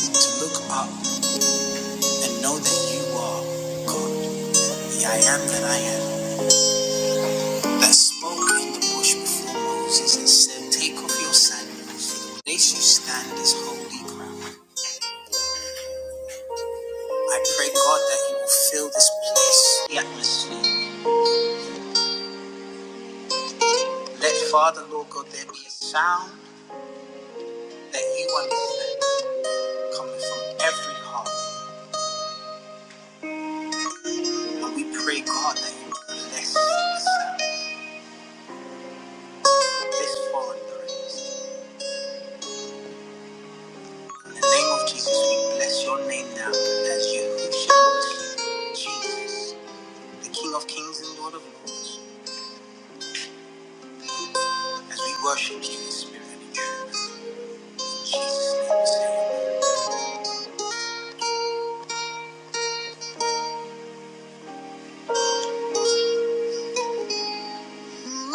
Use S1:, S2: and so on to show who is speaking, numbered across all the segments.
S1: To look up and know that you are God, the I am that I am, that spoke in the bush before Moses and said, Take off your sandals. The place you stand is holy ground. I pray, God, that you will fill this place, the atmosphere. Let Father, Lord God, there be a sound that you understand coming from every heart. And we pray, God, that you bless the sound, this foreign praise. In the name of Jesus, we bless your name now as you worship Jesus, the King of Kings and Lord of Lords, as we worship you in spirit and truth. In Jesus' name, we say. Mm,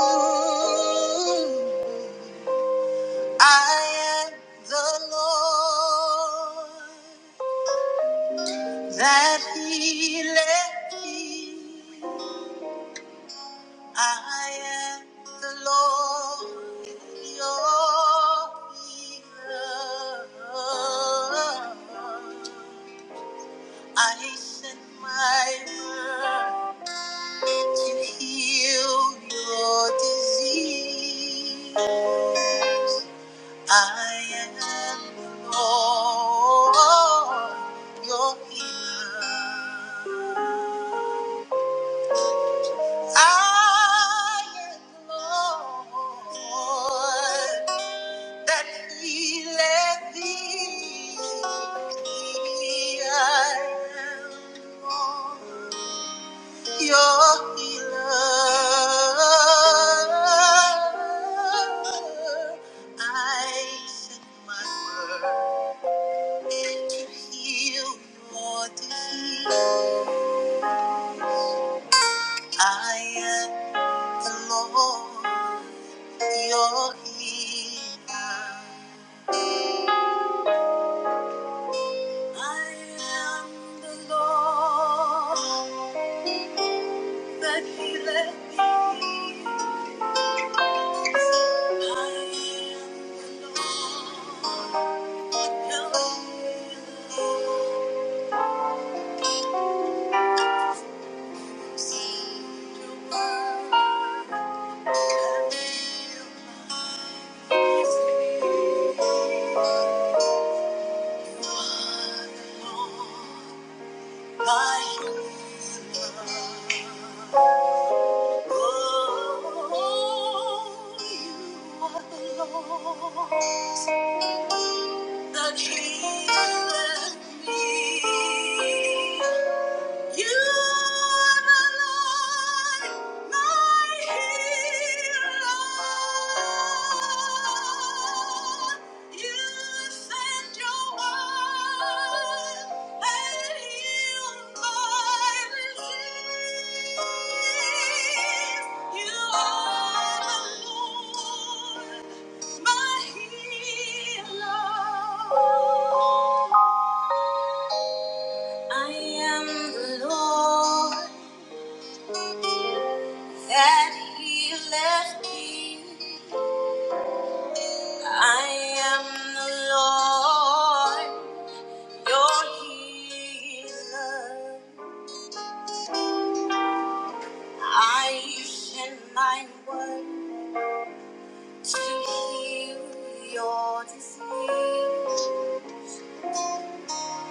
S1: I am the Lord that He left me. I am the Lord your healer. I sent my word to heal your disease. I am the Lord, your healer. I am the Lord. that he let thee I am Lord, your healer. I sent my word to heal your disease. I am the Lord, your healer. I am the Lord that healeth thee. I am the Lord that healeth thee. To work and heal my disease. You are the Lord, my healer. Oh, you. are are the the Lord that healeth me. You You my my healer. You send your word and healed my disease. I am the Lord that He me. I am the Lord, your healer. I send my word. to heal your disease.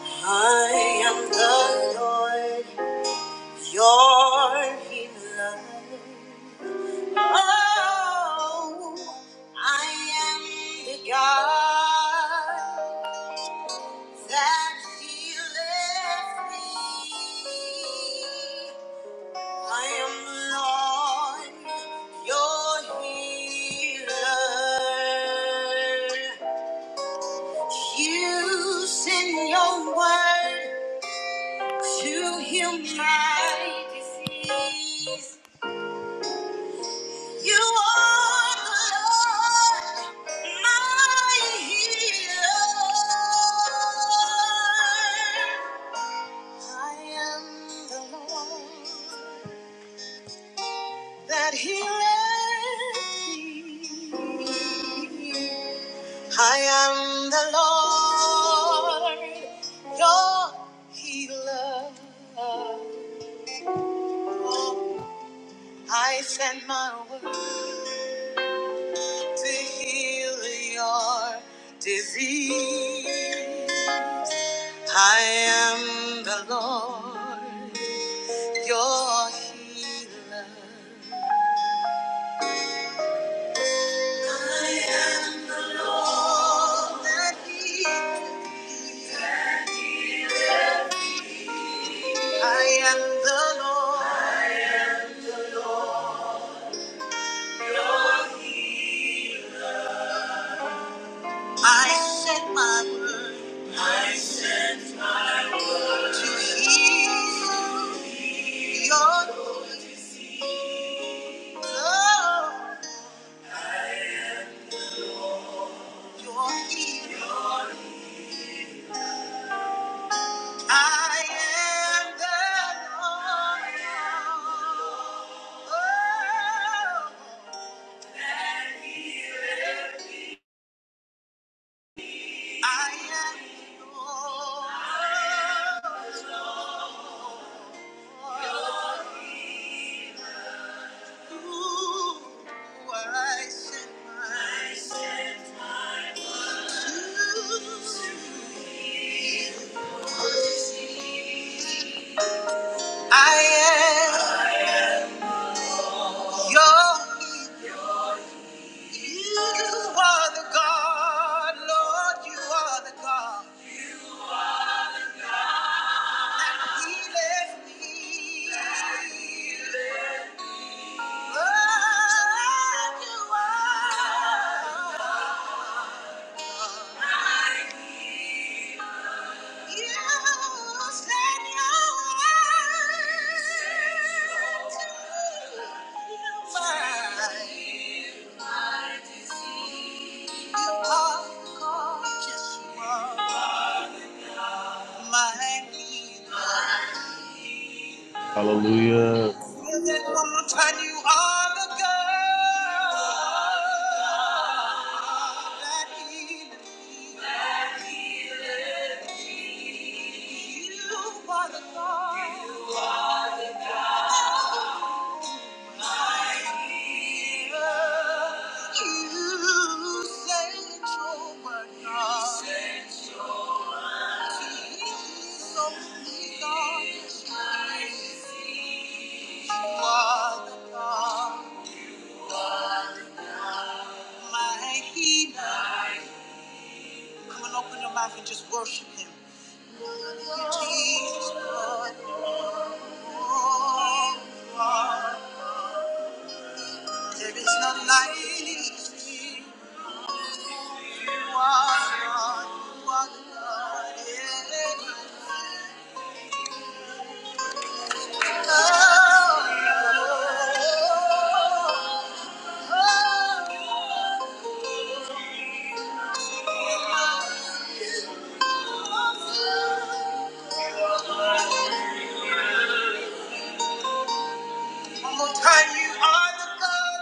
S1: I am the Lord, your healer. Oh, I am the God that healeth thee. I am the Lord, your healer. You send your word to heal my disease. You are the Lord, my healer. I am the Lord. that he led me. I am the Lord, your healer. I send my word to heal your disease. I am the Lord, your healer. I am the Lord. I send my word. I am your you are the God, Lord, you are the God. Woman,
S2: Hallelujah.
S1: you are the girl that he needs. you are the God. You say that you were not. Come and open your mouth and just worship Him. Jesus, Lord, you are. There is none like you. You are God. You are the God. Yeah.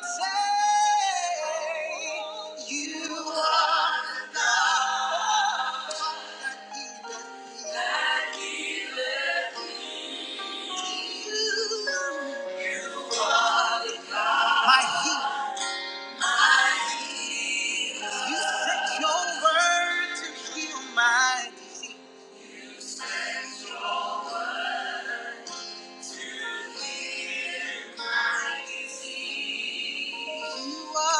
S1: Say, you are the God. Your word to heal my disease. You are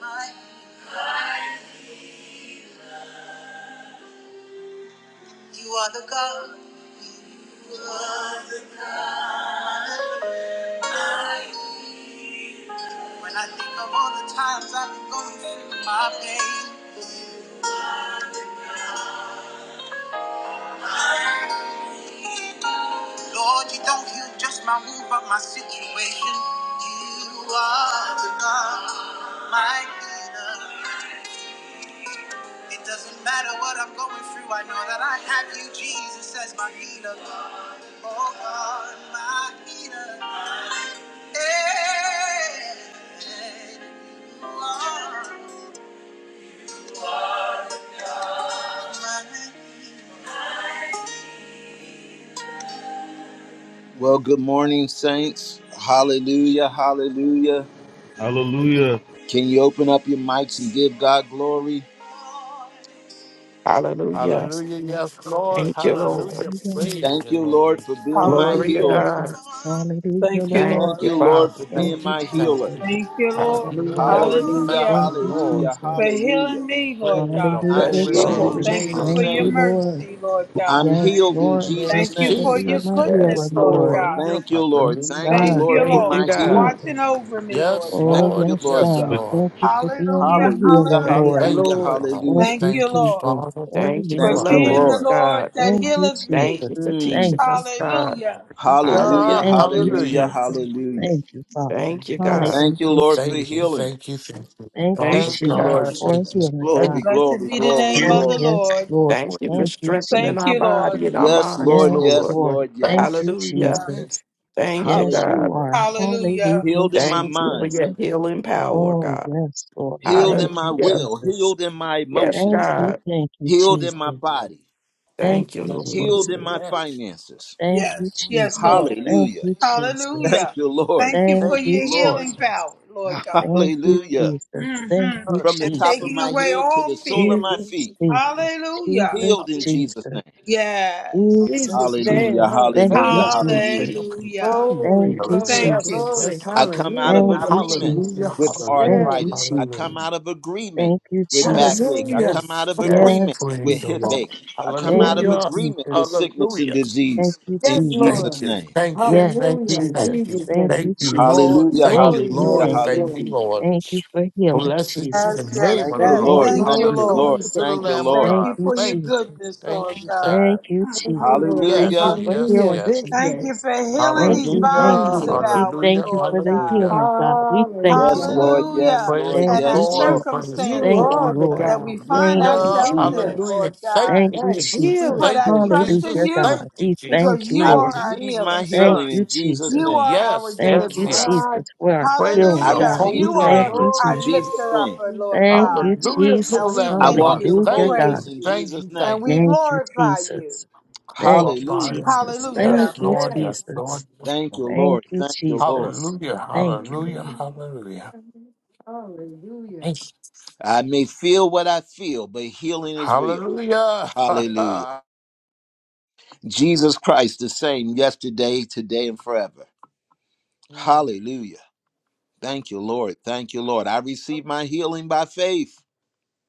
S1: my. You are the God. When I think of all the times I've been going through my pain, Lord, you don't heal just my wound, but my situation. You are. It doesn't matter what I'm going through, I know that I love the Lord, my healer. Hey, you are. Well, good morning, saints. Hallelujah, hallelujah.
S2: Hallelujah.
S1: Can you open up your mics and give God glory?
S3: Hallelujah.
S4: Hallelujah. Yes, Lord.
S3: Thank you, Lord.
S4: Hallelujah.
S5: Amen.
S4: Praise
S1: Thank
S4: the
S1: you, Lord,
S4: name.
S1: for being
S5: Thank
S1: my
S5: you,
S3: Glory to
S6: Hallelujah.
S1: healer.
S3: God.
S5: Jesus. Hallelujah,
S6: Thank you,
S3: Thank
S5: Lord.
S1: Thank
S6: Lord.
S3: you,
S1: you,
S4: Thank
S1: Lord,
S4: you.
S3: Father.
S1: for
S5: Thank
S1: being
S4: Thank
S5: you,
S4: you.
S1: my
S4: Thank
S1: healer.
S5: Jesus.
S4: you.
S6: Thank you,
S4: Thank
S6: Lord.
S4: you,
S5: Yes,
S3: Hallelujah.
S4: Lord.
S5: Lord.
S1: Hallelujah,
S4: Thank you,
S6: Hallelujah.
S5: Thank you,
S4: Lord.
S1: hallelujah,
S6: For
S5: Jesus.
S1: hallelujah.
S6: healing me, Lord
S4: Praise your
S6: God.
S1: I'm
S5: Hallelujah,
S3: Bless
S4: holy
S3: your
S1: healed
S4: name.
S1: in
S3: holy
S5: Jesus.
S6: Thank you
S3: name.
S1: Jesus'
S6: for
S5: Thank
S6: your
S5: you,
S1: name.
S4: Hallelujah.
S5: Lord.
S6: mercy, Lord God.
S1: I'm
S5: Yes,
S1: healed in
S5: Lord.
S4: In
S5: Thank
S1: Jesus'
S6: Thank
S5: you
S6: you
S1: name.
S5: for
S6: for
S5: being
S6: your
S4: Jesus'
S5: my
S4: name.
S6: goodness,
S5: healer,
S3: Yes,
S6: Lord
S5: Lord.
S3: Lord.
S6: God.
S4: Hallelujah.
S1: Thank you, Lord.
S5: Yes,
S4: Hallelujah.
S1: Thank you,
S5: God.
S6: Thank you,
S1: Lord,
S5: Thank
S1: for
S3: Thank
S4: Hallelujah.
S3: you,
S5: you,
S1: my
S6: Lord, for
S3: God.
S1: healing.
S5: Jesus.
S6: watching over me, Lord
S4: Yes,
S1: Thank
S5: Oh,
S6: God.
S4: Lord.
S1: you,
S5: yes,
S1: Lord
S4: Yes,
S5: God.
S2: But
S1: God.
S4: Lord.
S5: Thank you for being my
S6: Hallelujah.
S1: Hallelujah,
S5: healer,
S3: Thank
S5: Lord.
S3: you,
S6: Hallelujah.
S4: Thank
S1: hallelujah,
S4: you,
S3: Lord.
S4: Father.
S5: Thank
S1: hallelujah.
S6: Thank
S5: you,
S6: you,
S4: Thank you,
S6: Lord,
S5: Jesus.
S4: Father. Thank
S5: Oh,
S3: Thank you
S4: you,
S3: for
S6: for
S5: yes,
S4: Father.
S1: Thank you,
S3: loving
S5: Lord.
S6: being the
S3: us,
S1: Lord.
S6: Lord
S3: God.
S6: that
S5: Thank you,
S6: healeth me.
S3: Thank
S5: Jesus.
S3: you for
S1: Mm.
S5: Thank
S3: teaching
S5: you,
S3: us,
S5: Jesus.
S3: God.
S6: Hallelujah.
S1: Hallelujah,
S4: Yeah,
S5: Thank you,
S3: Hallelujah.
S1: hallelujah,
S4: hallelujah.
S5: Jesus.
S1: hallelujah.
S5: Thank you, Father.
S3: Thank you,
S4: Yes.
S3: God.
S5: Hallelujah,
S1: Thank you,
S4: Lord.
S1: Lord, for
S5: Jesus.
S4: Thank you.
S1: healing.
S4: Thank you. Thank you.
S5: Thank you,
S4: Father
S3: Thank
S1: Thank
S3: you,
S1: you,
S5: Jesus,
S4: God,
S1: Lord
S3: God.
S5: for
S4: thank
S1: Jesus.
S4: you.
S5: healing,
S1: Glory,
S5: God.
S4: Thank you.
S6: Blessed
S1: glory,
S6: be the
S4: Thank
S1: glory,
S6: name
S4: you.
S6: of
S5: Oh,
S6: the
S1: glory.
S5: yes,
S6: Lord.
S5: Lord.
S3: Thank you
S1: Hmm.
S3: for
S5: Thank you,
S3: strengthening
S6: Thank
S3: our
S6: you,
S5: Jesus.
S3: body
S6: Lord.
S3: and our
S1: Yes,
S3: minds,
S1: Lord.
S5: Yes,
S1: Yes,
S3: Lord.
S5: Lord.
S1: Lord.
S4: Thank you.
S5: Thank
S1: Yes.
S5: you,
S3: Hallelujah.
S6: Yeah.
S4: Thank you.
S5: Jesus.
S3: Thank you,
S5: Yes, you
S3: God.
S1: Hallelujah.
S5: are.
S6: Hallelujah.
S5: Hallelujah,
S1: Healed in my
S3: Thank you for
S1: mind,
S5: Jesus.
S3: your healing power,
S5: Oh,
S3: God.
S5: yes, Lord.
S1: healed in
S5: Thank
S1: my
S5: you,
S3: Hallelujah.
S1: will,
S5: Jesus.
S1: healed in my
S3: Yes,
S5: Thank
S1: emotions,
S5: you,
S3: God.
S5: thank you,
S1: healed in
S5: Jesus.
S4: God
S1: my
S4: bless.
S1: body,
S5: Thank
S3: Thank you,
S5: you,
S3: Lord.
S5: Jesus.
S1: healed in my
S4: Yes.
S1: finances.
S5: Thank you,
S6: Yes, yes,
S5: Jesus.
S6: Lord.
S5: Thank
S1: Hallelujah.
S5: you, Jesus.
S6: Hallelujah.
S1: Thank you, Lord.
S6: Thank you
S5: Thank
S6: for
S1: Thank
S5: you,
S1: you,
S6: your
S1: Lord.
S4: Hallelujah.
S6: healing
S5: Jesus.
S6: power, Lord God.
S5: Thank you,
S1: Hallelujah.
S5: Jesus. Thank
S6: hmm
S5: you,
S4: Lord.
S1: From the
S6: And
S1: top
S5: Jesus.
S1: of
S6: taking
S1: my
S6: away
S1: head to
S6: all
S1: the sole of
S6: fear.
S5: Jesus,
S1: my feet,
S5: Jesus,
S6: Hallelujah.
S5: Jesus,
S1: healed in Jesus'
S5: Jesus,
S1: name.
S6: Yes.
S4: Hallelujah.
S5: Jesus,
S7: Jesus'
S1: Hallelujah.
S7: name,
S5: Jesus. Thank
S4: Thank
S5: you,
S1: Hallelujah.
S7: hallelujah.
S4: you, God, for
S1: Hallelujah.
S5: Jesus.
S4: your
S6: Hallelujah.
S4: continued
S5: Thank
S7: Glory,
S5: you,
S4: healing.
S7: glory,
S6: Thank
S4: Yes,
S6: you.
S5: Jesus.
S7: glory,
S4: yes,
S1: I
S4: yes.
S1: come out of
S5: Thank
S7: hallelujah.
S5: you,
S1: agreement
S4: Hallelujah,
S1: with
S5: Jesus. Thank
S4: hallelujah,
S7: Yes,
S5: you,
S1: arthritis. I
S4: hallelujah.
S1: come
S5: Jesus.
S1: out of agreement
S5: Thank you,
S1: with
S4: Yes,
S5: Jesus.
S1: backache. I
S7: hallelujah.
S1: come out
S4: yes,
S1: of
S4: yes.
S1: agreement
S5: Yes,
S1: with
S4: Praise the
S1: hip
S5: Jesus.
S4: Lord.
S1: ache. I come
S5: Thank
S1: out
S7: Yes,
S1: of
S5: you,
S4: Hallelujah,
S1: agreement
S5: Jesus.
S1: with sickness and
S4: hallelujah.
S5: Thank
S1: disease
S5: you,
S1: in
S7: yes,
S5: Jesus.
S4: Thank
S1: Jesus'
S7: Lord.
S4: you.
S1: name.
S4: Thank you.
S5: Yes,
S4: Thank
S7: Hallelujah.
S4: you.
S7: In
S4: Thank
S5: Jesus.
S4: you.
S7: Jesus'
S5: Thank
S7: name.
S5: you,
S4: Thank you,
S5: Jesus.
S4: Lord.
S1: Hallelujah,
S4: Thank
S5: Thank
S4: you,
S7: Glory,
S5: you,
S1: hallelujah,
S4: Lord.
S5: thank
S7: glory,
S5: you.
S4: Thank
S7: glory.
S4: you,
S1: hallelujah.
S4: Lord.
S5: Thank you for healing,
S4: Blessed is the
S6: Yes,
S5: Jesus.
S4: name
S6: yes,
S1: Thank
S4: of the
S1: you,
S7: Thank
S6: yes.
S5: Thank
S4: Lord.
S7: you,
S1: Lord.
S5: you,
S6: Thank you,
S1: Thank
S7: Lord
S1: you,
S4: Hallelujah
S6: Lord.
S1: Lord.
S5: Jesus.
S4: to the
S1: Thank you,
S4: Lamb
S7: Jesus.
S4: of
S6: Thank
S1: Lord.
S5: Thank
S6: you
S4: God.
S5: you,
S6: for your
S4: Thank you.
S5: Jesus.
S6: goodness,
S4: Thank
S6: Lord
S4: you. Thank
S5: Thank
S6: God.
S5: you,
S7: Thank you,
S6: Mhm.
S5: Jesus.
S4: you.
S7: Lord.
S5: Thank you
S4: Yes,
S1: Hallelujah.
S5: for
S4: yes,
S7: Hallelujah.
S5: healing,
S4: yes.
S7: This
S6: Thank
S7: day.
S6: you
S5: Jesus.
S6: for healing
S5: Thank
S7: Thank
S6: these
S5: you,
S7: you,
S1: Mm.
S5: thank you,
S4: Hallelujah.
S6: bodies of
S5: Lord.
S7: Jesus.
S5: We
S6: ours,
S4: Hallelujah.
S5: thank you
S6: Lord
S5: for the
S6: God.
S4: Hallelujah.
S5: healing, God. We thank you,
S7: Hallelujah,
S1: Yes,
S5: Lord.
S1: Lord.
S7: hallelujah.
S1: Yes,
S6: Hallelujah.
S4: Praise
S1: Lord.
S4: the
S5: Thank
S6: And our
S5: you,
S1: Yes,
S4: Lord.
S1: Lord.
S4: Praise
S5: Jesus.
S4: the
S7: You
S5: Thank
S6: circumstances
S5: you,
S7: are
S4: Lord.
S7: the
S5: Lord.
S6: that
S7: God.
S6: we find
S5: Thank you,
S4: Hallelujah.
S6: ourselves
S7: Hallelujah.
S6: in,
S5: Jesus.
S4: Hallelujah.
S6: Lord
S4: Thank
S6: God.
S5: Thank
S4: you,
S5: you,
S7: God,
S6: We
S4: Jesus.
S7: heal
S5: Jesus.
S6: put
S7: it,
S4: Thank
S6: our
S4: you,
S7: dude.
S6: trust in
S5: Hallelujah,
S4: Jesus.
S6: you
S5: God.
S4: Thank you,
S5: We thank
S6: because
S4: Jesus.
S5: you,
S6: you
S1: I
S4: Thank
S6: are
S5: Lord.
S4: you,
S6: our
S1: receive my
S6: healer.
S5: Thank
S1: healing
S4: Jesus.
S5: you,
S1: in Jesus'
S5: Jesus.
S6: You
S1: name.
S6: are our
S4: Yes,
S5: Thank
S4: yes,
S5: you,
S6: deliverer.
S4: yes.
S5: Jesus, for our
S4: Praise
S5: healing,
S1: I
S4: your
S6: Hallelujah.
S5: God. We
S1: receive
S4: holy
S6: You
S5: thank
S6: are
S5: you,
S4: name.
S1: deliverance
S6: our
S1: in
S5: Jesus.
S1: Jesus'
S6: lifter
S1: name.
S6: upper,
S7: Glory.
S6: Lord
S5: Thank you,
S6: God.
S4: Hallelujah to the
S6: And
S5: Jesus.
S6: we
S4: Lamb
S1: I
S4: of
S6: thank
S1: walk
S4: God.
S6: you
S1: in
S6: and we
S5: Hallelujah,
S4: Thank
S5: God.
S1: wholeness
S4: you.
S6: praise
S1: in
S6: you
S4: Thank
S1: Jesus'
S4: you.
S6: and
S1: name.
S4: Thank
S6: we
S4: you.
S5: Thank you,
S6: glorify you.
S5: Jesus. Thank you,
S4: Glorify
S1: Hallelujah.
S4: you.
S5: Jesus. Thank
S4: Yes,
S6: Hallelujah.
S7: Yes,
S5: you,
S4: Lord. Yes,
S7: yes.
S5: Jesus.
S4: Lord. Yes,
S1: Thank you,
S4: Lord.
S5: Thank
S1: Lord.
S5: you,
S1: Thank you, Lord.
S5: Jesus.
S4: Hallelujah.
S5: Thank you,
S4: Hallelujah.
S7: You
S4: Hallelujah.
S7: are- Hallelujah.
S4: Thanks.
S1: I may feel what I feel, but healing is real.
S4: Hallelujah.
S1: Hallelujah. Jesus Christ, the same yesterday, today, and forever.
S7: Yes.
S1: Hallelujah. Thank you, Lord. Thank you, Lord. I
S7: Oh,
S1: receive my healing by faith.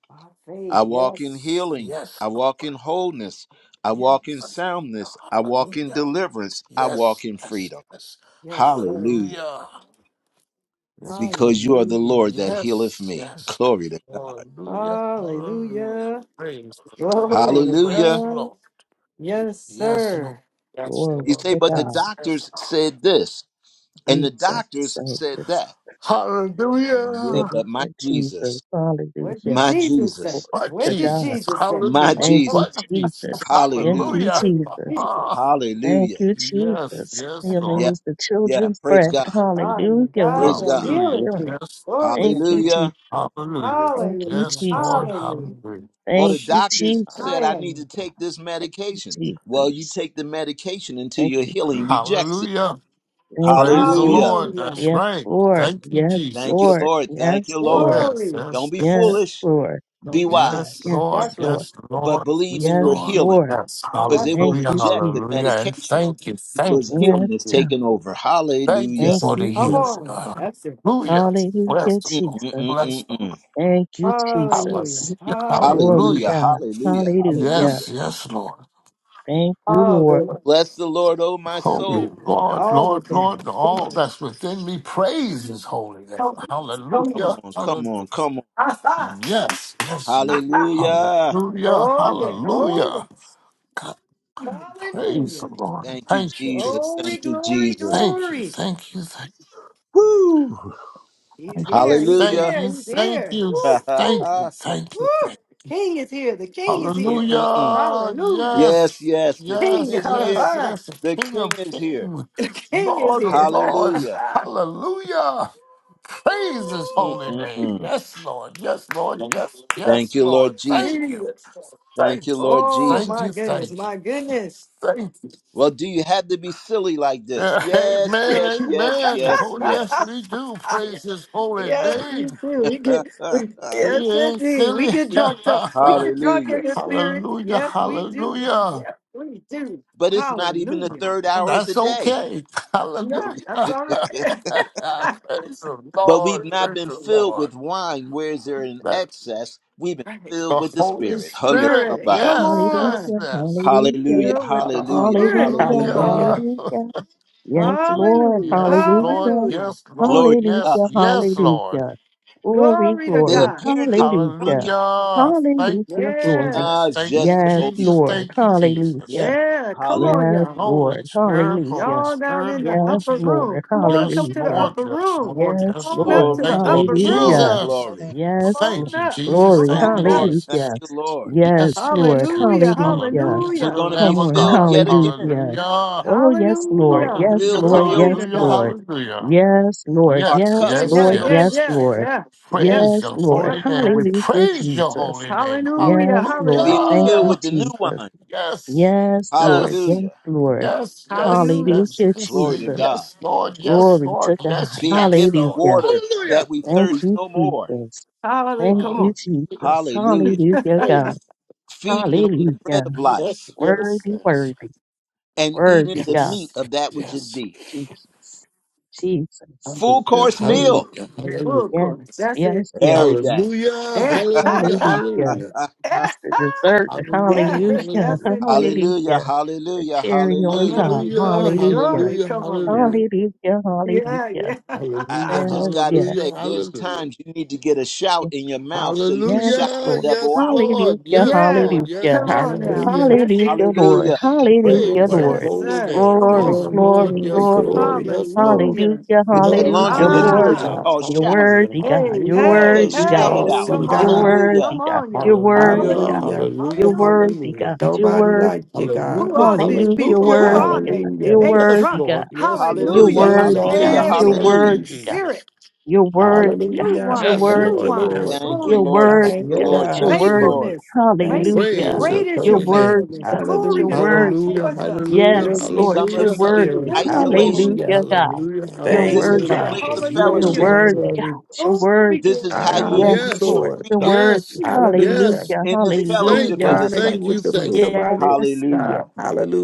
S7: By faith.
S1: I walk in
S7: Yes.
S1: healing.
S4: yes,
S1: I walk
S4: Lord.
S1: in wholeness. I walk in
S7: Yes.
S4: Hallelujah.
S1: soundness. I walk in
S4: Hallelujah.
S1: deliverance. I walk
S4: Yes,
S1: in
S4: yes,
S1: freedom.
S4: yes.
S7: Yes, sir.
S1: Hallelujah.
S4: Hallelujah.
S1: because you are the
S7: Hallelujah.
S1: Lord that healeth
S4: Yes,
S1: me.
S4: yes.
S1: Glory to God.
S4: Hallelujah. Hallelujah.
S7: Hallelujah.
S4: Praise the
S7: Glory
S4: Lord.
S7: to
S4: Praise
S1: Hallelujah.
S4: the
S7: God.
S4: Lord.
S7: Yes,
S4: Yes,
S5: Lord.
S4: Lord.
S7: sir.
S4: Yes,
S5: Glory
S1: You
S4: Lord.
S1: say,
S5: to
S1: but the
S5: God.
S4: Yes, yes,
S1: doctors
S4: Lord.
S1: said this, and the
S5: Jesus.
S1: doctors
S5: Thank you,
S1: said that. Yeah,
S4: Hallelujah.
S1: but my
S5: Hallelujah, Jesus.
S1: Jesus,
S7: What did
S5: Hallelujah.
S1: my
S7: Jesus say?
S1: Jesus,
S5: Glory
S4: But
S7: What
S5: to
S7: did
S5: God.
S4: Jesus.
S7: Jesus say?
S1: my
S4: Hallelujah.
S5: Thank you,
S4: But
S1: Jesus.
S4: Jesus.
S5: Jesus. Thank you,
S1: Hallelujah.
S4: Hallelujah.
S7: What did
S5: Jesus.
S4: Ah,
S7: Jesus say?
S5: Thank
S1: Hallelujah.
S5: you,
S4: yes,
S5: Jesus.
S4: yes,
S5: Healing
S1: Yeah,
S4: Lord.
S5: is the
S1: yeah.
S5: children's
S1: Praise
S5: bread.
S1: God.
S7: I'm the
S5: Hallelujah. We
S7: God
S1: Praise
S7: that
S1: God.
S5: receive
S4: Hallelujah.
S7: healeth
S5: healing.
S7: thee.
S4: Yes.
S7: Glory
S4: Lord.
S7: to
S5: Thank
S7: God.
S5: you,
S1: Hallelujah.
S5: Jesus.
S4: Hallelujah.
S5: Thank you,
S7: Hallelujah.
S4: Yes,
S5: Jesus.
S4: Lord.
S7: Hallelujah.
S4: Hallelujah.
S1: Well,
S5: Thank
S1: the
S5: you,
S1: doctors
S5: Jesus.
S7: I
S1: said I need
S7: am
S1: to
S7: God.
S1: take this
S5: Thank
S1: medication.
S5: you,
S1: Well, you
S5: Jesus.
S1: take the medication until
S5: Thank
S1: your
S5: you,
S1: healing
S5: Jesus.
S1: rejects it.
S4: Hallelujah.
S5: Thank you,
S4: Praise the
S1: Hallelujah.
S5: Jesus.
S4: Lord.
S7: Hallelujah.
S4: That's
S5: Yes,
S4: right.
S5: Lord.
S4: Thank you,
S5: Yes,
S1: Thank you,
S4: Jesus.
S5: Lord.
S1: Lord. Thank
S5: Yes,
S1: you, Lord.
S5: Lord.
S4: Yes,
S7: Glory.
S1: Don't
S4: yes,
S1: be
S5: Yes,
S4: yes.
S1: foolish,
S5: Lord.
S1: be
S7: Don't be fooled.
S4: Yes,
S1: wise,
S5: Yes,
S4: Lord.
S7: That's
S5: Lord.
S7: right.
S4: Yes,
S1: but
S4: Lord.
S1: believe
S4: Yes,
S1: in
S5: Yes,
S1: your
S4: Lord.
S1: healing
S5: Lord.
S4: Yes.
S1: because they
S7: That's it.
S1: will
S5: Thank
S4: Hallelujah.
S5: you,
S1: reject the
S4: Hallelujah.
S5: Jesus.
S4: And
S1: medication
S4: thank you. Thank
S1: because
S4: you for
S5: Yes,
S1: healing is
S4: the
S5: God.
S1: taking over.
S4: thank you
S1: Hallelujah.
S5: Thank
S4: for the
S5: you,
S7: Come
S4: healing.
S5: Jesus.
S7: on. That's it.
S4: Hallelujah.
S5: Hallelujah,
S4: Bless the
S1: Mm,
S4: Lord.
S5: Jesus.
S1: mm, mm,
S4: Bless
S1: mm,
S4: the Lord.
S1: mm.
S5: Thank you,
S7: Hallelujah.
S5: Jesus.
S4: Hallelujah.
S7: Hallelujah.
S5: Glory,
S1: Hallelujah.
S4: Hallelujah.
S5: God.
S1: Hallelujah.
S5: Hallelujah.
S1: Hallelujah.
S4: Yes, yes, Lord.
S5: Thank you,
S7: All
S5: Lord.
S7: glory.
S1: Bless the Lord, oh my
S4: Holy
S1: soul.
S4: Lord,
S7: All
S4: Lord,
S7: within you.
S4: Lord,
S7: Come on.
S4: all that's within me, praise his holy name.
S7: Come, come
S1: Come
S7: on.
S4: Hallelujah.
S1: on, come on,
S4: Hallelujah.
S1: come on.
S7: Aha.
S4: Yes, yes, you.
S1: Hallelujah.
S4: Hallelujah.
S7: Oh yeah. Oh
S4: Hallelujah.
S7: yes.
S4: Praise the
S7: Hallelujah.
S4: Lord.
S1: Thank you,
S4: Thank you,
S1: Jesus.
S7: Glory,
S1: Thank
S4: Jesus.
S1: you,
S7: glory,
S1: Jesus.
S4: Thank you,
S7: glory.
S4: thank you, thank
S1: Woo.
S7: He's
S4: you, thank you,
S7: here. He's
S4: thank
S1: Hallelujah.
S7: there.
S4: you,
S7: He's
S4: thank
S7: here.
S4: you,
S7: Woo, woo.
S4: thank
S7: Woo!
S4: you, thank you.
S7: The King is here. The king is
S1: Mm,
S7: here.
S1: mm, mm.
S4: Hallelujah.
S7: Hallelujah.
S1: Yes,
S4: Yes,
S1: yes, the King
S7: King,
S4: yes,
S1: is here.
S4: yes,
S7: the
S4: yes. The
S1: The
S4: King
S1: King
S4: of
S1: is here.
S4: Kings,
S7: king is
S4: Lord of
S7: here.
S4: Lords.
S1: Hallelujah.
S4: Hallelujah.
S7: Woo,
S4: Praise his holy name.
S1: Mm-mm-mm.
S4: Yes, Lord. Yes, Lord. Yes,
S1: Thank
S4: yes,
S1: you, Lord
S4: Lord.
S1: Jesus.
S4: Thank you.
S7: Jesus.
S1: Thank
S4: Thank
S1: you,
S4: you.
S1: Lord
S7: Oh
S4: Thank
S1: Jesus.
S7: my
S4: you.
S7: goodness.
S4: Thank you.
S7: My goodness.
S4: Thank you.
S1: Well, do you have to be silly like this?
S4: Uh,
S1: Yes, yes,
S4: amen,
S1: yes,
S4: amen.
S1: yes,
S4: Oh, yes,
S1: yes.
S4: we do praise his holy
S7: yeah, you
S4: name.
S7: do. We get we,
S4: We
S7: yes
S4: ain't
S7: indeed. We
S4: silly.
S7: get drunk. up. We get drunk
S1: Hallelujah.
S7: in the spirit.
S4: hallelujah,
S7: Yes, we do.
S4: hallelujah.
S7: Yes, we do.
S1: But it's not even the
S7: Hallelujah.
S1: third hour of the
S4: That's
S1: day.
S4: okay.
S7: Yeah,
S4: Hallelujah.
S7: that's all
S4: praise
S7: right.
S4: the
S1: but we've
S4: Lord,
S1: not
S4: praise
S1: been
S4: the
S1: filled
S4: Lord.
S1: with wine, where is there an
S4: The,
S1: excess? We've been
S7: right.
S1: filled
S4: the
S1: with the
S4: Holy
S1: Spirit. Hello,
S7: You're
S4: Spirit.
S7: ready.
S1: somebody.
S7: Come
S4: Yes,
S5: Hallelujah.
S7: on.
S4: yes, yes.
S5: Hallelujah.
S1: Hallelujah,
S7: filled with the
S1: hallelujah,
S7: Spirit.
S5: Hallelujah.
S7: Come
S1: hallelujah.
S7: on.
S3: Hallelujah.
S4: Hallelujah.
S5: Hallelujah. Yes, Lord.
S7: Hallelujah.
S4: Yes, Lord.
S5: Hallelujah.
S7: Hallelujah.
S4: Yes, Lord.
S1: Glory to
S4: Yes,
S5: Hallelujah.
S1: God.
S4: yes, Lord.
S5: Hallelujah. Glory,
S7: Glory to
S1: They
S5: glory.
S7: God.
S1: appeared to be
S5: Hallelujah.
S1: drunken.
S4: Hallelujah. Thank
S5: Hallelujah.
S4: you,
S5: Glory.
S7: Yeah.
S1: Nah,
S4: Jesus.
S1: it's
S4: Thank you,
S1: just the
S5: Yes,
S1: Holy Spirit.
S4: Jesus.
S5: Lord.
S4: Thank you, Jesus.
S5: Hallelujah.
S7: Yeah. Come
S1: Hallelujah.
S7: on,
S5: Yes,
S7: y'all.
S4: Holy
S5: Lord.
S4: Spirit, Holy
S5: Hallelujah.
S7: Y'all down
S4: Spirit,
S7: in the
S4: Holy
S5: Yes,
S7: upper
S4: Spirit.
S7: room.
S5: Lord.
S7: Come on,
S4: Yes,
S7: come to the
S5: Hallelujah.
S4: Lord.
S7: upper
S4: Yes,
S7: room.
S4: Lord.
S7: Come
S5: Yes,
S4: Yes,
S7: on
S4: Lord.
S7: up
S5: Lord.
S7: to
S1: Glory,
S7: the
S4: Thank
S1: glory,
S4: you,
S7: upper
S1: glory,
S7: room.
S5: Hallelujah.
S4: Jesus.
S1: glory.
S8: Hallelujah.
S5: Yes,
S7: Come
S5: Lord.
S7: on
S4: Thank you,
S7: up.
S8: It's
S4: Jesus.
S8: a
S7: Come
S5: Glory.
S1: Thank
S4: Thank
S1: you,
S8: God.
S4: you,
S7: on up.
S8: Thank
S1: Lord.
S8: you,
S1: Thank
S4: Jesus.
S5: Hallelujah.
S8: Jesus.
S1: you, Lord.
S5: Yes,
S4: Yes,
S5: Lord.
S4: yes, yes.
S7: Hallelujah.
S5: Hallelujah.
S4: Hallelujah
S1: We're
S4: to the
S7: Hallelujah.
S1: going to be
S5: Come
S4: Lamb of
S5: on,
S1: filled
S4: God.
S1: yet again,
S5: hallelujah.
S4: Hallelujah.
S5: Oh, yes, Lord.
S7: Hallelujah.
S5: Yes,
S4: Hallelujah.
S1: filled to
S5: Lord.
S1: the
S7: Glory
S5: Yes,
S7: to
S4: Hallelujah.
S1: overflow.
S7: God.
S5: Lord.
S4: Hallelujah.
S5: Yes, Lord.
S1: Our
S4: Yes,
S1: cup
S5: Yes,
S7: Yeah,
S4: yes,
S7: yeah,
S1: running
S5: Lord.
S7: yeah,
S1: over,
S5: Yes,
S4: yes.
S7: yeah,
S5: Lord.
S7: yeah, yeah,
S4: Praise
S5: Yes,
S4: your
S7: yeah.
S5: Lord.
S4: holy name. We
S7: That's it.
S5: Hallelujah,
S4: praise your
S5: Jesus.
S4: holy name.
S7: Hallelujah.
S5: Yes, Lord.
S1: being
S5: Thank
S7: Hallelujah.
S1: filled
S5: you,
S4: Hallelujah.
S1: with the new
S5: Jesus.
S1: wine.
S4: Yes,
S5: Yes, Lord.
S4: yes,
S5: Yes,
S1: Hallelujah.
S5: Lord.
S4: yes, yes,
S7: Hallelujah.
S4: yes.
S5: Hallelujah,
S4: And
S1: Glory
S4: say,
S1: to
S5: Jesus.
S1: God.
S4: yes, Lord. Yes,
S5: Glory
S4: Lord.
S5: to God.
S4: Yes,
S1: Being
S4: yes,
S1: given
S4: Lord.
S5: Hallelujah.
S1: water that
S4: Hallelujah.
S1: we
S5: Thank
S1: thirst
S5: you,
S1: no more.
S5: Jesus.
S7: Hallelujah.
S5: Thank
S7: Come
S4: Father,
S5: you,
S7: on.
S4: we
S5: Jesus.
S1: Hallelujah.
S4: Praise, you.
S5: Hallelujah, God.
S4: praise. your name.
S1: Feeding on the bread
S5: Hallelujah.
S1: of
S4: Yes,
S1: life
S4: yes,
S5: Worthy,
S4: yes.
S5: worthy,
S1: and eating
S5: worthy,
S4: Yes,
S1: the
S5: God.
S1: meat
S4: yes,
S1: of that which is
S4: yes.
S1: deep.
S5: Jesus, Jesus.
S1: Full
S4: Hallelujah.
S1: course meal.
S4: Hallelujah.
S7: Full
S4: Hallelujah.
S5: Yes,
S7: course. That's it.
S5: yes, yes.
S1: Every day.
S4: Hallelujah.
S7: Yeah.
S4: Hallelujah.
S5: Hallelujah.
S4: Hallelujah.
S7: Yeah.
S5: It's the dessert.
S7: Yeah.
S4: Hallelujah,
S5: Hallelujah.
S7: yes,
S4: hallelujah.
S5: Hallelujah.
S7: indeed.
S1: Hallelujah,
S5: The
S1: hallelujah,
S5: cherry on
S1: hallelujah.
S5: top.
S7: Glory,
S4: Hallelujah,
S7: glory,
S5: Hallelujah.
S7: glory.
S4: hallelujah,
S7: Come on now.
S4: hallelujah.
S5: Hallelujah.
S7: Yeah,
S5: Hallelujah.
S7: yeah.
S1: I, I
S4: Hallelujah,
S1: just
S5: Yes,
S1: got to
S5: yes,
S4: hallelujah,
S1: say, there's
S4: hallelujah.
S1: times you need to get a shout in your mouth so you can
S5: yes,
S1: shout
S5: yes,
S4: Hallelujah,
S5: Lord.
S1: the devil
S4: yes,
S1: out.
S4: Lord,
S5: Hallelujah.
S4: yes,
S7: yeah.
S4: Lord, yes,
S5: Hallelujah.
S7: Come
S4: yes,
S7: on
S4: Lord.
S7: now.
S3: Hallelujah. Thank
S7: Yes, it.
S5: Hallelujah, Lord.
S1: Hallelujah.
S3: you,
S5: Hallelujah,
S4: Praise
S3: Lord.
S4: your
S7: Yes,
S5: Lord.
S4: holy
S7: sir.
S4: name.
S7: Come
S5: Glory,
S4: Yes,
S7: on.
S3: Glory,
S4: Lord,
S5: glory,
S3: glory,
S4: yes,
S5: glory.
S4: Lord,
S3: glory.
S4: yes, Lord.
S7: Hallelujah.
S5: Hallelujah.
S1: Did that
S3: Glory to
S1: laundry
S5: Hallelujah,
S3: your name,
S5: Lord.
S1: detergent
S4: Hallelujah,
S7: Ah,
S3: God.
S1: called
S5: You're
S1: shout?
S4: hallelujah,
S5: worthy, God.
S7: hey,
S5: You're
S4: hallelujah,
S7: hey,
S1: Say,
S5: worthy, God.
S4: hallelujah,
S1: shout it
S7: hey.
S1: out.
S3: Awesome
S7: Come
S4: hallelujah.
S5: You're
S7: on
S3: God.
S7: now.
S5: worthy,
S1: Hallelujah,
S7: Come
S5: God.
S7: on,
S5: You're
S7: y'all.
S5: worthy,
S4: Hallelujah,
S5: God.
S7: Hallelujah.
S3: Hallelujah.
S5: You're
S4: hallelujah,
S5: worthy,
S7: Hallelujah.
S4: hallelujah.
S5: God. You're
S3: Nobody
S5: worthy.
S3: like you, God.
S7: Who
S4: Hallelujah,
S7: are these
S5: Hallelujah. You're
S7: people? Who
S4: hallelujah,
S7: are
S5: worthy, God.
S7: they?
S5: You're
S3: Hallelujah.
S7: They
S4: Yes,
S5: worthy,
S7: drunk.
S5: God.
S4: Lord. Yes, Lord.
S5: You're
S3: Who
S1: hallelujah,
S7: Hallelujah.
S4: Thank
S3: heals
S4: you,
S5: worthy,
S3: all
S1: hallelujah,
S3: my
S4: Jesus.
S7: Every
S4: Thank
S1: hallelujah.
S7: in
S4: you,
S7: the
S3: infirmities.
S5: God.
S4: Jesus.
S7: spirit.
S5: You're worthy, God.
S7: New
S3: Hallelujah.
S5: You're
S4: Yes,
S7: wine,
S5: worthy, God.
S3: Thank
S7: new
S3: you,
S4: Lord.
S7: wine.
S4: Yes,
S3: Lord.
S1: Thank
S4: Lord.
S1: you,
S5: You're worthy.
S7: Glory
S5: You're
S7: to
S1: Lord.
S7: God.
S4: Yes,
S1: Thank
S3: Thank
S5: worthy,
S1: you,
S3: you,
S5: God.
S4: Lord.
S1: Lord.
S3: God.
S5: You're
S4: Yes,
S1: Thank you,
S4: Lord.
S5: worthy.
S1: Lord.
S7: Faithfulness. Main,
S3: Thank you,
S5: Hallelujah.
S4: Praise your
S7: great
S3: Lord.
S7: is
S5: You're
S7: your
S4: holy name.
S5: worthy,
S7: faithfulness.
S5: God.
S7: Glory
S5: You're
S7: to
S3: Hallelujah.
S5: worthy.
S7: God
S4: Hallelujah.
S7: towards us.
S4: Hallelujah.
S7: Thank
S5: Yes,
S3: Fills
S7: you,
S3: me
S5: Lord.
S7: Lord.
S1: Some
S3: with your
S5: You're
S1: of
S4: Hallelujah.
S1: you,
S5: worthy.
S3: spirit.
S7: Thank
S4: Hallelujah.
S7: you,
S1: isolation.
S7: Lord.
S3: Hallelujah.
S5: Hallelujah, God.
S4: Hallelujah.
S5: You're
S3: Thank
S1: This
S3: you,
S1: is your
S4: Hallelujah.
S5: worthy.
S7: Hallelujah.
S3: God.
S1: place of
S5: You're
S4: Hallelujah.
S1: fellowship.
S3: Glory,
S7: Hallelujah.
S5: worthy,
S4: Hallelujah.
S5: God.
S3: glory.
S5: You're
S7: Glory,
S5: worthy.
S1: This is
S7: glory,
S3: I
S1: how you
S3: honor
S7: glory.
S3: you,
S5: Yes,
S1: embrace
S4: Yes.
S1: your
S5: Lord,
S3: Lord.
S5: you're
S1: freedom
S5: worthy.
S4: Yes.
S3: Hallelujah.
S4: Yes.
S5: Hallelujah,
S1: in the fellowship
S7: Faithful.
S3: We
S4: Thank
S5: hallelujah,
S1: of
S4: you.
S1: the
S3: honor you
S4: Thank
S3: with
S4: you.
S1: saints.
S3: the fruit
S4: Thank
S3: of
S4: you.
S3: our
S5: Yes,
S3: lips,
S1: Hallelujah.
S3: God.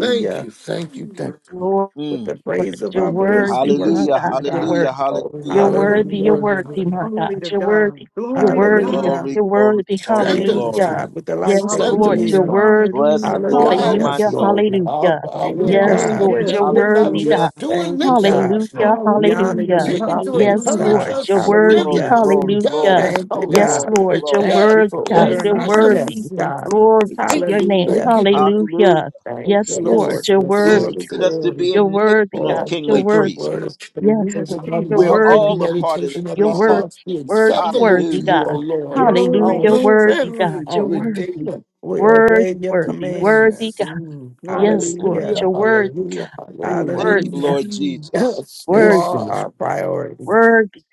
S4: Thank you. Thank you.
S7: Mm,
S4: Thank you.
S5: Lord.
S3: With
S1: Mm.
S3: the
S5: worthy.
S3: praise of
S5: You're
S3: our
S7: mm, mm,
S3: voice, we
S5: worthy,
S7: mm.
S5: my
S3: worship
S1: Hallelujah.
S5: God.
S3: you,
S5: You're
S3: God.
S1: Hallelujah.
S5: worthy.
S4: Oh,
S5: You're
S1: Hallelujah.
S4: Lord,
S5: worthy. You're
S3: Hallelujah.
S4: Lord,
S5: worthy,
S4: Lord.
S5: my
S7: Glory
S5: God.
S7: to
S5: You're
S7: God.
S5: worthy. You're
S7: Glory to
S5: worthy, God.
S7: God.
S3: Hallelujah.
S1: Glory,
S5: You're
S1: glory,
S5: worthy.
S1: glory,
S3: Thank
S4: Strengthen
S3: you,
S4: us,
S1: glory.
S5: Hallelujah.
S4: Lord.
S3: God, with the life
S5: Yes,
S3: that we
S4: Strengthen
S5: Lord. You're
S4: us,
S7: Hallelujah,
S3: live.
S4: Lord.
S5: worthy.
S1: Bless the
S7: hallelujah.
S1: Lord, O
S4: Guide
S3: Hallelujah.
S1: my
S4: us,
S5: Hallelujah.
S1: soul.
S4: Lord. Now,
S5: Hallelujah.
S4: I- I
S3: Thank
S4: will-
S3: you,
S5: Yes,
S4: I-
S7: Yes,
S4: I-
S3: God.
S5: Lord.
S7: yes,
S5: You're
S4: now, we're
S7: yes,
S4: not
S5: worthy,
S7: Lord.
S5: God.
S1: Hallelujah.
S4: just doing
S3: Thank you,
S4: lip
S3: God.
S4: service,
S5: Hallelujah.
S4: Lord.
S3: We honor you
S7: Hallelujah,
S5: Hallelujah.
S3: with
S4: Continue
S3: our
S4: to
S3: faith,
S5: Yes,
S7: hallelujah.
S4: encourage
S5: Lord.
S3: God.
S5: You're
S4: us,
S5: worthy.
S1: Glory,
S4: strengthen
S3: Hallelujah.
S4: us,
S1: glory,
S4: and guide
S5: Hallelujah.
S1: glory,
S4: us,
S3: Thank you,
S1: glory,
S4: Holy
S5: Yes,
S3: God.
S1: glory,
S5: Lord.
S4: Spirit.
S5: You're
S1: glory.
S3: Thank
S4: Yes,
S3: you
S5: worthy,
S3: for
S5: God.
S7: Thank
S4: yes,
S3: ordering
S5: You're
S7: you,
S3: our
S5: worthy.
S4: yes.
S3: steps,
S7: Jesus.
S3: God.
S5: Glory to
S4: Thank
S5: your
S4: you,
S5: name.
S3: Hallelujah.
S4: thank you, thank you.
S1: Hallelujah.
S5: Hallelujah.
S3: Thank you,
S5: Yes, Lord.
S3: Lord.
S4: Yes,
S5: You're
S4: yes,
S1: He's
S5: worthy.
S3: Glory,
S4: yes.
S1: made us to
S3: glory.
S1: be a
S5: You're worthy,
S1: nation of
S5: God.
S4: Oh,
S5: You're
S1: kingly
S4: let the
S5: worthy.
S1: priests.
S4: word of the
S5: Yes,
S4: words
S7: Yes,
S5: Lord.
S4: of my
S5: You're
S7: Jesus.
S1: We're
S4: mouth and the
S5: worthy,
S1: all a
S5: God.
S1: part of the
S4: meditation of
S5: You're
S4: my
S1: priesthood.
S5: worthy,
S4: heart be
S5: worthy,
S4: acceptable to
S5: worthy,
S4: you,
S1: Hallelujah.
S4: O
S5: God.
S4: Lord,
S3: Yes,
S5: Hallelujah.
S7: Glory,
S4: our
S5: You're
S3: Lord.
S7: glory,
S5: Worthy,
S4: strength,
S5: God.
S7: glory,
S4: our
S5: You're
S7: glory.
S5: worthy.
S4: redeemer.
S3: We obey
S5: Worthy,
S3: your
S5: worthy,
S4: Yes,
S5: worthy,
S4: yes.
S3: commands.
S5: God.
S7: Oh, glory to
S5: Yes, Lord.
S3: Hallelujah.
S7: God.
S4: Hallelujah,
S5: You're worthy,
S4: hallelujah, hallelujah.
S1: Thank
S5: worthy,
S1: you,
S5: God.
S3: Hallelujah.
S1: Lord
S7: Mhm.
S1: Jesus.
S4: Yes,
S3: You
S5: Worthy,
S4: yes,
S3: are
S4: yes.
S3: our priority.
S5: worthy,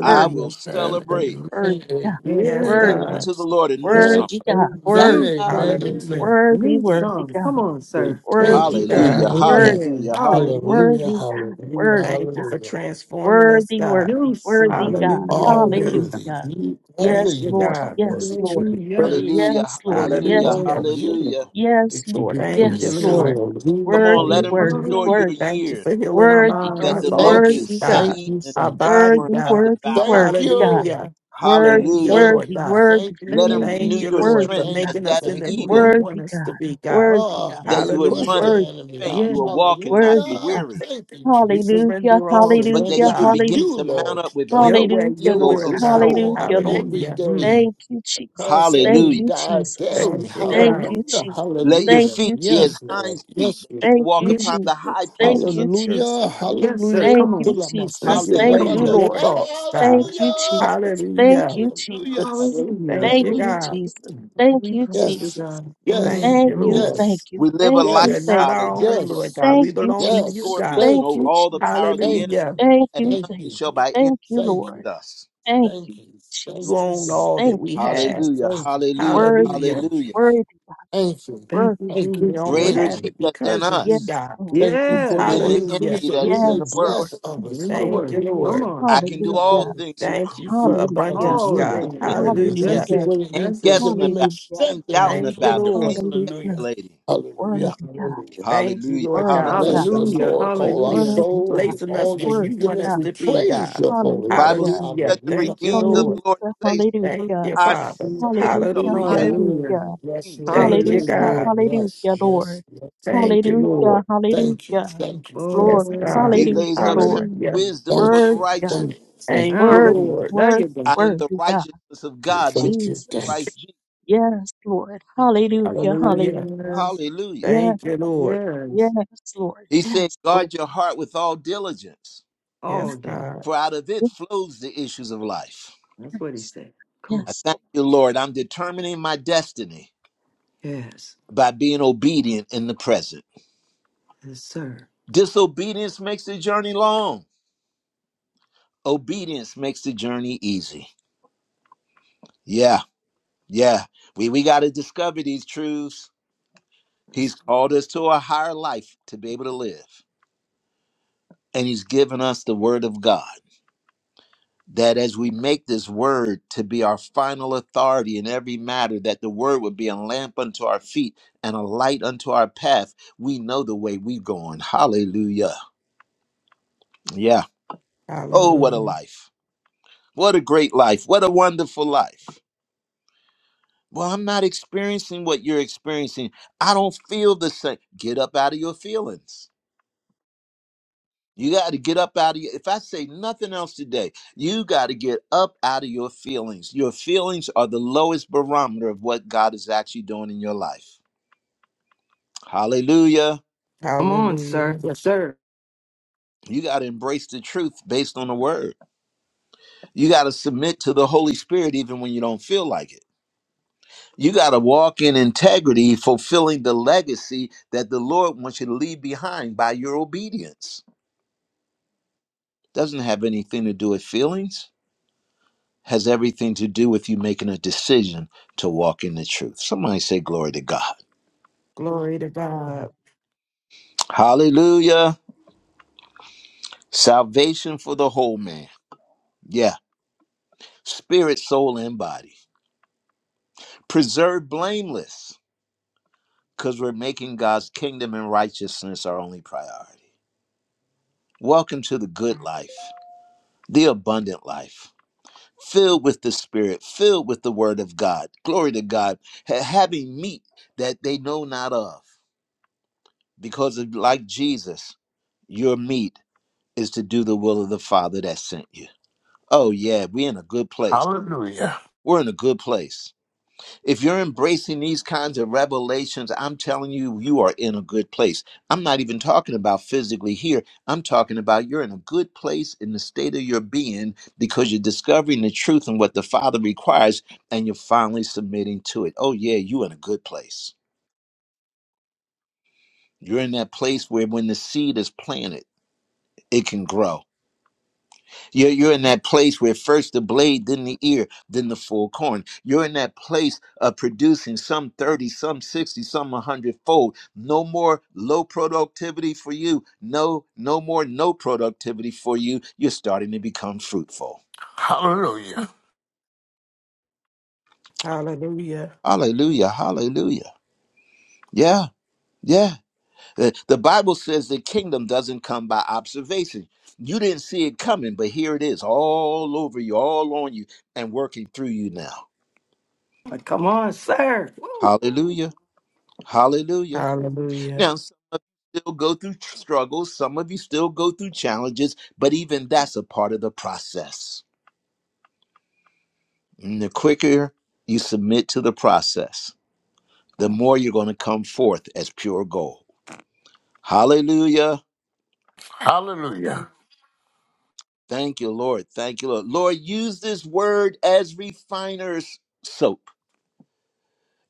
S1: I
S5: worthy,
S1: will
S4: Amen,
S1: celebrate.
S4: amen, amen,
S5: worthy, God.
S4: amen,
S3: Yes,
S5: Worthy,
S1: Sing
S7: Yes,
S4: amen,
S3: God.
S1: unto the Lord a new
S4: amen,
S1: song.
S5: worthy,
S4: amen,
S5: God.
S7: new song,
S4: amen,
S3: Hallelujah.
S5: Worthy, worthy,
S7: new
S5: worthy,
S7: song. Come
S5: God.
S7: on, sir.
S3: Thank
S5: Worthy,
S3: you,
S4: amen,
S5: you're
S1: Hallelujah,
S3: God.
S4: amen,
S7: Yeah,
S5: worthy,
S1: hallelujah, hallelujah,
S7: hallelujah.
S4: Hallelujah,
S5: worthy, God.
S4: hallelujah,
S5: Worthy.
S3: Thank you for
S4: hallelujah.
S3: transforming us,
S5: Worthy,
S3: God.
S7: New
S5: worthy, worthy
S7: song.
S4: You
S5: God.
S4: are
S3: Hallelujah.
S7: Glory to
S4: worthy.
S7: God.
S5: Hallelujah.
S4: You, only
S5: Yes,
S3: Thank you,
S4: you
S5: Lord.
S4: are
S3: God.
S5: Yes,
S4: worthy to
S5: Lord.
S4: be
S7: Hallelujah.
S4: praised.
S1: hallelujah,
S5: Yes, Lord.
S1: hallelujah,
S5: Yes,
S4: Only
S3: Hallelujah.
S5: Lord.
S4: you
S1: hallelujah.
S4: are worthy
S5: Yes,
S4: to
S5: Lord.
S4: be
S3: Thank you,
S5: Yes,
S4: praised.
S3: Lord.
S5: Lord.
S4: Hallelujah,
S1: Come on,
S5: Worthy,
S1: let him
S4: hallelujah,
S5: worthy,
S1: restore your
S5: worthy,
S4: hallelujah.
S3: Thank you
S1: years
S3: for healing our
S5: worthy,
S3: mind,
S1: that
S3: our
S1: the
S5: God.
S7: Hallelujah.
S4: Thank you,
S3: thoughts,
S5: Worthy
S1: locusts
S5: God.
S1: have
S3: God,
S4: thank
S1: eaten
S4: you,
S1: and
S3: our
S4: thank
S1: the
S4: you.
S3: body,
S1: cankerworm
S5: Worthy,
S1: have
S3: God.
S5: worthy,
S1: devoured.
S4: Thank
S5: worthy God.
S4: you,
S3: Hallelujah.
S5: Worthy,
S3: Thank you,
S1: Hallelujah.
S4: thank
S3: Lord
S5: worthy,
S4: you,
S3: God.
S5: worthy,
S4: thank you,
S1: Let
S4: thank
S1: him
S4: you.
S3: Thank
S1: renew
S7: Mhm.
S3: you,
S1: your
S3: Lord, for
S5: worthy
S1: strength
S4: Thank
S5: God.
S1: as
S4: you,
S3: making us
S1: that of
S4: thank
S3: into who
S4: you,
S3: you
S1: eagles,
S4: thank you.
S3: want
S5: Worthy
S3: us
S5: God.
S3: to be, God.
S5: Worthy
S4: Oh,
S5: God.
S1: that
S4: let's
S1: you would
S4: push
S1: run and
S4: the
S3: Hallelujah.
S5: Worthy,
S1: not
S4: enemy
S1: faint,
S7: Yeah.
S1: you
S4: out.
S1: would walk and not be
S5: worthy
S4: Hallelujah.
S5: God.
S1: weary,
S4: Thank you,
S3: We
S4: Jesus.
S5: Hallelujah.
S3: surrender
S4: We
S3: all to
S1: but
S3: you,
S4: surrender
S1: that
S5: Hallelujah.
S1: you would
S4: to
S3: God.
S5: Hallelujah.
S1: begin
S4: you,
S1: to mount
S4: Lord,
S1: up with
S4: today.
S1: wings
S3: Your
S1: as
S3: way,
S5: Hallelujah,
S3: your
S1: eagles
S5: Lord.
S3: will,
S4: We
S1: and
S3: God.
S1: soar.
S4: surrender
S5: Hallelujah, Lord.
S4: every
S3: Hallelujah.
S4: day.
S7: Mhm.
S5: Thank you,
S4: Paul
S5: Jesus.
S4: said
S5: Thank
S4: we
S1: Hallelujah.
S5: you,
S7: Mhm.
S4: die
S5: Jesus.
S4: daily.
S3: Thank you,
S5: Thank
S7: Mhm.
S3: God.
S5: you,
S4: Hallelujah.
S5: Jesus.
S1: Let your
S5: Thank
S4: Hallelujah.
S1: feet
S5: you,
S1: be as
S4: Yes,
S5: Jesus.
S4: Lord.
S1: hinds feet,
S4: Yes,
S1: that you
S4: Lord.
S1: will
S5: Thank
S1: walk
S5: you,
S7: Yeah.
S1: upon the high
S5: Jesus. Thank
S1: places
S5: you,
S1: of the earth.
S4: Hallelujah.
S5: Jesus.
S7: Yes, sir.
S4: Hallelujah.
S5: Thank
S7: Come
S5: you,
S7: on.
S3: We
S5: Jesus.
S7: That's
S4: Kulamasita
S3: give
S7: it.
S5: Thank
S3: way
S7: Come
S5: you,
S3: to
S7: on.
S1: Hallelujah.
S3: your
S5: Lord.
S4: labatotara.
S3: thoughts,
S5: Thank
S3: God.
S5: you,
S4: Hallelujah.
S5: Jesus. Thank
S3: Hallelujah.
S5: you,
S4: Hallelujah.
S5: Jesus.
S7: Hallelujah.
S3: Thank
S5: Thank
S3: you,
S7: Glory
S5: you,
S7: to
S4: Hallelujah.
S3: God.
S5: Jesus.
S7: God.
S5: Thank
S7: We
S5: you,
S7: praise you,
S4: Yes.
S5: Jesus.
S7: God.
S3: Thank
S4: Yes.
S5: Thank
S3: you,
S5: you,
S7: Mhm.
S3: Lord.
S5: thank
S4: Yes.
S5: you,
S1: We live a
S5: thank
S3: We
S5: you,
S3: are
S4: Yes.
S3: not
S5: thank
S1: lifestyle
S3: our
S5: you.
S1: of
S3: own,
S1: treading
S3: Lord
S4: Yes.
S3: God.
S1: upon
S5: Thank
S3: We
S5: you,
S1: serpents,
S3: belong to you,
S5: Jesus.
S4: Yes.
S3: God.
S1: scorpions, and
S5: Thank
S4: Thank
S1: over
S5: you,
S4: you.
S1: all the
S5: Jesus.
S1: power of the
S4: Thank
S1: enemy,
S3: Hallelujah.
S4: you.
S5: Thank
S1: and
S5: you,
S4: Thank
S5: thank
S1: nothing
S4: you.
S1: shall
S5: you.
S1: by any
S5: Thank you,
S4: Thank
S5: Lord.
S4: you.
S1: hurt us.
S5: Thank
S4: Thank
S5: you,
S4: you.
S3: You
S4: Thank you. Thank
S3: own
S4: you.
S5: Jesus.
S3: all that
S5: Thank
S3: we
S5: you,
S3: have.
S5: Jesus.
S1: Hallelujah.
S4: Thank you.
S1: Hallelujah.
S4: Thank
S5: Worthy
S4: you.
S5: God,
S3: Hallelujah.
S4: Thank
S1: Hallelujah.
S4: you.
S5: worthy God,
S4: Thank you.
S7: Thank you,
S5: worthy one,
S3: We only
S5: worthy.
S7: Jesus.
S1: Greater
S4: Thank
S1: is
S3: have
S1: he
S4: you.
S3: it
S1: that's in
S3: because of you,
S5: Yes,
S1: us
S3: God.
S5: Lord.
S4: Thank you
S5: Yes,
S4: for the
S1: than
S7: Yes.
S5: Lord.
S1: the enemy
S3: Hallelujah.
S4: increase that
S1: that
S4: we
S1: is in
S4: may
S1: the
S5: Yes,
S1: world.
S5: Lord.
S4: bless
S7: You're
S4: others.
S5: Yes,
S7: In the
S5: Lord.
S3: Thank you,
S7: word.
S4: Hallelujah.
S7: Come
S3: Lord.
S7: on.
S1: I can do
S4: Hallelujah.
S1: all
S5: Hallelujah.
S4: Hallelujah.
S1: things through,
S3: Thank
S1: Cr-
S3: you for
S1: through Christ who
S5: Hallelujah.
S3: abundance,
S7: All
S4: Hallelujah.
S1: strengthens
S3: God.
S1: me.
S7: things.
S4: Hallelujah.
S3: Hallelujah.
S7: That's
S4: Thank you
S5: Hallelujah.
S7: it.
S4: for the
S1: Ain't
S7: That's
S4: increase
S7: it.
S4: that
S1: guessing
S4: we may
S1: about
S5: Hallelujah.
S1: it. Ain't
S4: strengthen your
S1: doubting
S3: Thank you,
S1: about it.
S4: kingdom.
S3: Lord.
S1: Ain't
S5: Hallelujah.
S4: Hallelujah.
S1: speculating.
S4: Hallelujah.
S5: Worthy God,
S4: Hallelujah.
S3: Thank you,
S1: Hallelujah.
S3: Lord
S1: Hallelujah.
S3: God,
S5: worthy
S3: for
S5: God,
S4: Bless the
S7: Hallelujah.
S4: Lord,
S1: Hallelujah.
S4: all our
S3: strategically
S7: Hallelujah.
S5: worthy
S4: souls,
S5: God,
S4: and
S3: placing us
S4: all
S3: where
S4: that's
S3: you
S5: worthy
S4: within
S3: want
S4: us.
S3: us
S5: God.
S4: We
S3: to be,
S4: praise
S3: God.
S4: your
S1: The
S4: holy name.
S1: Bible
S5: Hallelujah.
S1: says,
S3: Hallelujah.
S1: let the
S4: Hallelujah,
S3: Thank you,
S1: redeemed of
S3: Lord.
S1: the
S4: hallelujah,
S1: Lord
S5: Hallelujah.
S1: say so.
S3: Thank you,
S5: Hallelujah.
S1: I
S3: Father.
S1: say so.
S5: Hallelujah.
S4: hallelujah,
S1: I
S3: Hallelujah.
S1: am
S7: Hallelujah.
S5: Hallelujah.
S4: hallelujah. Yes,
S1: redeemed.
S4: Lord,
S3: Thank you,
S4: yes,
S7: Hallelujah.
S5: Hallelujah,
S3: God.
S4: Lord, yes,
S5: hallelujah,
S4: yes,
S5: Lord.
S4: yes.
S3: Thank you,
S5: Hallelujah,
S3: Lord.
S4: Thank you,
S5: hallelujah.
S4: thank you, thank
S3: Yes,
S5: Glory,
S4: you,
S3: God.
S1: He
S4: thank
S7: Glory.
S4: you.
S1: lays
S5: hallelujah,
S1: up sound
S5: Lord.
S7: Glory.
S3: Hallelujah.
S1: wisdom
S4: Thank
S1: for the
S4: you,
S5: Worthy God,
S1: righteous.
S4: thank you, thank
S3: Thank you,
S5: worthy,
S7: Oh,
S3: Lord.
S7: there
S5: worthy,
S7: you go.
S1: I am the
S5: worthy God,
S1: righteousness of
S4: you,
S1: God, which is
S4: thank you, thank you.
S1: Christ
S5: Jesus.
S1: Jesus.
S5: Yes, Lord. Hallelujah,
S3: Hallelujah.
S5: hallelujah.
S7: Yes,
S1: Hallelujah.
S5: Yes,
S3: Thank you, Lord.
S7: yes,
S5: yes, Lord.
S1: He said,
S5: Yes, Lord.
S1: guard your heart with all diligence,
S7: all
S3: Yes,
S5: Yes,
S7: of them.
S3: God.
S1: for out of it flows the issues of life.
S7: That's what he
S5: yes,
S7: said. Come on.
S1: I
S5: yes,
S1: thank
S5: Lord.
S1: you, Lord. I'm determining my destiny
S7: Yes,
S1: by being obedient in the present.
S7: yes, sir.
S1: Disobedience makes the journey long. Obedience makes the journey easy. Yeah, yeah. We we gotta discover these truths. He's
S7: Yes.
S1: called us to a higher life to be able to live. And He's given us the Word of God that as we make this Word to be our final authority in every matter, that the Word would be a lamp unto our feet and a light unto our path. We know the way we're going. Hallelujah. Yeah. Oh, what a
S3: Hallelujah.
S1: life. What a great life. What a wonderful life. Well, I'm not experiencing what you're experiencing. I don't feel the same. Get up out of your feelings You got to get up out of your, if I say nothing else today, you got to get up out of your feelings. Your feelings are the lowest barometer of what God is actually doing in your life. Hallelujah.
S7: Come on, sir.
S3: Hallelujah.
S7: Yes, sir.
S1: You got to embrace the truth based on the word. You got to submit to the Holy Spirit even when you don't feel like it. You got to walk in integrity, fulfilling the legacy that the Lord wants you to leave behind by your obedience. Doesn't have anything to do with feelings has everything to do with you making a decision to walk in the truth. Somebody say, Glory to God.
S3: Glory to God.
S1: Hallelujah. Salvation for the whole man. Yeah. Spirit, soul, and body. Preserved blameless because we're making God's kingdom and righteousness our only priority. Welcome to the good life, the abundant life. Filled with the Spirit, filled with the Word of God. Glory to God. Ha- having meat that they know not of. Because, of, like Jesus, your meat is to do the will of the Father that sent you. Oh, yeah, we're in a good place.
S4: Hallelujah,
S1: We're in a good place. If you're embracing these kinds of revelations, I'm telling you, you are in a good place. I'm not even talking about physically here. I'm talking about you're in a good place in the state of your being because you're discovering the truth and what the Father requires, and you're finally submitting to it. Oh, yeah, you're in a good place. You're in that place where when the seed is planted, it can grow You're, you're in that place where first the blade, then the ear, then the full corn. You're in that place of producing some 30, some 60, some 100 fold. No more low productivity for you. No, no more no productivity for you. You're starting to become fruitful.
S4: hallelujah,
S3: Hallelujah.
S1: Hallelujah. Hallelujah. Yeah. Yeah. The the Bible says the kingdom doesn't come by observation. You didn't see it coming, but here it is all over you, all on you, and working through you now.
S7: Like, Come on, sir. Woo, woo.
S1: Hallelujah. Hallelujah.
S3: Hallelujah.
S1: Now, some of you still go through tr- struggles, some of you still go through challenges, but even that's a part of the process. And the quicker you submit to the process, the more you're going to come forth as pure gold. Hallelujah.
S4: hallelujah.
S1: Thank you, Lord. Thank you, Lord. Lord, use this word as refiner's soap,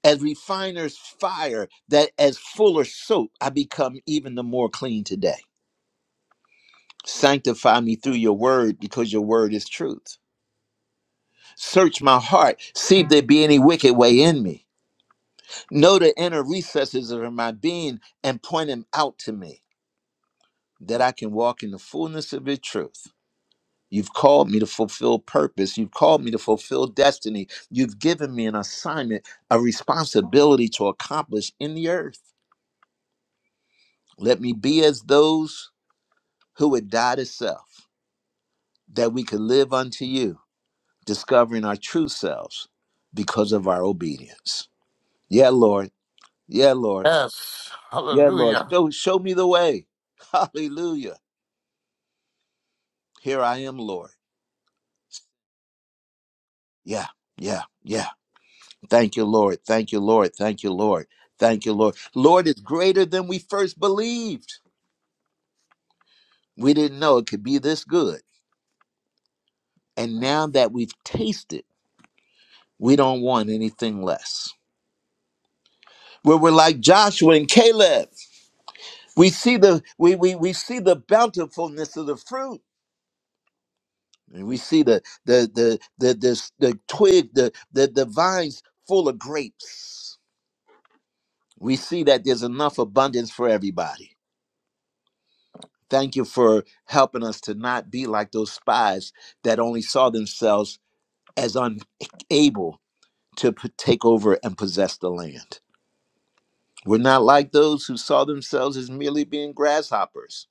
S1: as refiner's fire, that as fuller soap, I become even the more clean today. Sanctify me through your word because your word is truth. Search my heart, see if there be any wicked way in me. Know the inner recesses of my being and point them out to me that I can walk in the fullness of your truth. You've called me to fulfill purpose. You've called me to fulfill destiny. You've given me an assignment, a responsibility to accomplish in the earth. Let me be as those who would die to self, that we could live unto you, discovering our true selves because of our obedience. Yeah, Lord. Yeah, Lord.
S4: Yes,
S1: Yeah, Lord.
S4: hallelujah,
S1: Show show me the way. Hallelujah. Here I am, Lord. Yeah, yeah, yeah. Thank you, Lord. Thank you, Lord. Thank you, Lord. Thank you, Lord. Lord is greater than we first believed. We didn't know it could be this good. And now that we've tasted, we don't want anything less. Where we're like Joshua and Caleb. We see the we we, we see the bountifulness of the fruit. And we see the the the the the, the twig, the, the the vines full of grapes we see that there's enough abundance for everybody. Thank you for helping us to not be like those spies that only saw themselves as unable to p- take over and possess the land. We're not like those who saw themselves as merely being grasshoppers.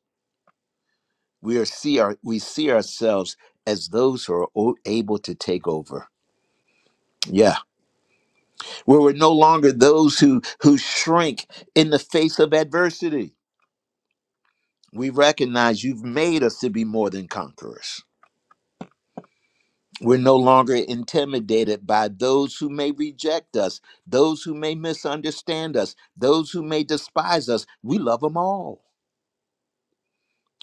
S1: We are see our, we see ourselves as those who are o- able to take over. Yeah, where we're no longer those who who shrink in the face of adversity. We recognize you've made us to be more than conquerors We're no longer intimidated by those who may reject us, those who may misunderstand us, those who may despise us. We love them all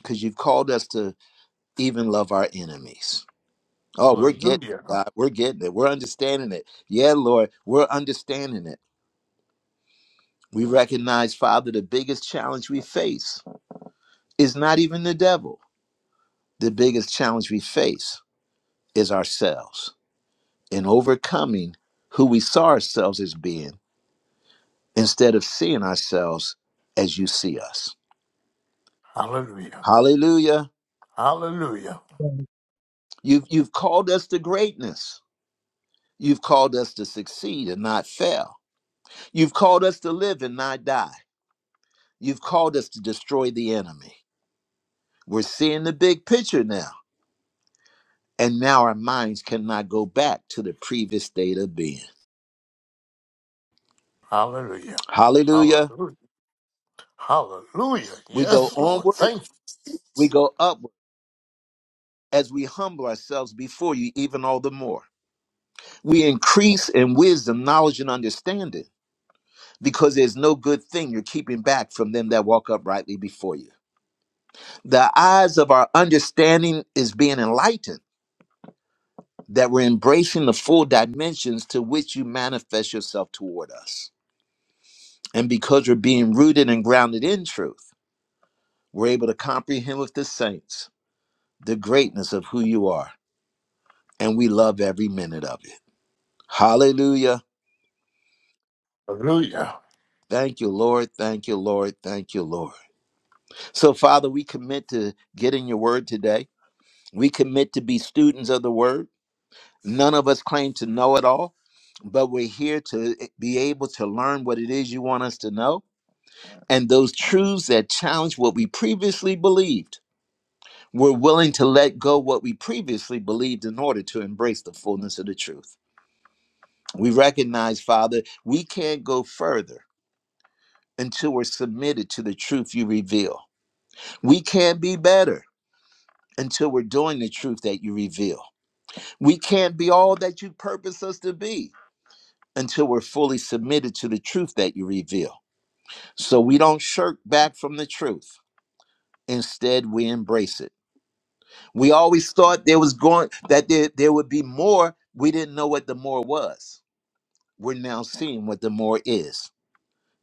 S1: because you've called us to even love our enemies. Oh, we're getting it,
S4: hallelujah,
S1: God. We're getting it. We're understanding it. Yeah, Lord, we're understanding it. We recognize, Father, the biggest challenge we face is not even the devil. The biggest challenge we face is ourselves in overcoming who we saw ourselves as being instead of seeing ourselves as you see us.
S4: hallelujah,
S1: Hallelujah.
S4: hallelujah,
S5: Yes,
S1: You've, you've called us to greatness. You've called us to succeed and not fail. You've called us to live and not die. You've called us to destroy the enemy. We're seeing the big picture now. And now our minds cannot go back to the previous state of being.
S4: hallelujah,
S1: Hallelujah.
S4: hallelujah. Hallelujah.
S1: We go
S4: Yes, Lord.
S1: onward,
S4: Thank you.
S1: we go upward as we humble ourselves before you, even all the more. We increase in wisdom, knowledge, and understanding because there's no good thing you're keeping back from them that walk uprightly before you. The eyes of our understanding is being enlightened, that we're embracing the full dimensions to which you manifest yourself toward us. And because we're being rooted and grounded in truth, we're able to comprehend with the saints the greatness of who you are. And we love every minute of it. Hallelujah.
S4: Hallelujah.
S1: Thank you, Lord. Thank you, Lord. Thank you, Lord. So, Father, we commit to getting your word today We commit to be students of the word. None of us claim to know it all, but we're here to be able to learn what it is you want us to know. And those truths that challenge what we previously believed, we're willing to let go what we previously believed in order to embrace the fullness of the truth. We recognize, Father, we can't go further until we're submitted to the truth you reveal. We can't be better until we're doing the truth that you reveal. We can't be all that you purpose us to be until we're fully submitted to the truth that you reveal. So we don't shirk back from the truth. Instead, we embrace it. We always thought there was going that there, there would be more. We didn't know what the more was. We're now seeing what the more is.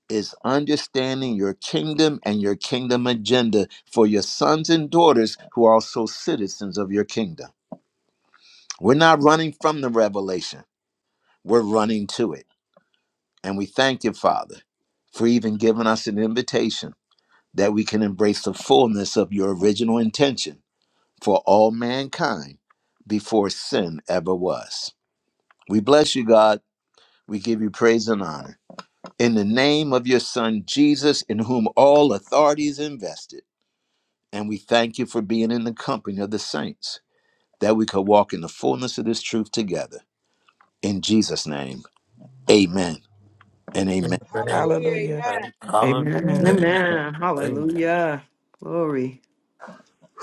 S1: Is understanding your kingdom and your kingdom agenda for your sons and daughters who are also citizens of your kingdom. We're not running from the revelation, we're running to it. And we thank you, Father, for even giving us an invitation that we can embrace the fullness of your original intention for all mankind before sin ever was. We bless you, God. We give you praise and honor. In the name of your Son, Jesus, in whom all authority is invested, and we thank you for being in the company of the saints, that we could walk in the fullness of this truth together. In Jesus' name, amen and amen.
S4: Amen.
S9: Hallelujah.
S3: Hallelujah.
S9: Amen.
S4: Amen. Hallelujah.
S3: Amen.
S10: Amen.
S4: Amen.
S7: Amen.
S4: Amen.
S7: Hallelujah. Glory.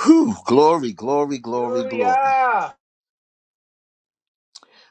S1: Whew, glory, glory, glory, glory.
S9: Hallelujah.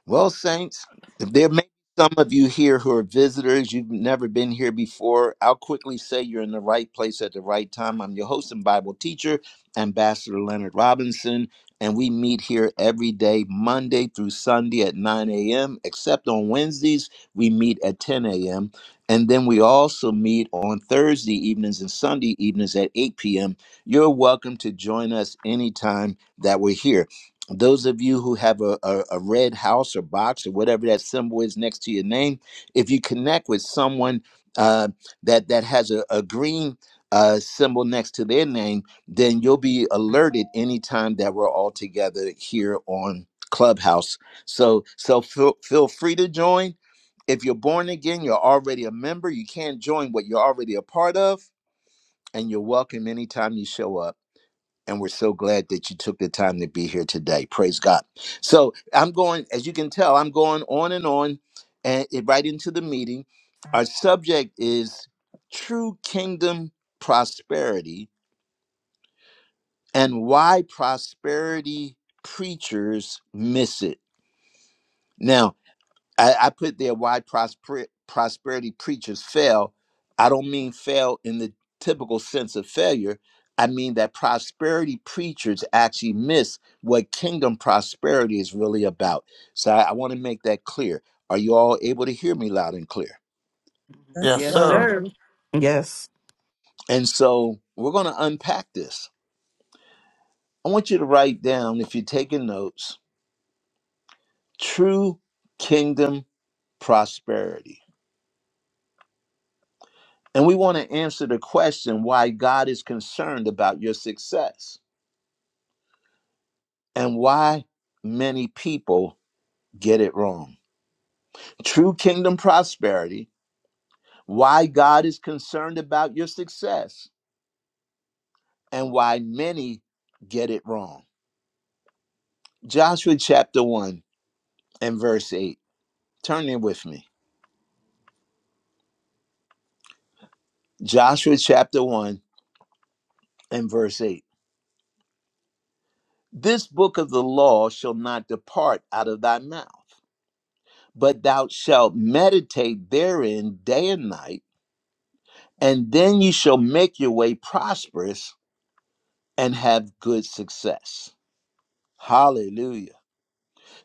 S1: Well, Saints, if there may be some of you here who are visitors. You've never been here before. I'll quickly say you're in the right place at the right time. I'm your host and Bible teacher, Ambassador Leonard Robinson, and we meet here every day, Monday through Sunday at 9 a.m., except on Wednesdays, we meet at 10 a.m. And then we also meet on Thursday evenings and Sunday evenings at 8 p.m. You're welcome to join us anytime that we're here those of you who have a, a, a red house or box or whatever that symbol is next to your name, if you connect with someone uh, that that has a, a green uh, symbol next to their name, then you'll be alerted anytime that we're all together here on Clubhouse. So so feel, feel free to join. If you're born again, you're already a member. You can't join what you're already a part of, and you're welcome anytime you show up and we're so glad that you took the time to be here today. Praise God. So I'm going, as you can tell, I'm going on and on and it- right into the meeting. Our subject is true kingdom prosperity and why prosperity preachers miss it. Now, I, I put there why prosper, prosperity preachers fail. I don't mean fail in the typical sense of failure. I mean that prosperity preachers actually miss what kingdom prosperity is really about. So I, I want to make that clear. Are you all able to hear me loud and clear?
S10: Yes,
S4: Yes,
S7: Yes,
S4: sir.
S10: sir.
S7: sir.
S3: Yes.
S1: And so we're going to unpack this. I want you to write down, if you're taking notes, true kingdom prosperity. And we want to answer the question why God is concerned about your success and why many people get it wrong. True kingdom prosperity, why God is concerned about your success and why many get it wrong. Joshua chapter 1 and verse 8. Turn in with me. Joshua chapter 1 and verse 8. This book of the law shall not depart out of thy mouth, but thou shalt meditate therein day and night and then you shall make your way prosperous and have good success hallelujah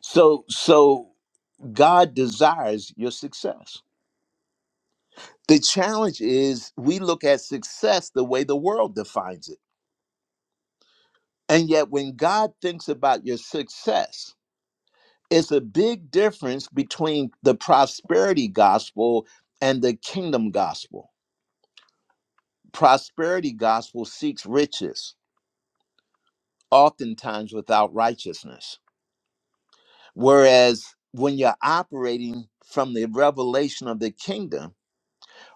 S1: so so god desires your success the challenge is we look at success the way the world defines it and yet when god thinks about your success it's a big difference between the prosperity gospel and the kingdom gospel prosperity gospel seeks riches oftentimes without righteousness Whereas when you're operating from the revelation of the kingdom,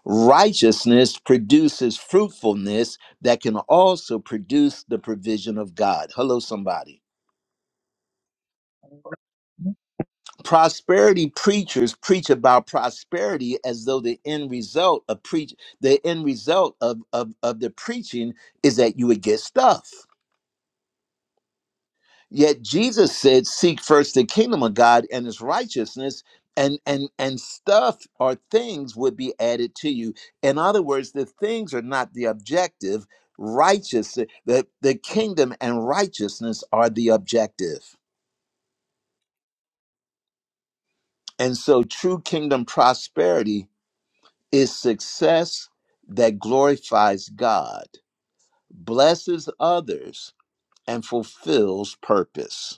S1: righteousness produces fruitfulness that can also produce the provision of God. Hello, somebody.
S10: Amen.
S1: Prosperity preachers preach about prosperity as though the end result of preach the end result of, of, of the preaching is that you would get stuff. Yet Jesus said, "Seek first the kingdom of God and His righteousness, and and and stuff or things would be added to you." In other words, the things are not the objective. Righteous, the the kingdom and righteousness are the objective. And so, true kingdom prosperity is success that glorifies God, blesses others, and fulfills purpose.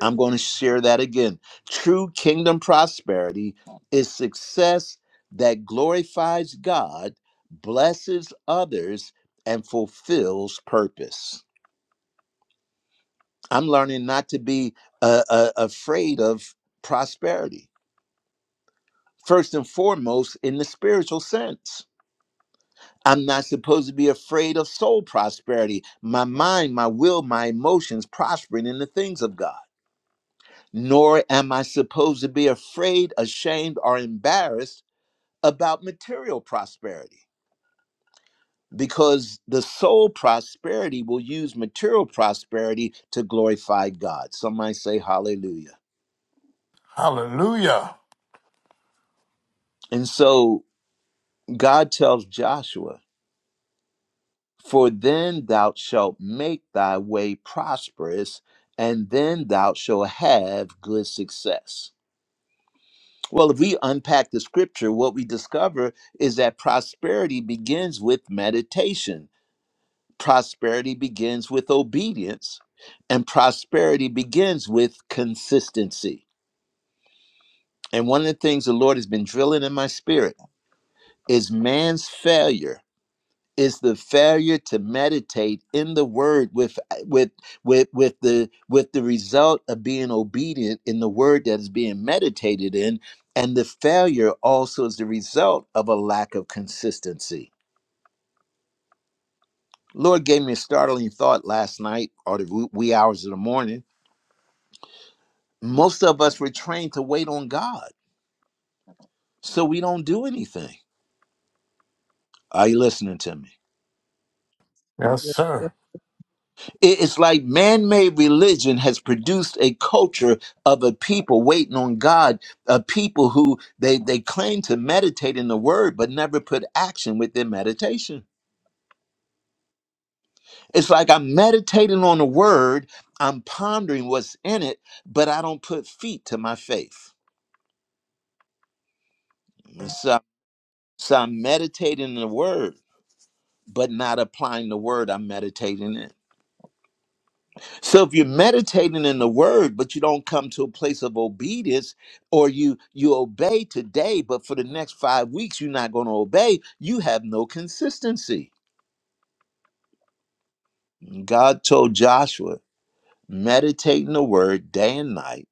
S1: I'm going to share that again. True kingdom prosperity is success that glorifies God, blesses others, and fulfills purpose. I'm learning not to be uh, uh, afraid of prosperity, first and foremost, in the spiritual sense. I'm not supposed to be afraid of soul prosperity, my mind, my will, my emotions prospering in the things of God. nor am I supposed to be afraid, ashamed, or embarrassed about material prosperity because the soul prosperity will use material prosperity to glorify God. Some might say, Hallelujah.
S4: Hallelujah.
S1: And so God tells Joshua, For then thou shalt make thy way prosperous, and then thou shalt have good success. Well, if we unpack the scripture, what we discover is that prosperity begins with meditation, prosperity begins with obedience, and prosperity begins with consistency. And one of the things the Lord has been drilling in my spirit is man's failure is the failure to meditate in the word with with with with the with the result of being obedient in the word that is being meditated in and the failure also is the result of a lack of consistency lord gave me a startling thought last night or the wee wee hours of the morning most of us were trained to wait on god so we don't do anything are you listening to me
S4: Yes,
S10: Yes, sir.
S4: sir.
S1: It's like man made religion has produced a culture of a people waiting on God, a people who they, they claim to meditate in the word, but never put action with their meditation. It's like I'm meditating on the word, I'm pondering what's in it, but I don't put feet to my faith. And So, so I'm meditating in the word, but not applying the word I'm meditating in. So if you're meditating in the word, but you don't come to a place of obedience, or you you obey today, but for the next five weeks you're not going to obey, you have no consistency. God told Joshua, meditate in the word day and night.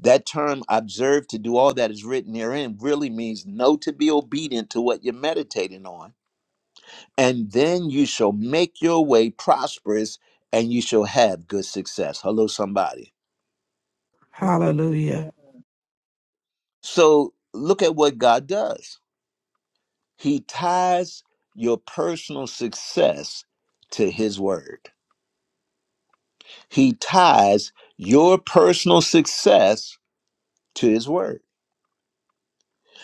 S1: That term observe to do all that is written therein really means know to be obedient to what you're meditating on. And then you shall make your way prosperous and you shall have good success. Hello, somebody.
S3: Hallelujah.
S10: Hallelujah.
S1: So look at what God does He ties your personal success to His Word. He ties your personal success to His Word.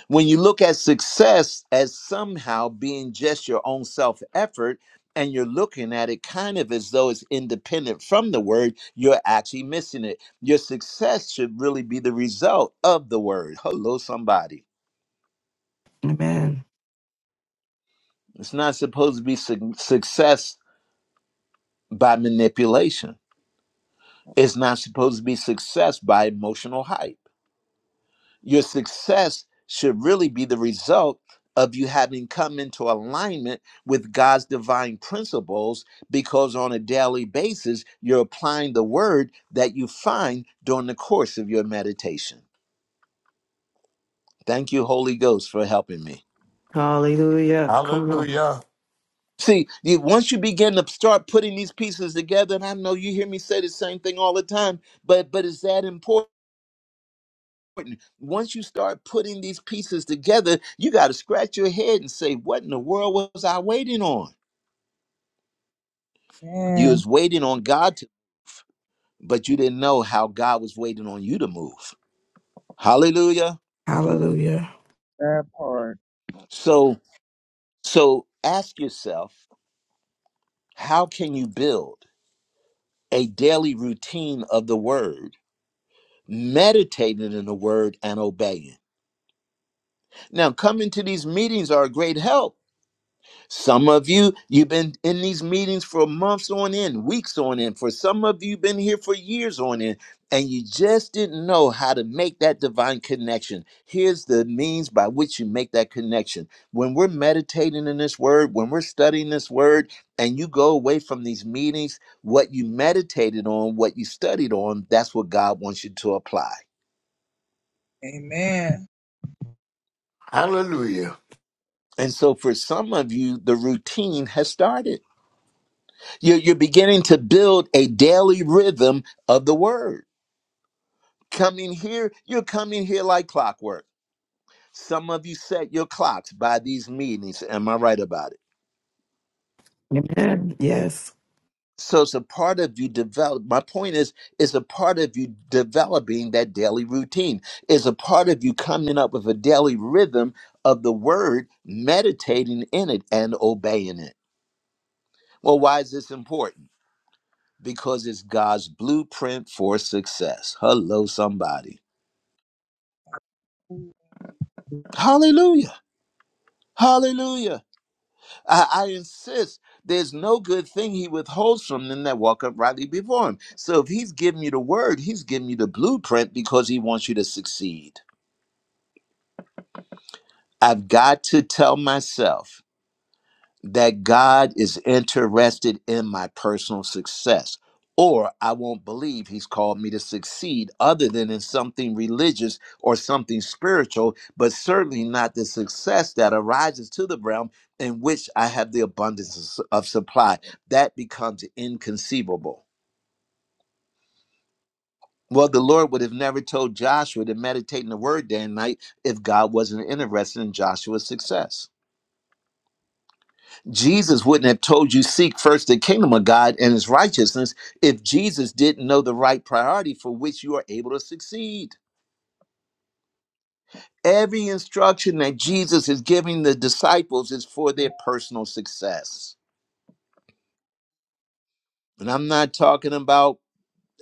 S1: When you look at success as somehow being just your own self effort, and you're looking at it kind of as though it's independent from the Word, you're actually missing it. Your success should really be the result of the Word. Hello, somebody.
S3: Amen.
S1: It's not supposed to be su- success by manipulation. It's not supposed to be success by emotional hype. Your success should really be the result of you having come into alignment with God's divine principles because on a daily basis, you're applying the word that you find during the course of your meditation. Thank you, Holy Ghost, for helping me.
S7: Hallelujah. Come on.
S4: Hallelujah.
S1: See, you, once you begin to start putting these pieces together, and I know you hear me say the same thing all the time, but but it's that important important. Once you start putting these pieces together, you got to scratch your head and say, What in the world was I waiting on? You was
S10: Amen.
S1: waiting on God to, but you didn't know how God was waiting on you to move. Hallelujah.
S10: Look at
S3: Hallelujah.
S10: That part.
S1: So, so ask yourself, how can you build a daily routine of the word, meditating in the word and obeying? Now, coming to these meetings are a great help Some of you, you've been in these meetings for months on end, weeks on end. For some of you, been here for years on end, and you just didn't know how to make that divine connection. Here's the means by which you make that connection. When we're meditating in this word, when we're studying this word, and you go away from these meetings, what you meditated on, what you studied on, that's what God wants you to apply.
S10: Amen.
S4: Hallelujah.
S1: And so for some of you, the routine has started You're, you're beginning to build a daily rhythm of the word. Coming here, you're coming here like clockwork. Some of you set your clocks by these meetings. Am I right about it?
S3: Amen. Yes.
S1: So it's a part of you develop. My point is, it's a part of you developing that daily routine. It's a part of you coming up with a daily rhythm of the word, meditating in it and obeying it. Well, why is this important? Because it's God's blueprint for success. Hello, somebody. Hallelujah. Hallelujah. I, I insist there's no good thing he withholds from them that walk uprightly before him. So if he's giving you the word, he's giving you the blueprint because he wants you to succeed. I've got to tell myself that God is interested in my personal success, or I won't believe He's called me to succeed other than in something religious or something spiritual, but certainly not the success that arises to the realm in which I have the abundance of su- of supply. That becomes inconceivable. Well, the Lord would have never told Joshua to meditate in the word day and night if God wasn't interested in Joshua's success. Jesus wouldn't have told you seek first the kingdom of God and his righteousness if Jesus didn't know the right priority for which you are able to succeed. Every instruction that Jesus is giving the disciples is for their personal success. And I'm not talking about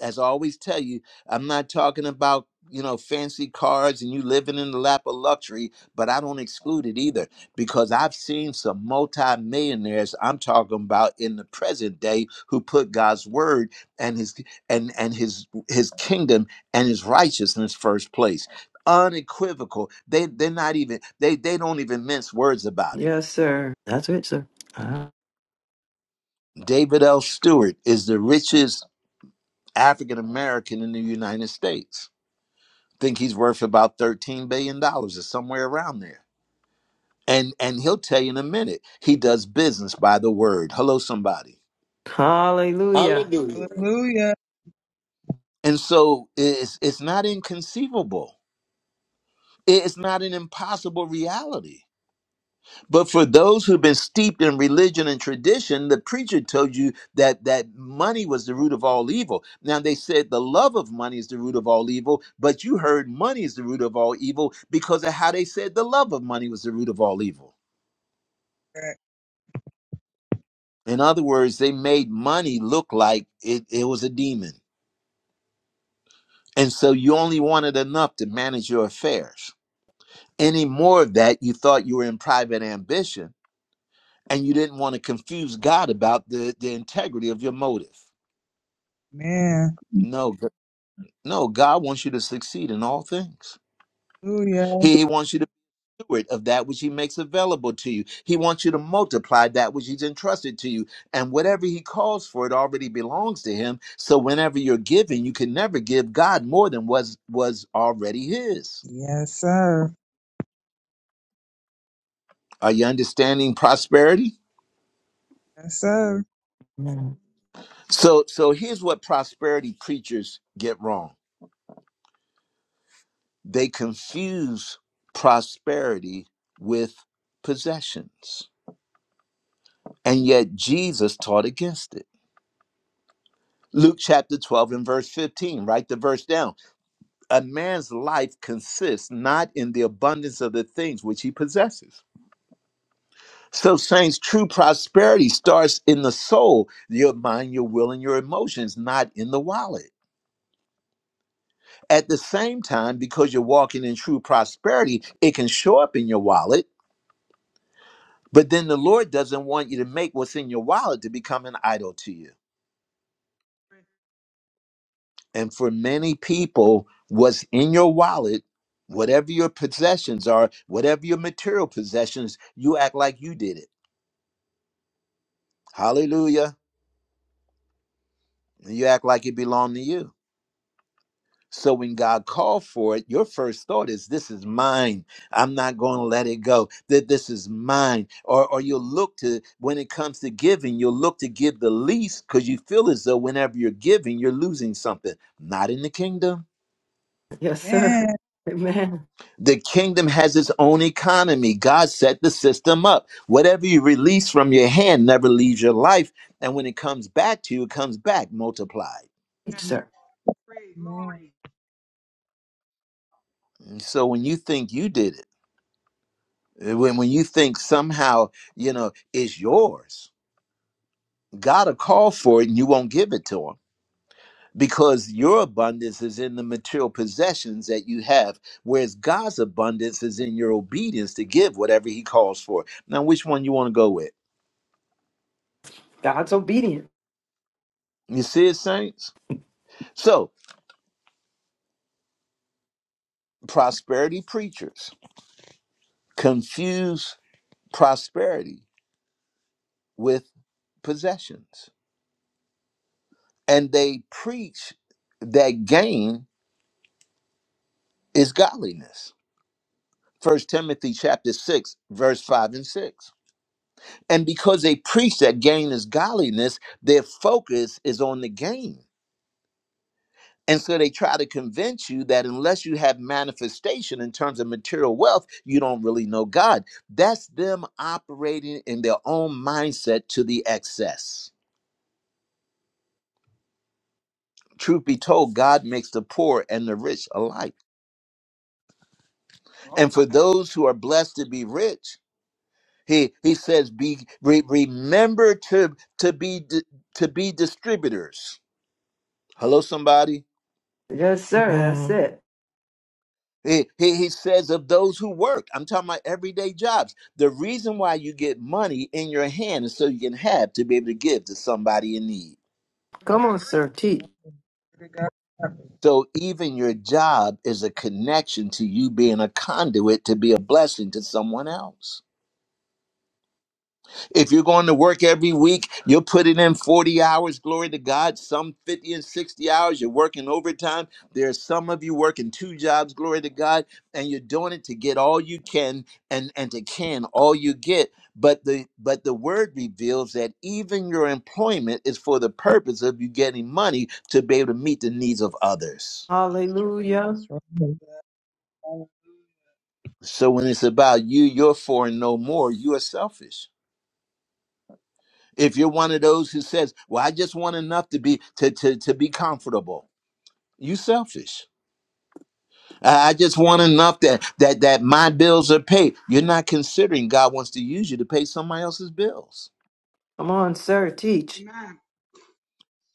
S1: as I always tell you, I'm not talking about you know fancy cars and you living in the lap of luxury, but I don't exclude it either because I've seen some multimillionaires I'm talking about in the present day who put God's word and his and and his his kingdom and his righteousness first place. Unequivocal. They they're not even they they don't even mince words about it.
S7: Yes, sir. That's it, sir. Ah.
S1: David L. Stewart is the richest African American in the United States think he's worth about 13 billion dollars or somewhere around there and and he'll tell you in a minute he does business by the word hello somebody
S7: Hallelujah.
S4: Hallelujah.
S10: Hallelujah.
S1: and so it's it's not inconceivable it's not an impossible reality but for those who've been steeped in religion and tradition the preacher told you that that money was the root of all evil now they said the love of money is the root of all evil but you heard money is the root of all evil because of how they said the love of money was the root of all evil In other words, they made money look like it, it was a demon. And so you only wanted enough to manage your affairs. Any more of that, you thought you were in private ambition and you didn't want to confuse God about the, the integrity of your motive.
S10: Amen.
S1: No, g- no, God wants you to succeed in all things.
S10: Hallelujah.
S1: He He wants you to. steward of that which he makes available to you. He wants you to multiply that which he's entrusted to you. And whatever he calls for, it already belongs to him. So whenever you're giving, you can never give God more than was was already his.
S10: Yes, sir.
S1: Are you understanding prosperity?
S10: Yes, sir.
S3: Amen.
S1: So so here's what prosperity preachers get wrong. They confuse prosperity with possessions. And yet Jesus taught against it. Luke chapter 12 and verse 15, write the verse down. a man's life consists not in the abundance of the things which he possesses. So, saints, true prosperity starts in the soul, your mind, your will, and your emotions, not in the wallet. At the same time, because you're walking in true prosperity, it can show up in your wallet, but then the Lord doesn't want you to make what's in your wallet to become an idol to you. And for many people, what's in your wallet, whatever your possessions are, whatever your material possessions, you act like you did it Hallelujah. And you act like it belonged to you. So when God called for it, your first thought is, This is mine. I'm not going to let it go. That this is mine. Or, or you'll look to, when it comes to giving, you'll look to give the least because you feel as though whenever you're giving, you're losing something. Not in the kingdom.
S7: Yes, sir.
S10: Amen.
S7: Amen.
S1: The kingdom has its own economy. God set the system up. Whatever you release from your hand never leaves your life. And when it comes back to you, it comes back multiplied.
S7: Sir.
S9: Praise,
S10: Amen.
S9: glory.
S1: And so when you think you did it, Uh, when when you think somehow you know it's yours god will call for it and you won't give it to him because your abundance is in the material possessions that you have whereas god's abundance is in your obedience to give whatever he calls for now which one you want to go with
S7: God's obedient.
S1: you see it saints so prosperity preachers confuse prosperity with possessions and they preach that gain is godliness First Timothy chapter 6, verse 5 and 6. And because they preach that gain is godliness, their focus is on the gain. And so they try to convince you that unless you have manifestation in terms of material wealth, you don't really know God. That's them operating in their own mindset to the excess. Truth be told, God makes the poor and the rich alike.
S9: All
S1: And for
S9: right.
S1: those who are blessed to be rich, He he says, "Be re, remember to to be di- to be distributors." Hello, somebody.
S7: Yes, sir. That's
S3: Amen.
S7: it.
S1: He, he he says of those who work. I'm talking about everyday jobs. The reason why you get money in your hand is so you can have to be able to give to somebody in need.
S7: Come
S9: Agree.
S7: on, sir, teach.
S10: Glory to God.
S1: So even your job is a connection to you being a conduit to be a blessing to someone else. If you're going to work every week, you are putting in 40 hours, glory to God, some 50 and 60 hours. You're working overtime. There's some of you working two jobs, glory to God, and you're doing it to get all you can and, and to can all you get. But the but the word reveals that even your employment is for the purpose of you getting money to be able to meet the needs of others.
S7: Hallelujah.
S5: that's right.
S1: So when it's about you, you're for and no more, you are selfish If you're one of those who says, "Well, I just want enough to be to to to be comfortable," you selfish. I I just want enough that that that my bills are paid. You're not considering God wants to use you to pay somebody else's bills.
S7: Come on, sir, teach.
S9: Amen.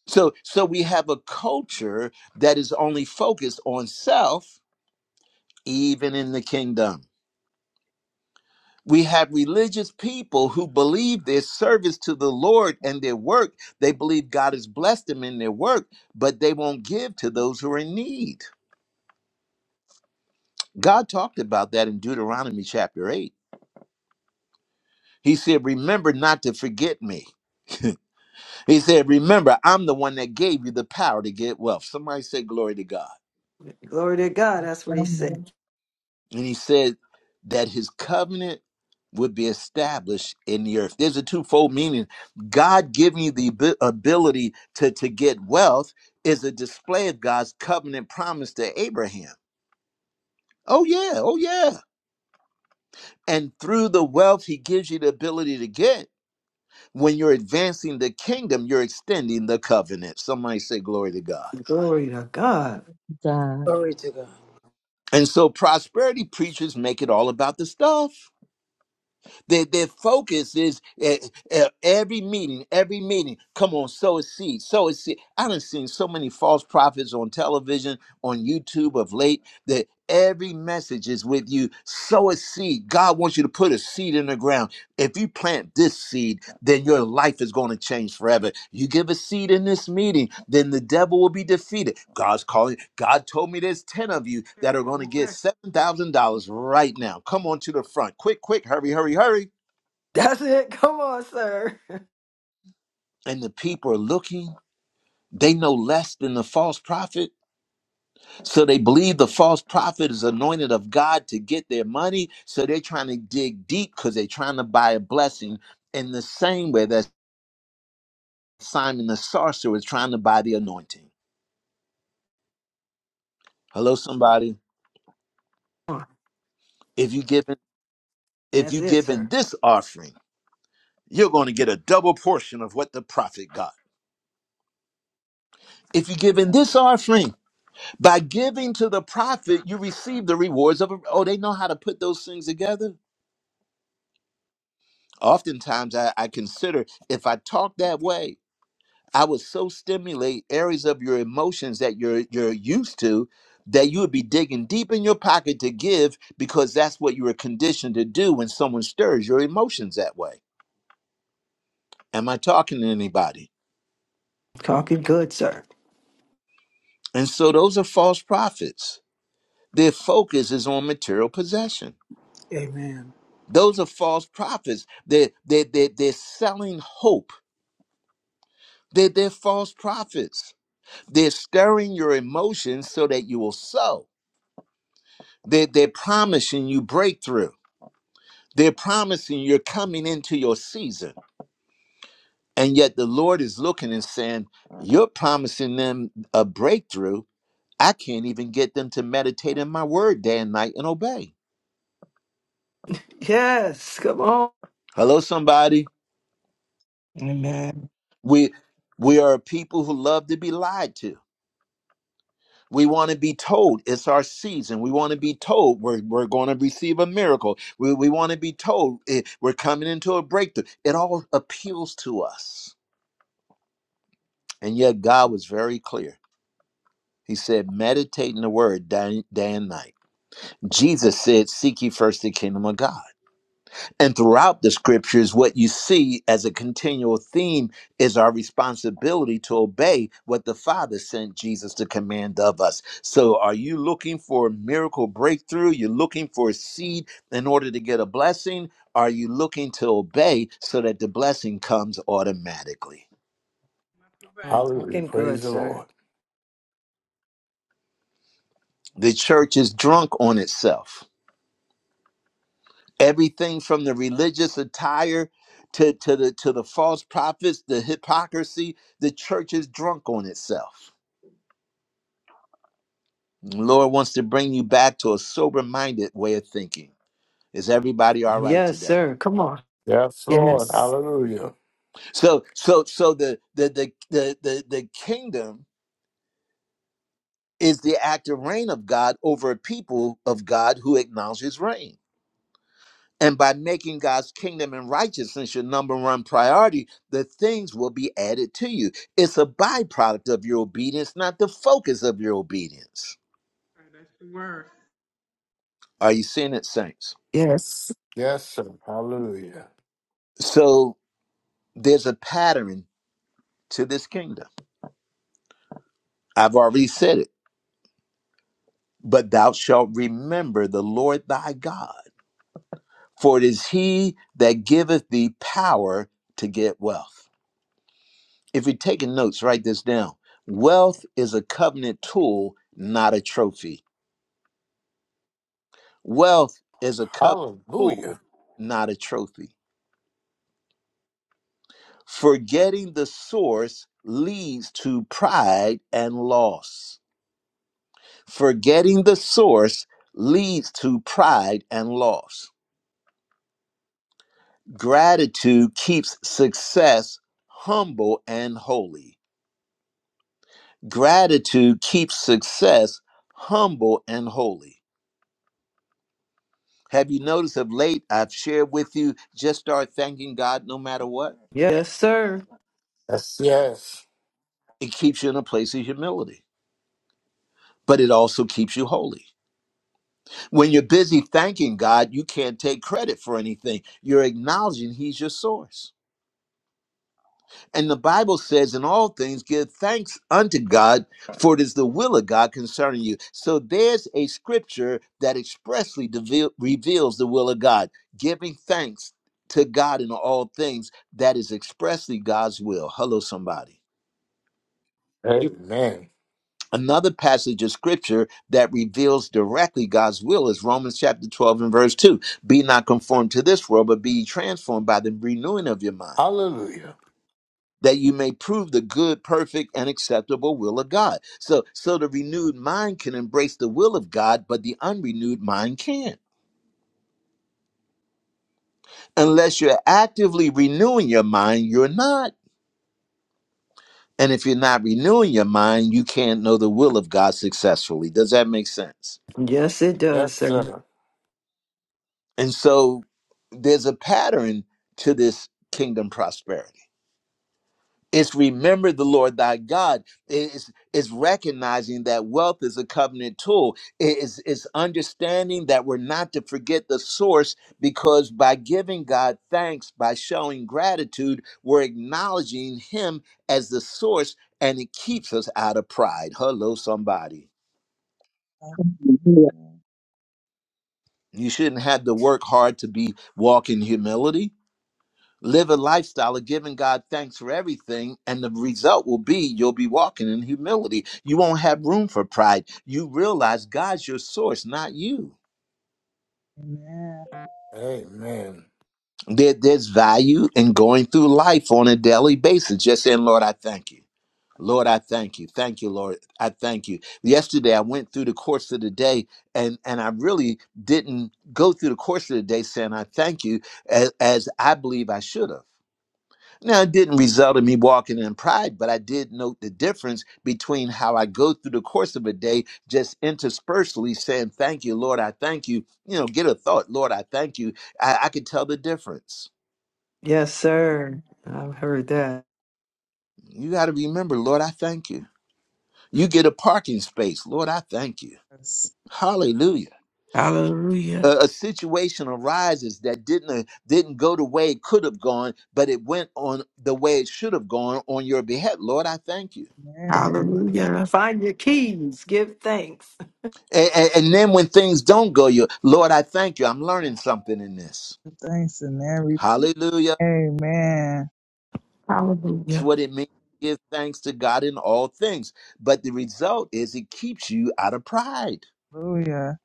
S1: So so we have a culture that is only focused on self, even in the kingdom. We have religious people who believe their service to the Lord and their work. They believe God has blessed them in their work, but they won't give to those who are in need. God talked about that in Deuteronomy chapter 8. He said, Remember not to forget me. he said, Remember, I'm the one that gave you the power to get wealth. Somebody say, Glory to God.
S7: Glory to God.
S5: Praise
S7: That's what he
S5: God.
S7: said.
S1: And he said that his covenant would be established in the earth. There's a twofold meaning. God giving you the abi- ability to, to get wealth is a display of God's covenant promise to Abraham. Oh, yeah. Oh, yeah. And through the wealth he gives you the ability to get. When you're advancing the kingdom, you're extending the covenant. Somebody say, Glory to God.
S7: Glory to God.
S5: God.
S1: And so prosperity preachers make it all about the stuff. Their, their focus is eh, eh, every meeting, every meeting. Come on, sow a seed, sow a seed. I done seen so many false prophets on television, on YouTube of late, that every message is with you. Sow a seed. God wants you to put a seed in the ground. If you plant this seed, then your life is going to change forever. You give a seed in this meeting, then the devil will be defeated. God's calling. God told me there's 10 of you
S9: That's
S1: that are
S9: it.
S1: going to
S9: Not
S1: get $7,000 right now. Come on to the front. Quick, quick, hurry, hurry, hurry.
S7: That's it. Come on, sir.
S1: And the people are looking. They know less than the false prophet. So they believe the false prophet is anointed of God to get their money. So they're trying to dig deep because they're trying to buy a blessing in the same way that Simon the sorcerer is trying to buy the anointing. Hello, somebody.
S7: Come on.
S1: if you given if
S7: That's
S1: you
S7: it, sir.
S1: given this offering you're going to get a double portion of what the prophet got if you give in this offering by giving to the prophet you receive the rewards of a, oh they know how to put those things together oftentimes I, I consider if i talk that way i would so stimulate areas of your emotions that you're you're used to that you would be digging deep in your pocket to give because that's what you were conditioned to do when someone stirs your emotions that way am i talking to anybody
S7: Talking good, sir.
S1: And so those are false prophets. Their focus is on material possession. Those are false prophets. They're, they're, they're, they're selling hope. They're, they're false prophets. They're stirring your emotions so that you will sow. They're, they're promising you breakthrough. They're promising you're coming into your season. And yet the Lord is looking and saying, You're promising them a breakthrough. I can't even get them to meditate in my word day and night and obey.
S7: Yes. Come on.
S1: Hello, somebody.
S3: Amen.
S1: We we are a people who love to be lied to. We want to be told it's our season. We want to be told we're, we're going to receive a miracle. We, we want to be told eh, we're coming into a breakthrough. It all appeals to us. And yet, God was very clear. He said, Meditate in the word day, day and night. Jesus said, Seek ye first the kingdom of God. And throughout the scriptures, what you see as a continual theme is our responsibility to obey what the Father sent Jesus to command of us. So, are you looking for a miracle breakthrough? You're looking for a seed in order to get a blessing? Are you looking to obey so that the blessing comes automatically?
S9: too bad.
S7: Mm,
S4: Hallelujah.
S7: Talking
S4: Praise
S7: good,
S4: the
S7: sir.
S4: Lord.
S1: The church is drunk on itself. Everything from the religious attire to, to, the, to the false prophets, the hypocrisy, the church is drunk on itself The Lord wants to bring you back to a sober-minded way of thinking. Is everybody all right
S7: Yes,
S1: today?
S7: sir. Come on.
S4: Yes, Lord.
S3: Yes.
S4: Hallelujah.
S1: So, so, so the the the the the, the kingdom is the active reign of God over a people of God who acknowledge His reign. And by making God's kingdom and righteousness your number one priority, the things will be added to you. It's a byproduct of your obedience, not the focus of your obedience.
S9: That's the word.
S1: Are you seeing it, saints?
S3: Yes.
S4: Yes, sir. Hallelujah.
S1: So there's a pattern to this kingdom. I've already said it. But thou shalt remember the Lord thy God, for it is he that giveth thee power to get wealth. If you're taking notes, write this down. Wealth is a covenant tool, not a trophy. Wealth is a covenant tool,
S4: Hallelujah.
S1: not a trophy. Forgetting the source leads to pride and loss. Forgetting the source leads to pride and loss Gratitude keeps success humble and holy. Gratitude keeps success humble and holy. Have you noticed of late I've shared with you just start thanking God no matter what?
S7: Yes, sir.
S4: Yes, yes.
S1: It keeps you in a place of humility, but it also keeps you holy. When you're busy thanking God, you can't take credit for anything. You're acknowledging He's your source. And the Bible says, in all things, give thanks unto God, for it is the will of God concerning you. So there's a scripture that expressly devel- reveals the will of God, giving thanks to God in all things. That is expressly God's will. Hello, somebody.
S4: Amen.
S1: Another passage of scripture that reveals directly God's will is Romans chapter 12 and verse 2. Be not conformed to this world, but be ye transformed by the renewing of your mind
S4: Hallelujah.
S1: that you may prove the good, perfect, and acceptable will of God. So, so the renewed mind can embrace the will of God, but the unrenewed mind can't. Unless you're actively renewing your mind, you're not. And if you're not renewing your mind, you can't know the will of God successfully. Does that make sense?
S7: Yes, it does,
S4: Yes,
S7: sir.
S4: sir.
S1: And so there's a pattern to this kingdom prosperity. It's remember the Lord thy God. It's, it's recognizing that wealth is a covenant tool. It's, it's understanding that we're not to forget the source because by giving God thanks, by showing gratitude, we're acknowledging Him as the source and it keeps us out of pride. Hello, somebody.
S10: Hallelujah.
S1: You shouldn't have to work hard to be walking humility Live a lifestyle of giving God thanks for everything, and the result will be you'll be walking in humility. You won't have room for pride. You realize God's your source, not you.
S10: Amen.
S4: Amen.
S1: There, there's value in going through life on a daily basis, just saying, Lord, I thank you. Lord, I thank you. Thank you, Lord. I thank you. Yesterday, I went through the course of the day, and, and I really didn't go through the course of the day saying, I thank you, as, as I believe I should have. Now, it didn't result in me walking in pride, but I did note the difference between how I go through the course of a day, just interspersely saying, Thank you, Lord, I thank you. You know, get a thought, Lord, I thank you. I, I could tell the difference.
S7: Yes,
S10: Yes.
S7: sir. I've heard that.
S1: You got to remember, Lord, I thank you. You get a parking space, Lord, I thank you. Hallelujah. A,
S3: Hallelujah.
S1: a situation arises that didn't uh, didn't go the way it could have gone, but it went on the way it should have gone on your behalf. Lord, I thank you
S10: Amen.
S3: Hallelujah.
S7: Find your keys. Give thanks.
S1: And, and, and then when things don't go your Lord, I thank you. I'm learning something in this.
S10: Give Thanks in every
S1: Hallelujah.
S10: Amen.
S1: It's
S3: Hallelujah.
S1: what it means to give thanks to God in all things. But the result is it keeps you out of pride.
S10: Hallelujah.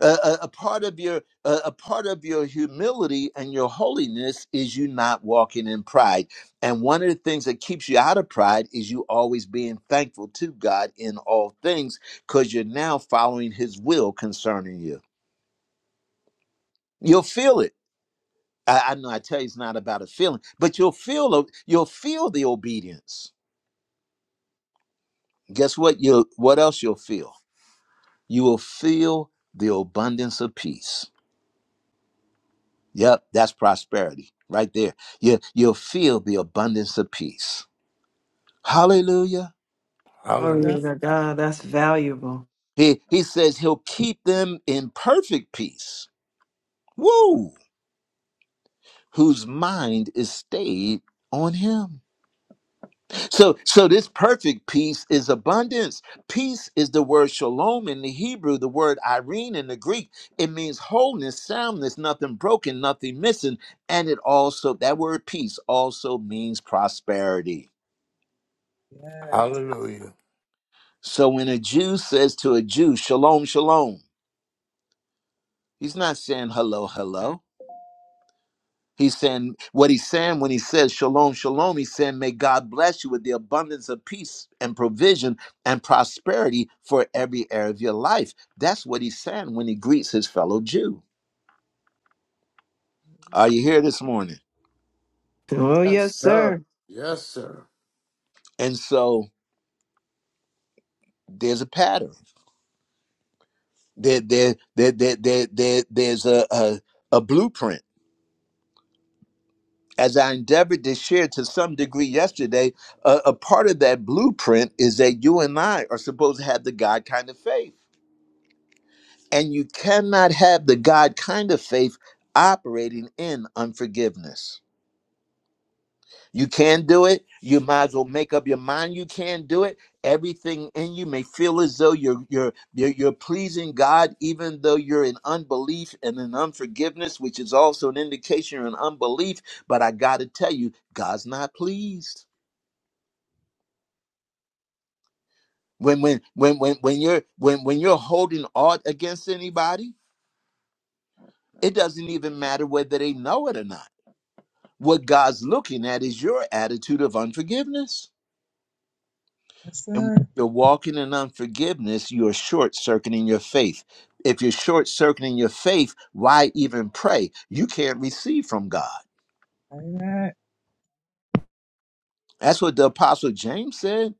S1: A, a, a part of your a, a part of your humility and your holiness is you not walking in pride. And one of the things that keeps you out of pride is you always being thankful to God in all things because you're now following His will concerning you. You'll feel it I, I know I tell you it's not about a feeling, but you'll feel o- you'll feel the obedience. Guess what? You what else you'll feel? You will feel the abundance of peace. Yep, that's prosperity right there. You you'll feel the abundance of peace. Hallelujah.
S10: Glory to
S7: Glory
S10: God.
S4: Hallelujah.
S7: to God. That's valuable.
S1: He he says he'll keep them in perfect peace. Woo! Whose mind is stayed on him. So, so this perfect peace is abundance. Peace is the word shalom in the Hebrew, the word irene in the Greek. It means wholeness, soundness, nothing broken, nothing missing. And it also, that word peace also means prosperity.
S10: Yes.
S4: Hallelujah.
S1: So when a Jew says to a Jew, shalom, shalom, he's not saying hello, hello. He's saying what he's saying when he says shalom, shalom. He's saying, may God bless you with the abundance of peace and provision and prosperity for every area of your life. That's what he's saying when he greets his fellow Jew. Are you here this morning?
S7: Oh,
S4: Yes,
S7: yes, sir.
S4: sir. Yes, sir.
S1: And so there's a pattern. There, there, there, there, there, there- there's a, a a blueprint. As I endeavored to share to some degree yesterday, a, a part of that blueprint is that you and I are supposed to have the God kind of faith. And you cannot have the God kind of faith operating in unforgiveness. You can do it. You might as well make up your mind you can do it. Everything in you may feel as though you're you're you're, you're pleasing God, even though you're in unbelief and in unforgiveness, which is also an indication you're in unbelief. But I gotta tell you, God's not pleased. When when when when when you're when when you're holding aught against anybody, it doesn't even matter whether they know it or not What God's looking at is your attitude of unforgiveness.
S10: Yes,
S1: And when
S10: sir.
S1: you're walking in unforgiveness, you're short circuiting your faith. If you're short circuiting your faith, why even pray? You can't receive from God.
S10: Amen.
S1: That's what the apostle James said.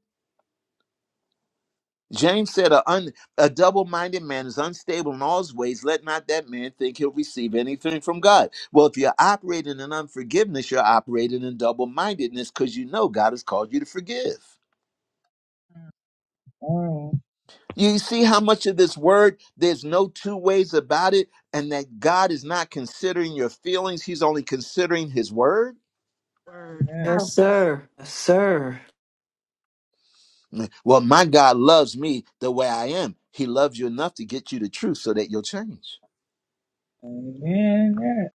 S1: James said, A, un, a double minded man is unstable in all his ways. Let not that man think he'll receive anything from God. Well, if you're operating in unforgiveness, you're operating in double mindedness because you know God has called you to forgive. You see how much of this word, there's no two ways about it, and that God is not considering your feelings, He's only considering His word?
S9: Word.
S7: Yes,
S9: That's
S10: Yes.
S7: sir. Yes, sir.
S1: Mm, Well, my God loves me the way I am. He loves you enough to get you the truth so that you'll change.
S10: Amen. Yes.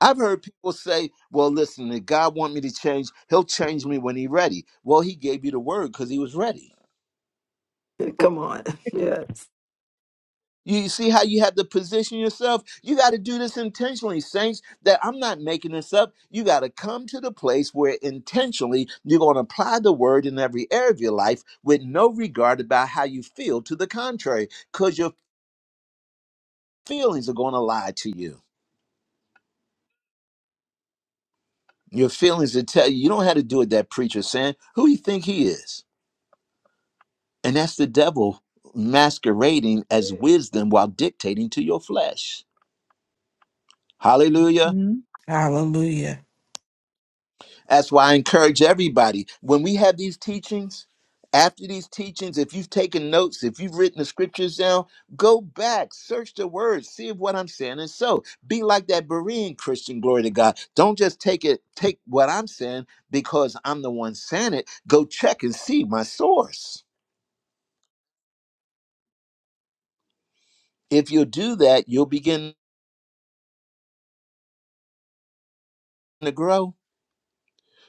S1: I've heard people say, well, listen, if God want me to change, he'll change me when he's ready. Well, he gave you the word because he was ready.
S7: Come on. Yes.
S1: You see how you have to position yourself? You got to do this intentionally, saints, that I'm not making this up. You got to come to the place where intentionally you're going to apply the word in every area of your life with no regard about how you feel to the contrary, because your feelings are going to lie to you. Your feelings will tell you, you don't have to do what that preacher saying. Who you think he is? And that's the devil masquerading as
S9: it.
S1: wisdom while dictating to your flesh. Hallelujah.
S10: Mm-hmm.
S3: Hallelujah.
S1: That's why I encourage everybody when we have these teachings, after these teachings, if you've taken notes, if you've written the scriptures down, go back, search the words, see if what I'm saying is so. Be like that Berean Christian, glory to God. Don't just take it, take what I'm saying because I'm the one saying it. Go check and see my source. If you'll do that, you'll begin to grow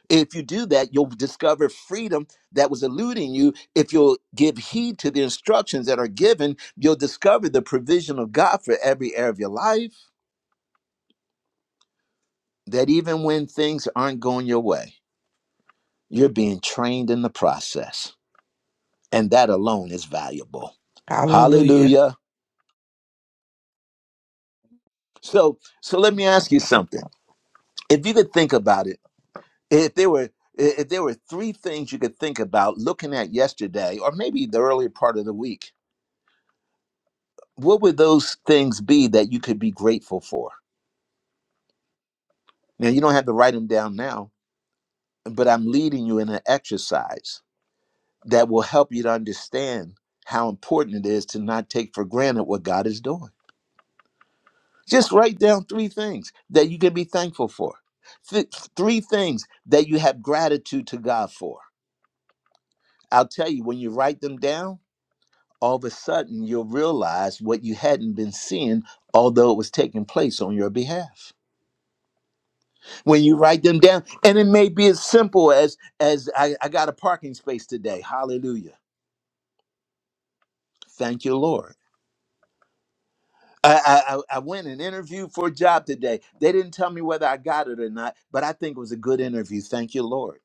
S1: If you do that, you'll discover freedom that was eluding you. If you'll give heed to the instructions that are given, you'll discover the provision of God for every area of your life. That even when things aren't going your way, you're being trained in the process. And that alone is valuable.
S3: Hallelujah.
S1: Hallelujah. So, so let me ask you something. If you could think about it, if there were if there were three things you could think about looking at yesterday or maybe the earlier part of the week what would those things be that you could be grateful for? Now, you don't have to write them down now, but I'm leading you in an exercise that will help you to understand how important it is to not take for granted what God is doing. Just write down three things that you can be thankful for, Th- three things that you have gratitude to God for. I'll tell you, when you write them down, all of a sudden you'll realize what you hadn't been seeing, although it was taking place on your behalf. when you write them down and it may be as simple as as i, I got a parking space today hallelujah thank you lord I, I I I went and interviewed for a job today. They didn't tell me whether I got it or not, but I think it was a good interview. Thank you, Lord.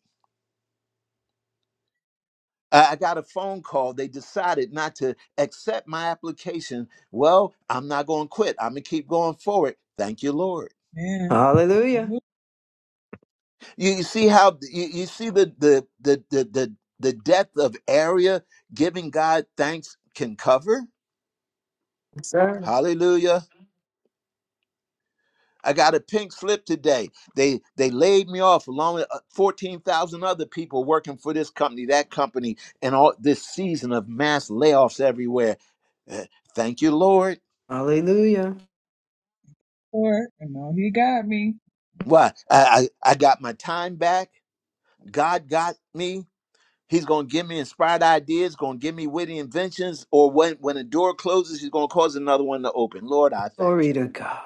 S1: I, I got a phone call. They decided not to accept my application. Well, I'm not going to quit. I'm gonna keep going forward. Thank you, Lord.
S10: Man, I
S7: Hallelujah.
S10: look
S1: You, you see how you, you see the the the the the the depth of area giving God thanks can cover.
S7: Yes, sir.
S1: Hallelujah. I got a pink slip today. They they laid me off along with uh, 14,000 other people working for this company, that company, and all this season of mass layoffs everywhere. Uh, thank you, Lord.
S7: Hallelujah.
S10: for it. I know he got me.
S1: Why? I, I I got my time back. God got me. He's gonna give me inspired ideas, gonna give me witty inventions, or when when a door closes, he's gonna cause another one to open. Lord, I thank
S7: Glory
S1: you.
S7: to God.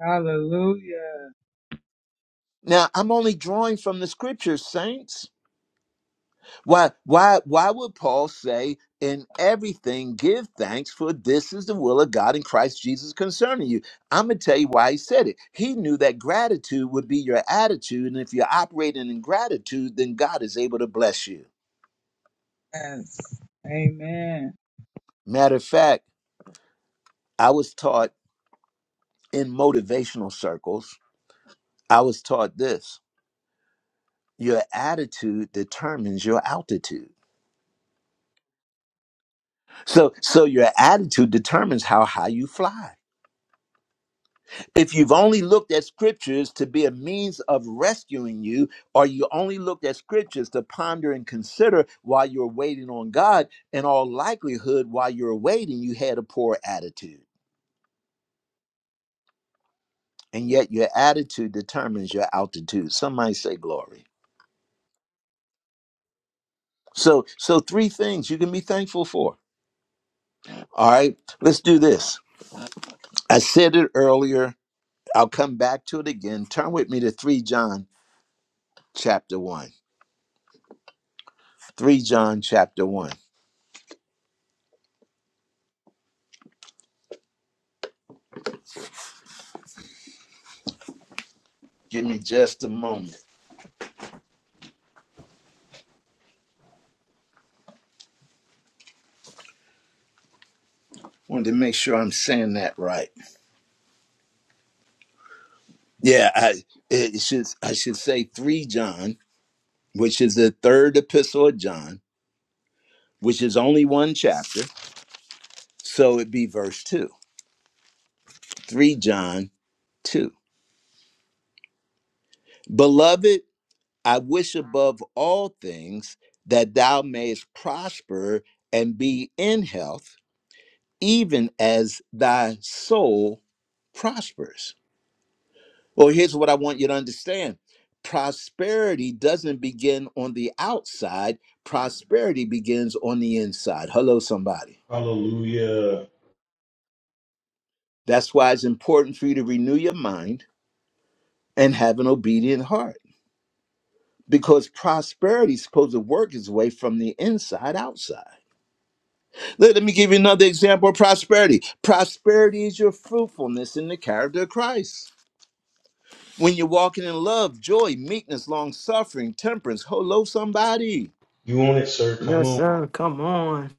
S10: Hallelujah.
S1: Now I'm only drawing from the scriptures, saints. Why, why, why would Paul say, in everything, give thanks, for this is the will of God in Christ Jesus concerning you? I'm going to tell you why he said it. He knew that gratitude would be your attitude. And if you're operating in gratitude, then God is able to bless you.
S10: Yes. Amen.
S1: Matter of fact, I was taught in motivational circles, I was taught this your attitude determines your altitude. So, so your attitude determines how high you fly. if you've only looked at scriptures to be a means of rescuing you, or you only looked at scriptures to ponder and consider while you're waiting on God, in all likelihood, while you're waiting, you had a poor attitude. And yet your attitude determines your altitude. Somebody say glory. So, so three things you can be thankful for. All right, let's do this. I said it earlier. I'll come back to it again. Turn with me to 3 John chapter 1. 3 John chapter 1. Give me just a moment. Wanted to make sure I'm saying that right. Yeah, I it should I should say three John, which is the third epistle of John, which is only one chapter. So it'd be verse two. Three John two. Beloved, I wish above all things that thou mayest prosper and be in health, even as thy soul prospers. Well, here's what I want you to understand prosperity doesn't begin on the outside, prosperity begins on the inside. Hello, somebody.
S2: Hallelujah.
S1: That's why it's important for you to renew your mind and have an obedient heart because prosperity is supposed to work its way from the inside outside. Let, let me give you another example of prosperity. Prosperity is your fruitfulness in the character of Christ. When you're walking in love, joy, meekness, long suffering, temperance, hello, somebody
S2: You on it, sir. Come
S7: Yes,
S2: on.
S7: sir. Come on.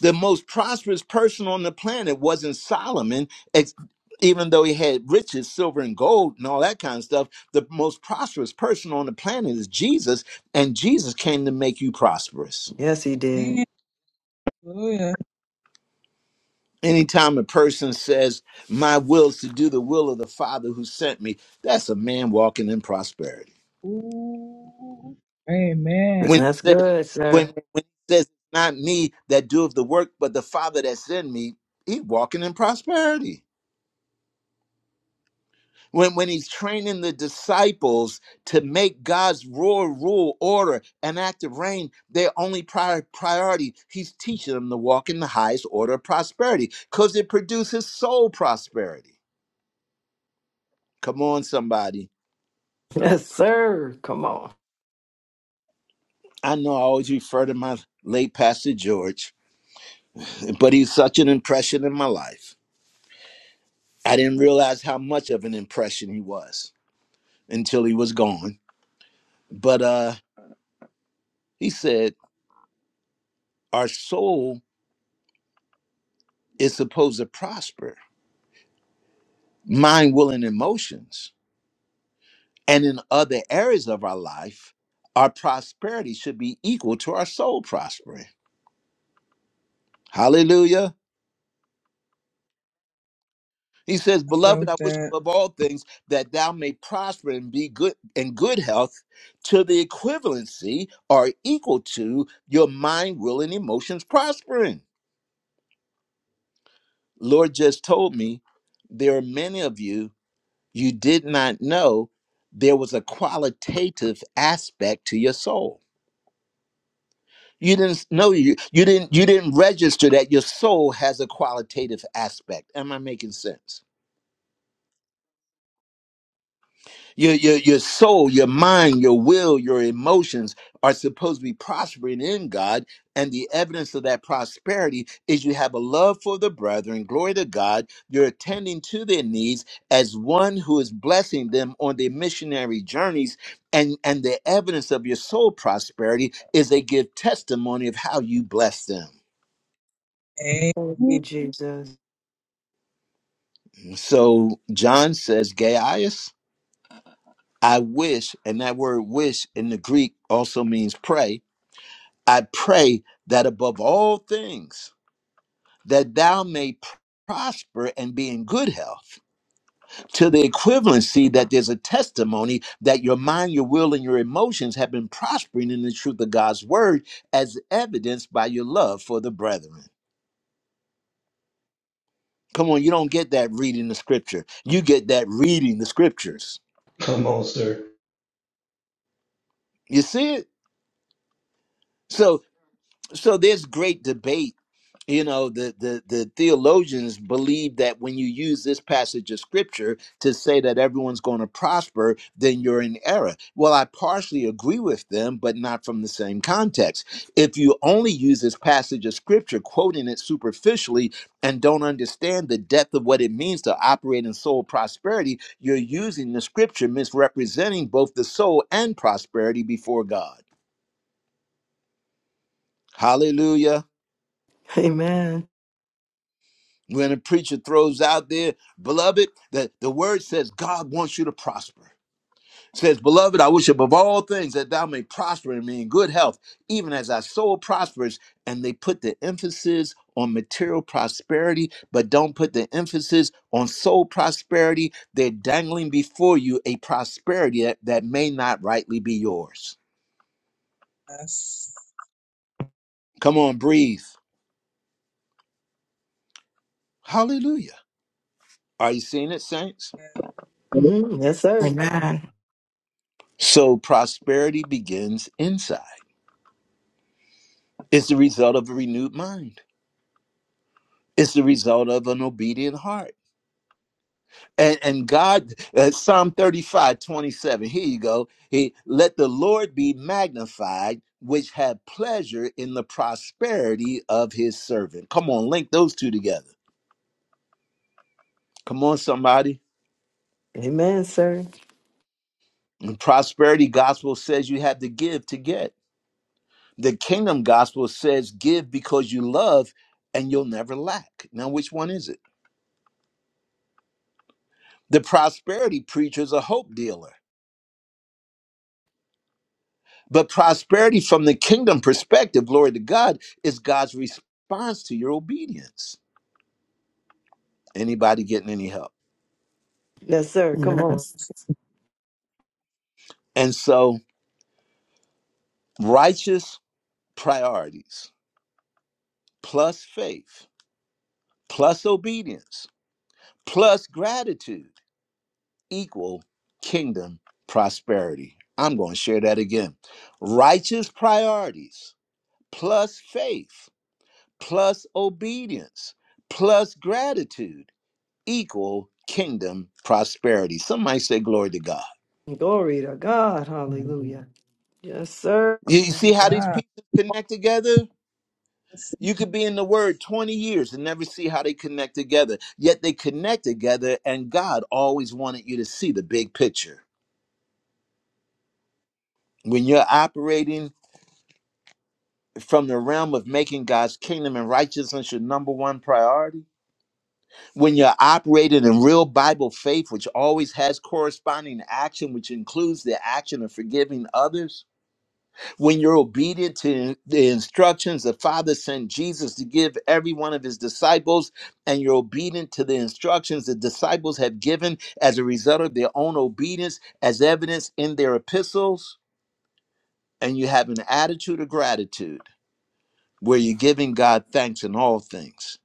S1: The most prosperous person on the planet wasn't Solomon, ex- even though he had riches, silver and gold, and all that kind of stuff. The most prosperous person on the planet is Jesus, and Jesus came to make you prosperous.
S7: Yes, he did.
S10: Hallelujah.
S1: Anytime a person says, My will is to do the will of the Father who sent me, that's a man walking in prosperity.
S10: Ooh. Amen.
S1: When he
S7: That's
S1: says,
S7: good, sir.
S1: when, when he says, not me that doeth the work, but the Father that's in me, he walking in prosperity. when when he's training the disciples to make God's royal rule, order, and active reign their only prior priority, he's teaching them to walk in the highest order of prosperity because it produces soul prosperity. Come on, somebody.
S7: Yes, sir. Come on.
S1: I know I always refer to my late pastor George, but he's such an impression in my life. I didn't realize how much of an impression he was until he was gone. But uh, he said, "Our soul is supposed to prosper." mind, will, and emotions, and in other areas of our life, our prosperity should be equal to our soul prospering. Hallelujah. He says,
S10: I
S1: Beloved,
S10: felt
S1: I wish
S10: that.
S1: above all things that thou may prosper and be good in good health to the equivalency or equal to your mind, will, and emotions prospering. Lord just told me there are many of you you did not know there was a qualitative aspect to your soul you didn't know you you didn't you didn't register that your soul has a qualitative aspect am i making sense your your your soul your mind your will your emotions are supposed to be prospering in god and the evidence of that prosperity is you have a love for the brethren glory to god you're attending to their needs as one who is blessing them on their missionary journeys and and the evidence of your soul prosperity is they give testimony of how you bless them
S7: Thank
S10: Amen.
S7: you, Jesus.
S1: So John says, Gaius, I wish, and that word wish in the Greek also means pray. I pray that above all things, that thou may prosper and be in good health to the equivalency that there's a testimony that your mind, your will, and your emotions have been prospering in the truth of God's word as evidenced by your love for the brethren. Come on, you don't get that reading the scripture. You get that reading the scriptures.
S2: Come on, sir.
S1: You see it? So so there's great debate you know the, the the theologians believe that when you use this passage of scripture to say that everyone's going to prosper then you're in error well i partially agree with them but not from the same context if you only use this passage of scripture quoting it superficially and don't understand the depth of what it means to operate in soul prosperity you're using the scripture misrepresenting both the soul and prosperity before god hallelujah
S7: Amen.
S1: when a preacher throws out there, beloved, that the word says God wants you to prosper. It says, beloved, I wish above all things that thou may prosper and be in good health, even as thy soul prospers. And they put the emphasis on material prosperity, but don't put the emphasis on soul prosperity. They're dangling before you a prosperity that, that may not rightly be yours.
S10: Yes.
S1: Come on, breathe. Hallelujah. Are you seeing it, saints?
S10: Glory
S7: hmm Yes, sir.
S3: Amen.
S1: So prosperity begins inside. It's the result of a renewed mind. It's the result of an obedient heart. And, and God, uh, Psalm 35 27. here you go. He, Let the Lord be magnified, which had pleasure in the prosperity of his servant. Come on, link those two together. Come on, somebody.
S7: Amen, sir.
S1: The prosperity gospel says you have to give to get. The kingdom gospel says give because you love and you'll never lack. Now, which one is it? The prosperity preacher is a hope dealer But prosperity from the kingdom perspective, glory to God, is God's response to your obedience. Anybody getting any help?
S7: Yes, sir. Come on.
S3: Yes.
S1: And so, righteous priorities plus faith plus obedience plus gratitude equal kingdom prosperity. I'm going to share that again. Righteous priorities plus faith plus obedience plus gratitude equal kingdom prosperity. Some might say, Glory to God.
S7: Glory to God.
S5: And
S7: Hallelujah. Yes, sir.
S1: You you see
S10: to
S1: how these
S10: God.
S1: pieces connect together?
S10: Yes.
S1: You could be in the Word 20 years and never see how they connect together. Yet they connect together, and God always wanted you to see the big picture. When you're operating from the realm of making God's kingdom and righteousness your number one priority, when you're operating in real Bible faith, which always has corresponding action, which includes the action of forgiving others, when you're obedient to the instructions the father sent jesus to give every one of his disciples and you're obedient to the instructions the disciples have given as a result of their own obedience as evidence in their epistles and you have an attitude of gratitude where you're giving god thanks in all things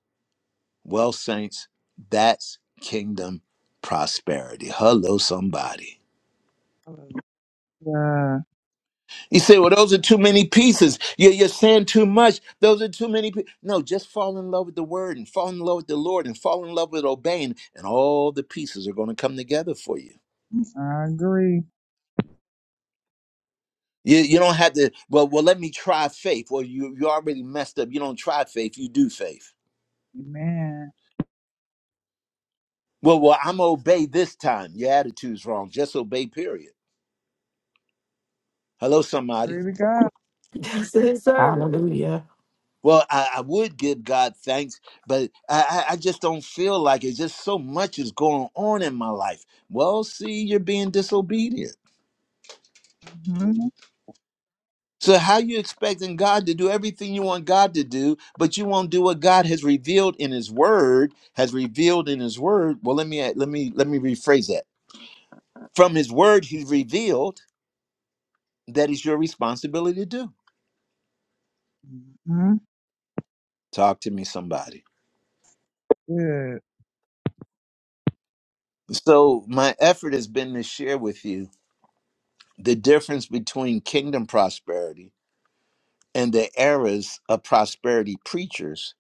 S1: well saints that's kingdom prosperity hello somebody
S10: Hallelujah.
S1: You say, well, those are too many pieces. You're, you're saying too much. Those are too many pieces. No, just fall in love with the word and fall in love with the Lord and fall in love with obeying, and all the pieces are going to come together for you.
S10: I agree.
S1: You, you don't have to, well, well, let me try faith. Well, you, you already messed up. You don't try faith, you do faith.
S10: Amen.
S1: Well, well, I'm obey this time. Your attitude's wrong. Just obey, period. Hello, somebody.
S10: Glory to God.
S7: Yes, sir.
S3: Hallelujah.
S1: Well, I, I would give God thanks, but I, I I just don't feel like it. Just so much is going on in my life. Well, see, you're being disobedient.
S10: Mm-hmm.
S1: So how you expecting God to do everything you want God to do, but you won't do what God has revealed in His Word? Has revealed in His Word. Well, let me let me let me rephrase that. From His Word, He's revealed that is your responsibility to do.
S10: Mm-hmm.
S1: Talk to me, somebody.
S10: Good.
S1: So my effort has been to share with you the difference between kingdom prosperity and the eras of prosperity preachers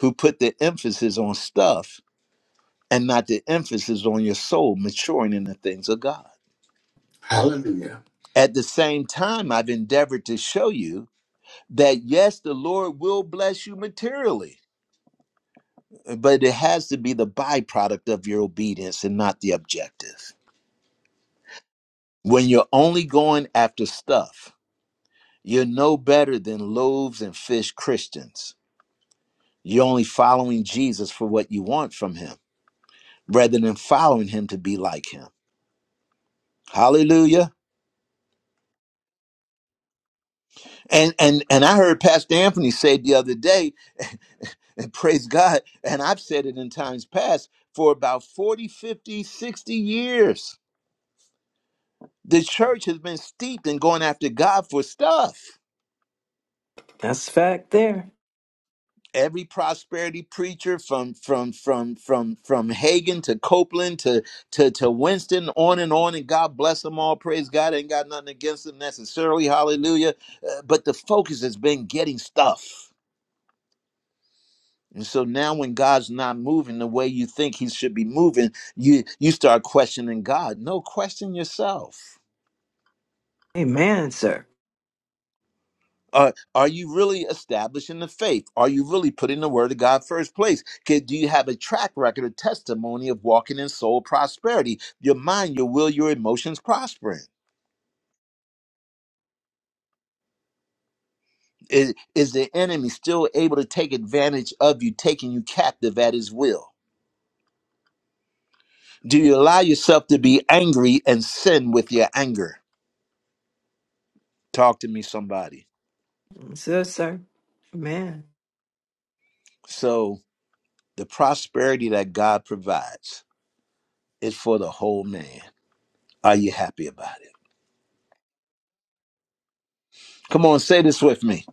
S1: who put the emphasis on stuff and not the emphasis on your soul maturing in the things of God.
S4: Hallelujah.
S1: At the same time, I've endeavored to show you that yes, the Lord will bless you materially, but it has to be the byproduct of your obedience and not the objective. When you're only going after stuff, you're no better than loaves and fish Christians. You're only following Jesus for what you want from him rather than following him to be like him. Hallelujah. And and and I heard Pastor Anthony say the other day, and praise God, and I've said it in times past, for about 40, 50, 60 years, the church has been steeped in going after God for stuff.
S7: That's fact there.
S1: Every prosperity preacher from from from from from Hagen to Copeland to to to Winston, on and on, and God bless them all. Praise God, ain't got nothing against them necessarily. Hallelujah. Uh, but the focus has been getting stuff. And so now when God's not moving the way you think he should be moving, you you start questioning God. No, question yourself.
S7: Amen, sir.
S1: Are, are you really establishing the faith? Are you really putting the word of God first place? 'Kay, Do you have a track record, a testimony of walking in soul prosperity? Your mind, your will, your emotions prospering. Is, is the enemy still able to take advantage of you, taking you captive at his will? Do you allow yourself to be angry and sin with your anger? Talk to me, somebody.
S7: So, sir. Amen.
S1: So the prosperity that God provides is for the whole man. Are you happy about it? Come on, say this with me.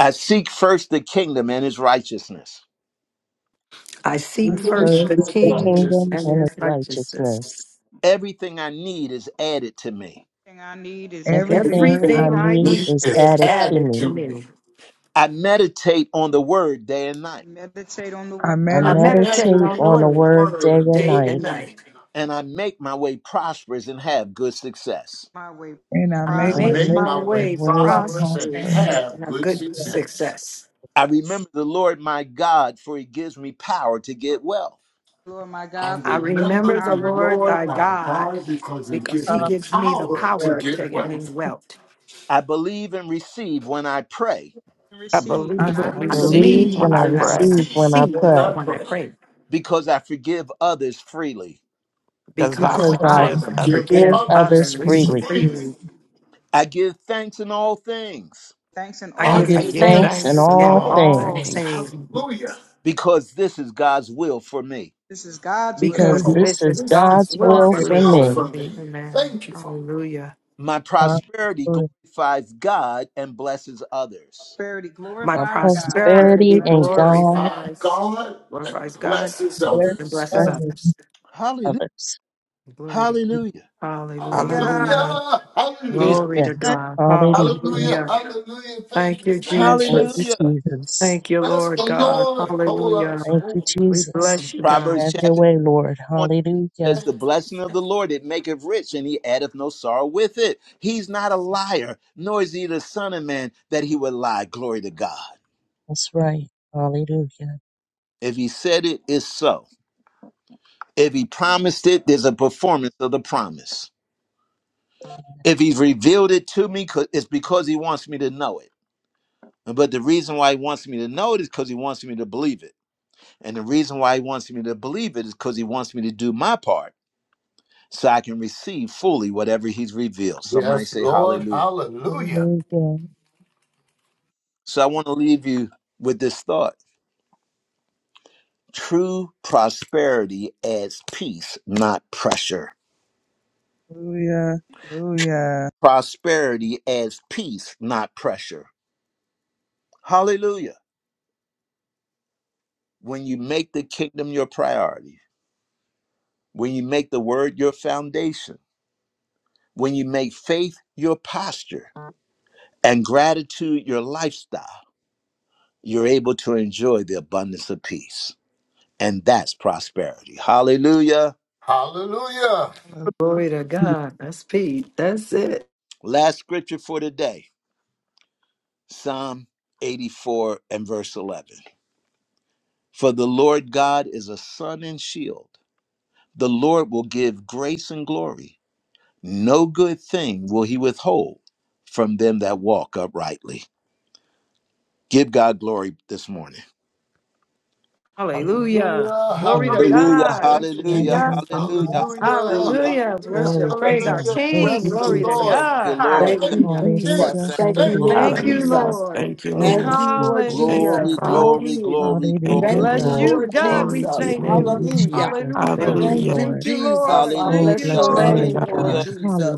S1: I seek first the kingdom and his righteousness.
S7: I
S5: I
S10: I
S7: seek
S5: seek
S10: see
S7: first
S4: Everything
S7: the
S5: first
S4: of
S5: the
S7: kingdom
S5: kingdom
S7: and
S4: righteousness,
S5: and
S7: his
S5: its righteousness.
S7: righteousness.
S1: Everything I need is added to me.
S9: Thing I need is added
S10: everything.
S9: to
S5: Everything
S9: me.
S4: everything
S5: I
S7: Everything
S4: I
S7: I
S5: need
S7: need
S4: need
S5: is
S4: is
S7: is
S5: added to
S7: added
S4: added
S5: me.
S7: to
S4: to me.
S7: me.
S1: I meditate on the word day and
S9: I
S1: night,
S9: meditate on the
S10: I
S9: word
S5: I
S7: I
S4: I
S10: meditate
S9: day and
S7: meditate
S5: meditate
S9: night.
S7: on
S4: meditate
S7: the
S5: on
S4: on
S5: the
S4: the
S7: word
S5: word day
S4: word
S5: and
S4: day
S7: day
S4: and
S7: and
S5: night,
S7: night.
S4: night,
S1: and I make my way prosperous and have good success.
S9: My way
S10: and I
S7: I
S4: and I
S10: make
S5: and
S10: my
S5: I
S7: make
S9: prosperous and
S4: make
S5: make
S7: my
S4: my
S9: have
S5: my
S4: way
S9: good
S7: way
S5: way
S9: success.
S10: thoughts
S4: prosperous and
S10: and
S7: prosperous
S10: have
S5: prosperous.
S4: have
S7: and have
S4: good
S10: to
S7: good
S10: set
S4: success.
S7: success.
S1: I
S5: Yes.
S1: remember the Lord my God, for he gives me power to get wealth.
S9: Lord, my
S4: I
S9: God,
S7: I
S9: for you give me
S4: remember
S7: remember the
S4: the
S9: power to
S7: Lord
S9: get
S4: Lord
S7: thy
S9: wealth
S4: my
S7: God
S4: God because He
S7: because
S4: gives
S7: he
S10: up
S4: me
S7: gives me the
S10: with
S4: power to
S10: prayer.
S7: power to
S4: get
S7: gain
S4: wealth.
S7: wealth.
S1: I believe and receive when I pray
S9: and
S3: I
S9: receive
S10: I
S9: when
S3: believe
S9: I
S4: I
S3: and
S5: I
S7: I
S9: pray.
S10: believe in
S3: receive
S5: believe
S4: believe
S3: when
S5: and I
S7: believe
S3: I
S4: and
S7: that
S3: pray,
S7: when I
S5: receive when I
S4: receive what
S7: receive,
S5: pray,
S4: I
S7: when I
S4: pray
S7: pray,
S1: because I forgive others freely.
S3: because
S10: you
S3: I
S7: because
S10: can
S5: because
S10: go
S4: because
S5: I
S4: I
S10: through
S7: I
S3: forgive
S4: forgive
S3: others
S5: forgive
S7: forgive
S5: others
S4: others
S7: others
S10: everything.
S3: freely.
S5: freely.
S7: freely
S4: freely
S1: I give thanks in all things
S9: Thanks in
S7: I
S10: I
S5: I
S9: all
S4: I
S7: give
S3: I
S5: give
S10: get
S4: give
S3: give
S9: things.
S10: it
S5: thanks
S4: thanks
S5: in
S3: thanks
S4: in
S7: thanks
S3: in
S7: in
S5: all
S3: all
S4: all
S5: things,
S7: all
S4: things.
S3: things.
S7: things
S4: Hallelujah.
S1: because this is God's will for me.
S9: This is God's will
S5: because
S9: for
S10: because
S7: because
S9: me.
S10: this
S4: Because
S5: this
S7: this
S5: is
S7: is
S4: this
S7: God's
S5: God's
S4: is
S7: will
S5: will
S4: God's
S7: for
S10: is
S5: for
S3: Will
S7: me.
S4: will
S5: me.
S3: for
S4: for
S3: me.
S4: me.
S7: Amen.
S4: Thank you, Father.
S7: Hallelujah.
S1: My
S10: God's
S1: prosperity
S10: story.
S1: glorifies God and blesses others.
S9: Prosperity
S7: My
S5: My
S9: glorifies God
S4: My
S9: and
S5: prosperity
S7: prosperity
S9: bless
S5: and
S4: heritage
S9: others.
S4: is
S5: God
S4: by
S7: glorifies,
S4: God and
S7: glorifies God
S4: blesses
S10: Bless
S7: and
S10: his
S4: others.
S7: blesses
S5: bless
S10: service.
S7: others.
S1: Hallelujah.
S5: others.
S7: Glory to God.
S1: Hallelujah.
S7: Hallelujah.
S9: Hallelujah.
S3: Hallelujah.
S4: Hallelujah.
S1: Do you see
S4: Hallelujah.
S7: Glory to
S1: it,
S5: Yes.
S1: saints?
S7: God.
S5: Hallelujah.
S4: Hallelujah.
S7: Hallelujah.
S4: Hallelujah.
S7: Thank
S4: Thank you.
S7: you,
S4: Thank
S5: Thank
S4: you.
S5: you,
S7: Jesus.
S1: Hallelujah.
S5: Jesus.
S7: Thank you,
S4: Bless
S7: Lord
S4: the
S7: God.
S4: Lord. Hold on.
S7: Hallelujah.
S5: Thank you,
S4: Hold
S7: We bless
S4: on.
S5: Jesus.
S7: you,
S4: Thank
S7: God.
S1: Proverbs
S5: Have
S4: you.
S5: your
S1: chapter
S5: way, Lord.
S1: 20 says,
S5: Hallelujah.
S1: The
S4: Thank you.
S1: blessing of the Lord, it maketh rich, and he addeth no sorrow with it. He's not a liar, nor is he the son of man that he would lie. Glory to God.
S5: That's right. Hallelujah.
S1: If he said it, it's so. If he promised it, there's a performance of the promise.
S5: Amen.
S1: If he's revealed it to me, 'cause- it's because he wants me to know it. But the reason why he wants me to know it is because he wants me to believe it. And the reason why he wants me to believe it is because he wants me to do my part so I can receive fully whatever he's revealed. Somebody
S4: Yes,
S1: say
S4: Lord.
S1: hallelujah.
S4: Hallelujah.
S5: Hallelujah.
S1: So I want to leave you with this thought true prosperity adds peace, not pressure.
S10: Hallelujah. Hallelujah.
S1: Prosperity adds peace, not pressure. Hallelujah. When you make the kingdom your priority, when you make the word your foundation, when you make faith your posture and gratitude your lifestyle, you're able to enjoy the abundance of peace. And that's prosperity. Hallelujah.
S4: Hallelujah.
S10: Hallelujah.
S7: Glory to God. That's Pete. That's it.
S1: Last scripture for today Psalm 84 and verse 11. For the Lord God is a sun and shield. The Lord will give grace and glory. No good thing will he withhold from them that walk uprightly. Give God glory this morning.
S7: Hallelujah.
S4: Hallelujah,
S7: Glory
S5: Hallelujah.
S7: to
S4: hallelujah.
S1: Hallelujah,
S7: God.
S4: Thank you,
S1: hallelujah,
S7: Hallelujah.
S4: Jesus.
S5: Hallelujah,
S1: hallelujah,
S5: Jesus.
S4: Hallelujah,
S1: hallelujah.
S7: Hallelujah. Let's
S4: hallelujah,
S7: Worship.
S5: Glory to
S7: Praise our
S5: God.
S4: hallelujah.
S5: Thank
S7: King.
S5: you,
S4: Bless
S11: you,
S4: the
S7: Glory to
S11: Jesus.
S5: Jesus.
S1: Thank
S4: Lord.
S1: you,
S7: God.
S1: Lord.
S11: Thank
S4: Thank
S1: Thank
S11: you,
S4: you,
S7: Hallelujah.
S1: you, Lord.
S5: Hallelujah.
S11: Jesus.
S1: Thank
S4: Jesus.
S1: you,
S11: Thank you,
S4: Thank you.
S11: Lord
S1: Lord.
S7: Thank
S5: Hallelujah.
S7: you,
S3: Hallelujah.
S11: Jesus.
S7: Lord.
S3: Thank you,
S5: Thank
S3: Lord.
S11: Thank
S5: you,
S11: you, Lord
S5: Jesus.
S3: Thank you,
S11: Jesus.
S1: Glory,
S7: Hallelujah.
S3: Father.
S1: glory,
S11: Glory.
S1: glory,
S7: We
S3: Thank you,
S5: Hallelujah,
S1: glory,
S11: Thank you,
S7: bless
S5: God.
S3: Lord.
S7: you,
S1: glory,
S11: Lord
S7: God. We
S1: glory.
S3: Glory to
S11: Jesus.
S3: your
S7: thank
S5: Thank
S3: name.
S7: you.
S5: you,
S11: Hallelujah.
S5: Jesus.
S7: Hallelujah.
S5: Thank you,
S11: Thank
S3: Hallelujah.
S11: you,
S7: Thank
S5: Lord.
S7: you,
S11: Jesus.
S7: Lord.
S11: I
S7: Thank
S5: Oh,
S11: bless
S7: you,
S1: Hallelujah,
S5: bless
S11: your
S5: your
S3: Glory to
S7: Lord.
S11: name,
S5: name,
S11: Lord
S5: God.
S3: God.
S1: hallelujah,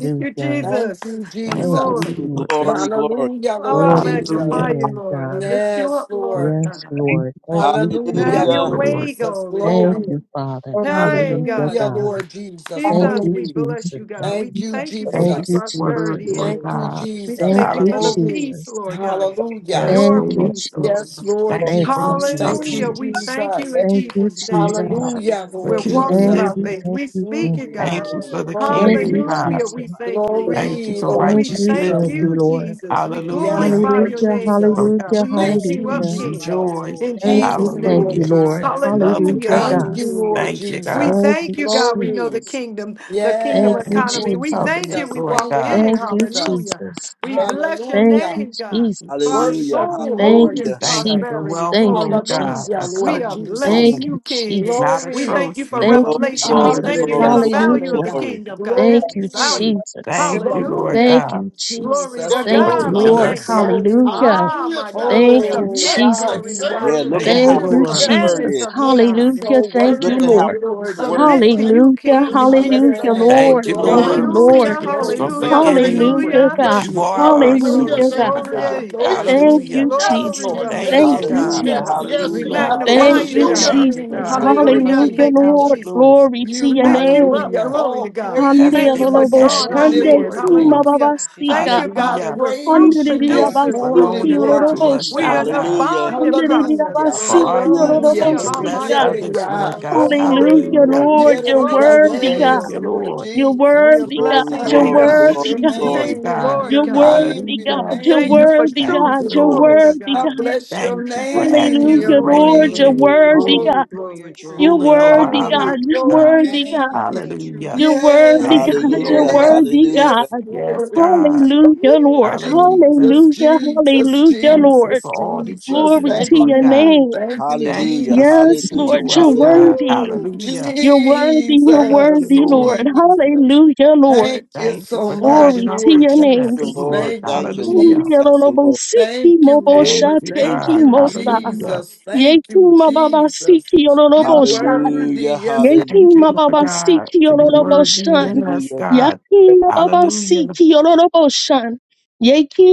S7: Thank you,
S11: Thank
S7: Jesus.
S11: you,
S7: Thank you,
S3: Thank
S5: Thank you,
S7: Lord.
S11: Jesus.
S3: you, Lord.
S5: Jesus.
S1: glory, glory.
S11: Hallelujah,
S7: Oh,
S11: Lord
S7: I'll
S5: Glory to your
S11: Jesus.
S7: magnify
S3: Hallelujah.
S7: you,
S5: name,
S7: Lord. I
S5: God.
S7: lift you
S11: Yes,
S7: up, Lord
S11: Lord.
S5: Yes,
S7: God.
S5: Lord. Thank you,
S11: Hallelujah,
S7: Have
S5: Jesus.
S3: Thank you,
S7: your
S1: Hallelujah,
S11: Lord
S3: Lord.
S7: way,
S11: Jesus.
S7: glory to
S5: Thank
S11: Glory.
S7: God.
S5: you, Father.
S7: Hey,
S5: Hallelujah,
S7: God,
S11: Hallelujah,
S7: in your
S5: God.
S11: Lord Jesus.
S5: Thank
S7: Jesus,
S5: you,
S7: we
S11: Glory.
S7: bless
S5: Jesus.
S7: you, God. We
S11: Thank you,
S7: thank you for
S3: Thank
S5: Thank
S3: you
S7: what
S11: Jesus.
S3: for
S5: you,
S3: the word,
S7: prosperity
S5: Jesus.
S3: Lord
S11: Thank
S7: is.
S11: you,
S3: God.
S7: We
S11: Jesus.
S5: Thank
S7: thank you
S5: you,
S7: for the
S3: Hallelujah.
S11: Glory.
S7: peace,
S5: Jesus.
S7: Lord
S9: Jesus,
S7: God.
S11: Hallelujah.
S9: yes,
S3: Yes,
S7: Your
S5: Thank you,
S9: and
S3: Lord.
S7: peace, Lord.
S11: Yes,
S7: God.
S5: Jesus.
S11: Lord
S3: Thank you
S5: Thank
S3: for
S5: you,
S9: yes,
S11: Jesus. Thank
S9: wonderful
S11: you,
S7: Hallelujah.
S5: Jesus.
S7: We
S3: instructions.
S9: name,
S7: thank
S9: yes,
S7: you
S11: Jesus.
S7: in
S5: Thank
S9: your
S5: you,
S7: Jesus'
S9: wonderful
S7: name.
S9: name,
S5: Jesus.
S3: God,
S11: Hallelujah,
S9: Jesus.
S3: for
S7: We're
S11: Lord
S9: You're
S7: walking
S3: kingdom
S9: worthy.
S5: Thank
S7: by
S11: Jesus.
S5: you,
S3: living.
S7: faith.
S5: thank
S7: We
S5: you,
S7: speak
S5: thank
S9: We
S7: it,
S5: you.
S7: God.
S3: Thank you
S9: adore
S11: Mm,
S3: for
S9: you.
S3: the
S5: Thank
S3: kingdom,
S5: you,
S11: glory.
S9: We
S7: Hallelujah.
S3: God.
S5: Jesus.
S7: We
S9: magnify you.
S7: thank you,
S9: We
S7: Lord.
S9: exalt
S3: Thank you
S11: Glory,
S9: your
S3: for
S9: holy
S11: Lord
S5: Thank
S9: and
S7: We
S3: righteous
S5: you,
S9: righteous
S7: thank
S5: thank
S11: Jesus.
S9: name.
S5: you,
S3: living.
S7: you,
S5: Lord.
S7: Jesus. We
S9: There's none
S11: Yes,
S3: Hallelujah.
S9: like
S7: glorify
S9: you,
S11: Lord
S7: your
S5: Hallelujah,
S9: Lord.
S7: name,
S3: For
S7: Lord
S11: Jesus.
S7: God. We
S5: hallelujah,
S7: lift
S3: righteousness,
S11: Thank
S7: you
S11: you,
S9: There's
S7: up,
S3: peace,
S5: hallelujah.
S9: none
S3: and
S7: King,
S9: like you,
S11: Jesus.
S3: joy.
S9: Lord.
S7: in
S5: Thank
S11: Thank
S5: you,
S7: Jesus'
S11: you,
S5: thank
S7: name.
S11: Lord
S5: you,
S3: Hallelujah.
S5: Lord.
S11: Jesus.
S3: Love
S9: Hallelujah.
S3: and
S7: Hallelujah.
S5: Hallelujah,
S11: Thank
S5: God.
S11: you,
S3: kindness.
S7: Hallelujah.
S11: Lord
S3: Thank you,
S7: We
S3: God.
S11: Jesus.
S5: Thank
S7: thank
S5: you,
S7: you, God. We know the
S11: Glory.
S5: Jesus.
S7: kingdom, the kingdom
S5: Thank
S11: Yes,
S5: you,
S3: Thank you
S7: economy.
S3: for
S11: Lord
S7: We
S5: Jesus.
S7: thank you.
S3: covenant,
S7: We
S11: Jesus.
S3: Lord
S11: Thank
S7: walking in
S3: God.
S11: you,
S7: it.
S5: Thank you,
S11: Jesus.
S7: Hallelujah.
S5: Jesus.
S7: We bless your
S5: Thank
S11: Hallelujah.
S5: you,
S7: name, God. For our
S5: Jesus.
S1: hallelujah,
S11: Worship
S7: soul,
S11: you,
S5: Thank
S11: Lord
S5: you,
S7: wholeness,
S1: hallelujah.
S3: Thank you
S11: Jesus.
S3: for
S5: Jesus.
S7: prosperity.
S3: wealth,
S5: Thank
S7: Glory
S5: you,
S7: to
S3: Lord
S7: God.
S3: God.
S11: Hallelujah,
S3: A
S5: Jesus.
S7: We
S11: Lord
S7: are
S3: covenant
S5: Thank
S11: Jesus.
S7: blessing
S3: tool,
S5: you,
S7: you, King.
S3: not
S5: Jesus.
S3: a
S7: We
S11: Glory.
S7: thank you for
S3: trophy.
S5: Thank you,
S1: Glory,
S7: revelation. We
S1: glory,
S5: Jesus.
S7: thank you for
S1: glory,
S11: Hallelujah,
S7: the
S3: Hallelujah.
S1: glory,
S7: value of
S11: Sunday,
S5: Hallelujah.
S7: the
S11: God.
S1: glory.
S7: kingdom, God. It's
S5: Thank you,
S11: Glory.
S7: valuable.
S5: Jesus.
S3: Thank you, Lord
S7: Hallelujah.
S11: Glory,
S5: Thank
S3: God,
S5: you,
S7: Glory
S5: Jesus.
S11: Jesus.
S7: to
S4: Glory
S5: Thank
S3: for
S4: to
S5: you,
S7: God. We
S3: teaching
S4: God in
S5: Lord.
S11: Glory,
S7: thank
S4: the
S3: us.
S7: you.
S4: highest.
S11: glory.
S5: Hallelujah.
S7: Ah,
S4: Hallelujah
S7: my
S4: to the
S7: God. We
S5: Thank you,
S4: Lamb.
S11: Oh,
S7: submit,
S4: Thank you,
S11: God, you
S7: glory to
S5: Jesus.
S4: thank
S7: God,
S1: Yeah,
S4: you,
S7: to,
S1: look
S11: worthy,
S1: at
S3: Thank you,
S1: how
S5: Thank
S7: to the
S4: Jesus.
S5: you,
S11: Lord
S1: rich
S3: Lord.
S1: the
S4: Yes,
S1: word
S4: Lord.
S11: Jesus.
S7: commandments
S5: Jesus.
S7: of you,
S1: is.
S4: Thank you.
S11: You
S7: God, in
S5: Hallelujah.
S11: so
S7: Jesus'
S5: Thank
S4: Thank
S1: Look
S5: you,
S4: you
S1: at
S7: name.
S11: worthy,
S1: how
S4: for
S5: Lord.
S4: your
S7: We
S1: rich
S11: Lord
S1: the word is.
S11: Jesus.
S7: submit
S4: encouragement.
S7: to
S4: Thank
S7: you,
S4: you for
S5: Hallelujah.
S4: your
S7: King, in
S4: strength.
S7: Jesus'
S11: Hallelujah.
S5: Hallelujah,
S4: Thank you
S7: name.
S11: Hey,
S4: for
S3: Thank
S5: Lord.
S3: you,
S4: your
S5: Thank you,
S3: Lord,
S4: guidance.
S1: Hallelujah,
S3: for
S11: Glory,
S4: Thank
S5: Lord.
S7: Hallelujah,
S4: you
S3: keeping
S4: for
S3: us
S4: your
S3: from
S11: glory be
S7: hallelujah,
S4: love.
S11: to
S4: Thank you
S3: forgetting
S4: for
S11: Jesus.
S5: Hallelujah,
S4: your
S7: hallelujah.
S3: that you
S4: mercy.
S5: God.
S3: are our
S7: Glory, glory,
S4: Hallelujah.
S5: Hallelujah,
S3: source,
S11: Glory,
S5: God.
S4: Thank you
S3: Lord
S4: for
S3: God.
S4: your
S7: glory.
S11: Lord
S4: patience.
S5: Thank
S3: Hallelujah.
S5: you,
S4: Yes,
S11: Jesus,
S7: Glory,
S4: Lord.
S5: Jesus.
S7: glory,
S3: Thank
S4: Yes,
S5: Thank
S11: Jesus,
S3: you,
S4: Lord.
S5: you,
S7: glory.
S3: God.
S11: Jesus.
S1: hallelujah,
S4: Yes,
S5: Jesus.
S4: yes,
S7: We
S1: hallelujah,
S3: Hallelujah.
S11: I
S4: Lord.
S7: magnify
S5: Thank
S11: bless
S7: you,
S1: hallelujah.
S5: you,
S11: your
S7: God.
S4: Hallelujah.
S3: Thank you,
S5: Jesus.
S11: name,
S3: God. We're
S11: Lord
S7: Hallelujah.
S3: nothing
S5: Hallelujah,
S7: Thank you,
S11: Jesus.
S3: without
S5: Lord.
S3: you, Lord.
S7: Jesus.
S5: Glory to
S11: You
S7: We
S5: your
S7: lift you
S11: worthy
S5: name.
S7: up.
S11: of
S3: Hallelujah.
S7: Glory to
S11: all
S7: God. Thank
S11: praises
S7: you
S3: Everything
S7: for
S3: we
S11: this
S5: Handelolobo
S3: have
S7: drawing
S3: is
S7: all
S11: morning,
S5: shande
S7: men.
S3: yours,
S11: Lord
S5: kuma
S3: Lord.
S11: Jesus.
S7: Hallelujah.
S9: Thank you,
S7: Thank
S5: babasika.
S7: you,
S9: Jesus.
S7: God,
S11: I
S7: that
S3: Hallelujah.
S7: we're fruit
S11: praise you
S5: Handeliliya
S9: My
S3: Thank
S11: this
S3: you
S7: producers.
S3: for
S9: soul loves
S7: Glory
S5: basiki
S11: morning,
S9: you,
S7: to
S3: loaning it
S9: Lord.
S11: Lord
S7: God.
S3: to
S9: My
S5: yororobo
S3: us,
S7: We are
S3: Lord
S5: sha.
S7: in
S9: soul
S11: Jesus.
S7: the
S9: loves
S3: God,
S9: you,
S1: Hallelujah.
S9: Jesus.
S7: binding
S5: Handeliliya
S7: process.
S11: Hallelujah.
S3: for
S7: Glory.
S3: our
S5: basiki
S7: Well,
S9: You are
S3: use
S9: my
S11: Hallelujah,
S5: yororobo
S3: and
S7: Hallelujah.
S3: to
S11: Lord.
S3: bless
S9: everything.
S5: sika.
S9: You are
S3: others,
S9: my
S7: Hamashake.
S3: Lord
S11: Hallelujah.
S9: all in
S7: Whoa,
S3: God.
S9: all.
S7: glory,
S5: Hallelujah,
S7: glory,
S3: Hallelujah.
S11: Woo.
S7: glory,
S5: Lord.
S9: And I
S5: You're
S9: give
S7: glory,
S11: Hallelujah.
S9: you the praise.
S5: worthy,
S7: glory,
S3: Thank
S5: God.
S11: Yes,
S3: you,
S7: glory.
S11: Lord
S3: Lord.
S5: You're
S7: We are
S11: Jesus.
S5: worthy, God.
S1: Glory,
S11: I
S7: blessing
S5: You're
S7: you,
S3: Thank
S1: glory,
S3: you
S7: God.
S3: for
S11: bless
S5: worthy,
S1: glory,
S11: your
S5: God.
S3: choosing us,
S1: glory.
S7: Thank you,
S11: name,
S3: God.
S7: Lord
S5: You're
S11: your
S7: God.
S11: name,
S5: worthy,
S11: your
S3: Hallelujah.
S5: God. You're
S7: Thank you
S11: name,
S7: for
S5: worthy,
S3: Thank
S7: truth.
S5: God.
S3: you,
S11: Jesus.
S5: You're
S3: Lord.
S7: Glory to
S5: worthy,
S11: I
S7: God.
S5: God.
S11: bless your
S3: Thank you for
S7: Thank
S11: name,
S7: you
S3: actively
S11: your
S5: Hallelujah,
S7: for it.
S5: Lord,
S3: reigning
S11: name,
S5: you're
S3: and
S7: Glory,
S11: Lord
S5: worthy,
S3: ruling,
S7: glory,
S5: God.
S9: for your
S7: glory,
S11: Jesus.
S9: truth.
S5: You're
S7: glory.
S3: ruling over
S5: worthy,
S3: our
S9: Hallelujah.
S3: lives,
S5: God.
S7: Mm,
S11: Woo.
S5: You're
S3: God.
S9: Thank
S5: worthy,
S11: Glory.
S9: you
S5: God.
S9: for the truth
S3: Hallelujah.
S5: You're
S9: within.
S5: worthy,
S11: Yes,
S3: Thank you,
S5: God. You're
S1: Hallelujah,
S9: Hallelujah.
S3: Lord.
S11: yes,
S5: worthy, God.
S1: hallelujah,
S11: yes,
S3: Yes,
S11: Lord.
S3: God.
S5: Hallelujah, Lord.
S3: Hallelujah.
S11: Jesus,
S5: Hallelujah,
S11: Jesus,
S5: hallelujah,
S3: Thank you
S5: Lord.
S11: Jesus,
S3: for all that you
S11: Jesus.
S5: Glory
S3: do,
S11: Thank
S5: to
S3: Lord
S5: your
S3: God.
S11: you.
S5: name.
S11: Thank you,
S3: Thank you
S1: hallelujah,
S3: for
S5: Yes,
S11: Jesus.
S3: speaking
S1: hallelujah,
S5: Lord,
S3: to us,
S5: you're
S1: hallelujah.
S3: God.
S5: worthy.
S11: Woo,
S3: Hallelujah.
S5: You're worthy, you're
S3: Thank you,
S11: Jesus,
S5: worthy,
S3: Lord.
S5: Lord.
S11: Jesus.
S5: Hallelujah, Lord.
S11: Thank you
S3: Thank you
S11: so
S3: for
S11: much,
S3: guiding
S5: Glory
S3: our
S5: to
S11: Lord
S5: your
S1: Thank
S5: name,
S3: footsteps,
S1: you,
S5: God.
S11: Jesus.
S1: Lord.
S3: Lord.
S11: Thank you,
S1: Thank you, Lord.
S3: Hallelujah.
S5: Hallelujah,
S1: Thank
S11: Jesus.
S5: Lord.
S1: you, Lord.
S5: Mosiki,
S11: Thank you,
S5: mobo,
S3: Thank
S11: Lord.
S3: you,
S11: Thank
S3: God.
S11: you,
S3: Hallelujah.
S11: Jesus. Thank you, Jesus.
S5: siki,
S11: You
S5: yororobosha.
S11: worthy.
S1: Hallelujah,
S11: Yes,
S1: hallelujah,
S3: Thank you,
S5: Yakima
S3: Lord
S5: Baba
S3: God,
S5: Siki
S3: for your word being in
S5: Yoroboshan.
S3: us,
S1: hallelujah,
S3: God.
S10: thank
S5: Yakima Baba
S3: Hallelujah.
S5: Siki Yoroboshan.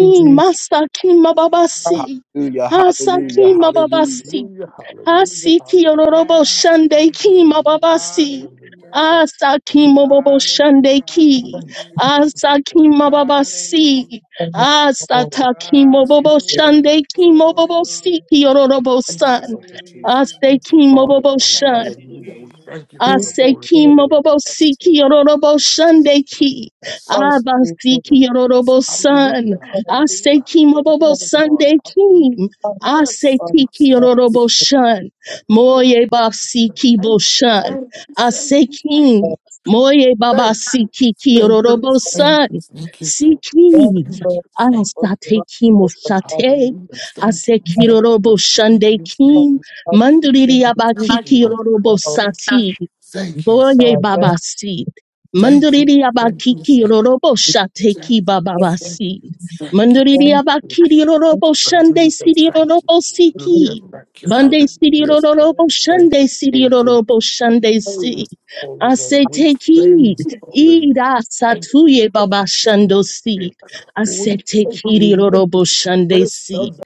S10: you, Jesus.
S5: master
S9: Thank
S5: Kima
S9: you,
S5: Baba
S9: Jesus.
S5: Si.
S1: hallelujah, hallelujah,
S9: Thank
S5: Hasakima
S9: you,
S5: Baba
S1: hallelujah,
S9: Jesus.
S5: Si.
S4: Hallelujah. Hallelujah.
S5: Hasiki
S4: Hallelujah.
S9: Thank you,
S5: Yoroboshan De
S9: Jesus.
S5: Kima Baba
S4: Hallelujah.
S5: Si.
S9: Hallelujah.
S4: Hallelujah. Thank thank
S5: Asakima
S4: you.
S5: Bobo
S9: Hallelujah.
S5: Shande Ki.
S4: Thank you. Thank you. Thank
S5: Asakima
S4: you.
S5: Baba
S9: Hallelujah.
S4: Lord.
S5: Si.
S10: And his soul,
S4: Lord.
S9: Hallelujah.
S5: Asatakima
S4: Yes,
S5: Bobo
S4: Lord.
S10: because
S4: Thank
S9: Hallelujah.
S4: you.
S5: Shande
S4: Thank
S5: Kimo
S4: you.
S9: Glory,
S5: Bobo
S4: Thank you.
S9: glory.
S5: Siki
S4: Thank you,
S5: Yorobosan.
S4: Father
S9: Hallelujah,
S4: Jesus.
S9: Jesus.
S4: Thank you,
S5: Asekimo
S4: Father
S5: Bobo
S4: God.
S9: Thank you,
S4: Hallelujah. We
S9: Jesus.
S4: thank you
S10: he
S4: for
S10: is
S4: the
S9: Thank
S4: Holy
S5: Aseki
S10: the
S4: Spirit.
S5: mobobo
S4: Yes,
S5: siki
S4: yes,
S5: yororobo shandeki.
S4: yes.
S10: Father,
S4: yes.
S10: thank you for
S5: Abasiki
S4: yes.
S5: yororobo san.
S4: Hallelujah.
S10: never and
S4: Hallelujah.
S5: Aseki mobobo
S10: the
S4: Hallelujah, Lord. Hallelujah.
S5: sandekim.
S10: Son
S4: Yes,
S10: of
S5: Aseki
S10: the Father,
S5: ki
S4: yes,
S5: yororobo
S4: yes.
S5: shan.
S4: Hallelujah.
S5: Moye basiki
S4: Thank you.
S5: boshan.
S4: Thank you.
S5: Asekim. Moye baba
S4: Thank you.
S5: siki ki
S4: Thank you. Thank you. Thank you.
S5: yororobo san.
S4: Thank you. Thank you.
S5: Sikiv.
S4: Thank you. Thank you.
S5: Asateki moshate.
S4: Hallelujah. Thank you.
S5: Aseki
S4: Thank
S5: yororobo
S4: you. Thank you. Thank
S5: shandekim.
S4: you.
S5: Manduriri
S4: Thank you.
S5: abakiki
S4: Lord.
S5: yororobo sati.
S4: Thank you. Thank you.
S5: Voye
S10: the
S5: Baba
S10: best
S5: Seed.
S10: that
S4: Thank you.
S10: he
S5: Manduriri
S4: Thank you.
S5: Abakiki
S4: Thank you.
S5: Rorobo
S4: Thank
S5: Shateki
S4: you.
S10: can
S5: Baba Seed. Manduriri
S10: stand,
S5: Abakiri
S10: and
S5: Rorobo Shande
S4: Thank you.
S5: Siri
S4: Thank you.
S5: Rorobo
S10: he is
S4: Hallelujah.
S5: Siki.
S4: Thank you.
S5: Bande
S4: Hallelujah. Thank
S5: Siri
S4: you. Hallelujah.
S5: Rorobo
S4: Thank
S5: Shande
S4: you.
S5: Siri
S4: Thank you.
S5: Rorobo Shande
S4: Holy,
S5: Si.
S4: holy name.
S5: Ase
S4: We
S5: take heed.
S4: praise you. Hallelujah.
S5: Ida
S4: Thank you.
S5: Satuye Baba
S4: We thank
S5: Shando Seed.
S4: you.
S5: Ase
S4: We
S5: take
S4: thank you. We
S5: heed
S4: love
S5: Rorobo
S4: the
S5: Shande
S4: first
S5: Seed.
S4: of the-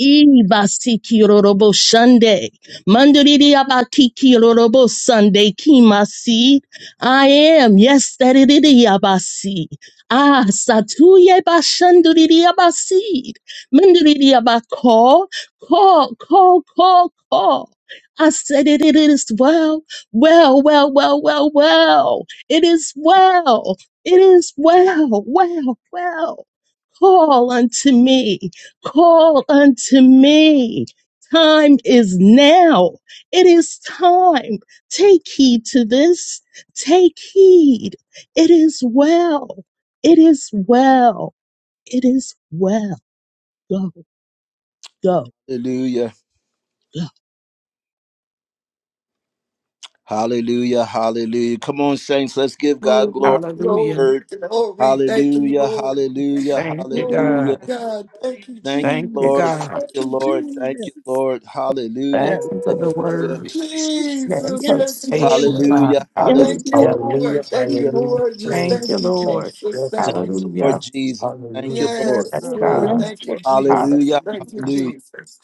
S5: Ibasiki rorobo shande. Mandiri abatiki rorobo sunday kimasi. I am, yes, that it is abasi. Ah, satuye bashanduri abasi. Mandiri abako. Call, call, call, call. I said it, it is well, well, well, well, well, well. It is well. It is well, well, well. Call unto me. Call unto me. Time is now. It is time. Take heed to this. Take heed. It is well. It is well. It is well. Go, go,
S1: hallelujah,
S5: go.
S1: hallelujah, hallelujah. Come on, saints, let's give God
S11: glory,
S1: glory for the
S3: Hallelujah.
S11: glory,
S1: word.
S11: glory. Thank you,
S1: Hallelujah,
S11: Lord.
S9: you.
S1: hallelujah,
S3: Thank you,
S9: Hallelujah.
S1: hallelujah.
S11: Oh,
S3: God.
S11: God. Thank you,
S1: Thank you,
S3: Thank you,
S1: Lord.
S11: Jesus.
S1: Thank
S3: God.
S11: Thank
S1: you,
S11: you,
S1: Lord. Thank
S5: Yes,
S1: you,
S11: Jesus.
S1: Lord. Hallelujah.
S5: yes,
S3: Thank you for the
S5: Lord.
S1: Hallelujah.
S11: Ooh,
S3: word,
S5: Jesus.
S3: the
S11: Jesus.
S5: Yes,
S11: Thank you,
S5: Lord.
S3: interpretation,
S11: Lord.
S3: God.
S1: Hallelujah. Hallelujah.
S5: Yes,
S11: Thank you,
S3: Hallelujah.
S5: Lord.
S4: Hallelujah.
S11: Lord. Thank you,
S4: Hallelujah.
S11: Lord. Just
S3: Thank
S11: thank
S3: you,
S4: Praise
S11: you,
S4: God.
S3: Lord.
S11: Jesus.
S4: Yes,
S1: Thank
S11: Thank you,
S4: Lord.
S5: Jesus.
S1: you, Lord
S3: Hallelujah.
S11: Jesus.
S1: Jesus. Thank you,
S4: Hallelujah.
S5: Yes,
S1: Lord.
S10: the
S11: Yes,
S3: Yes,
S5: Lord.
S10: Father,
S11: Lord.
S5: Yes,
S3: God.
S11: Thank you,
S5: Lord.
S4: Thank
S11: Jesus.
S1: Hallelujah.
S4: you.
S11: Thank you,
S3: Hallelujah.
S1: Hallelujah.
S11: Jesus.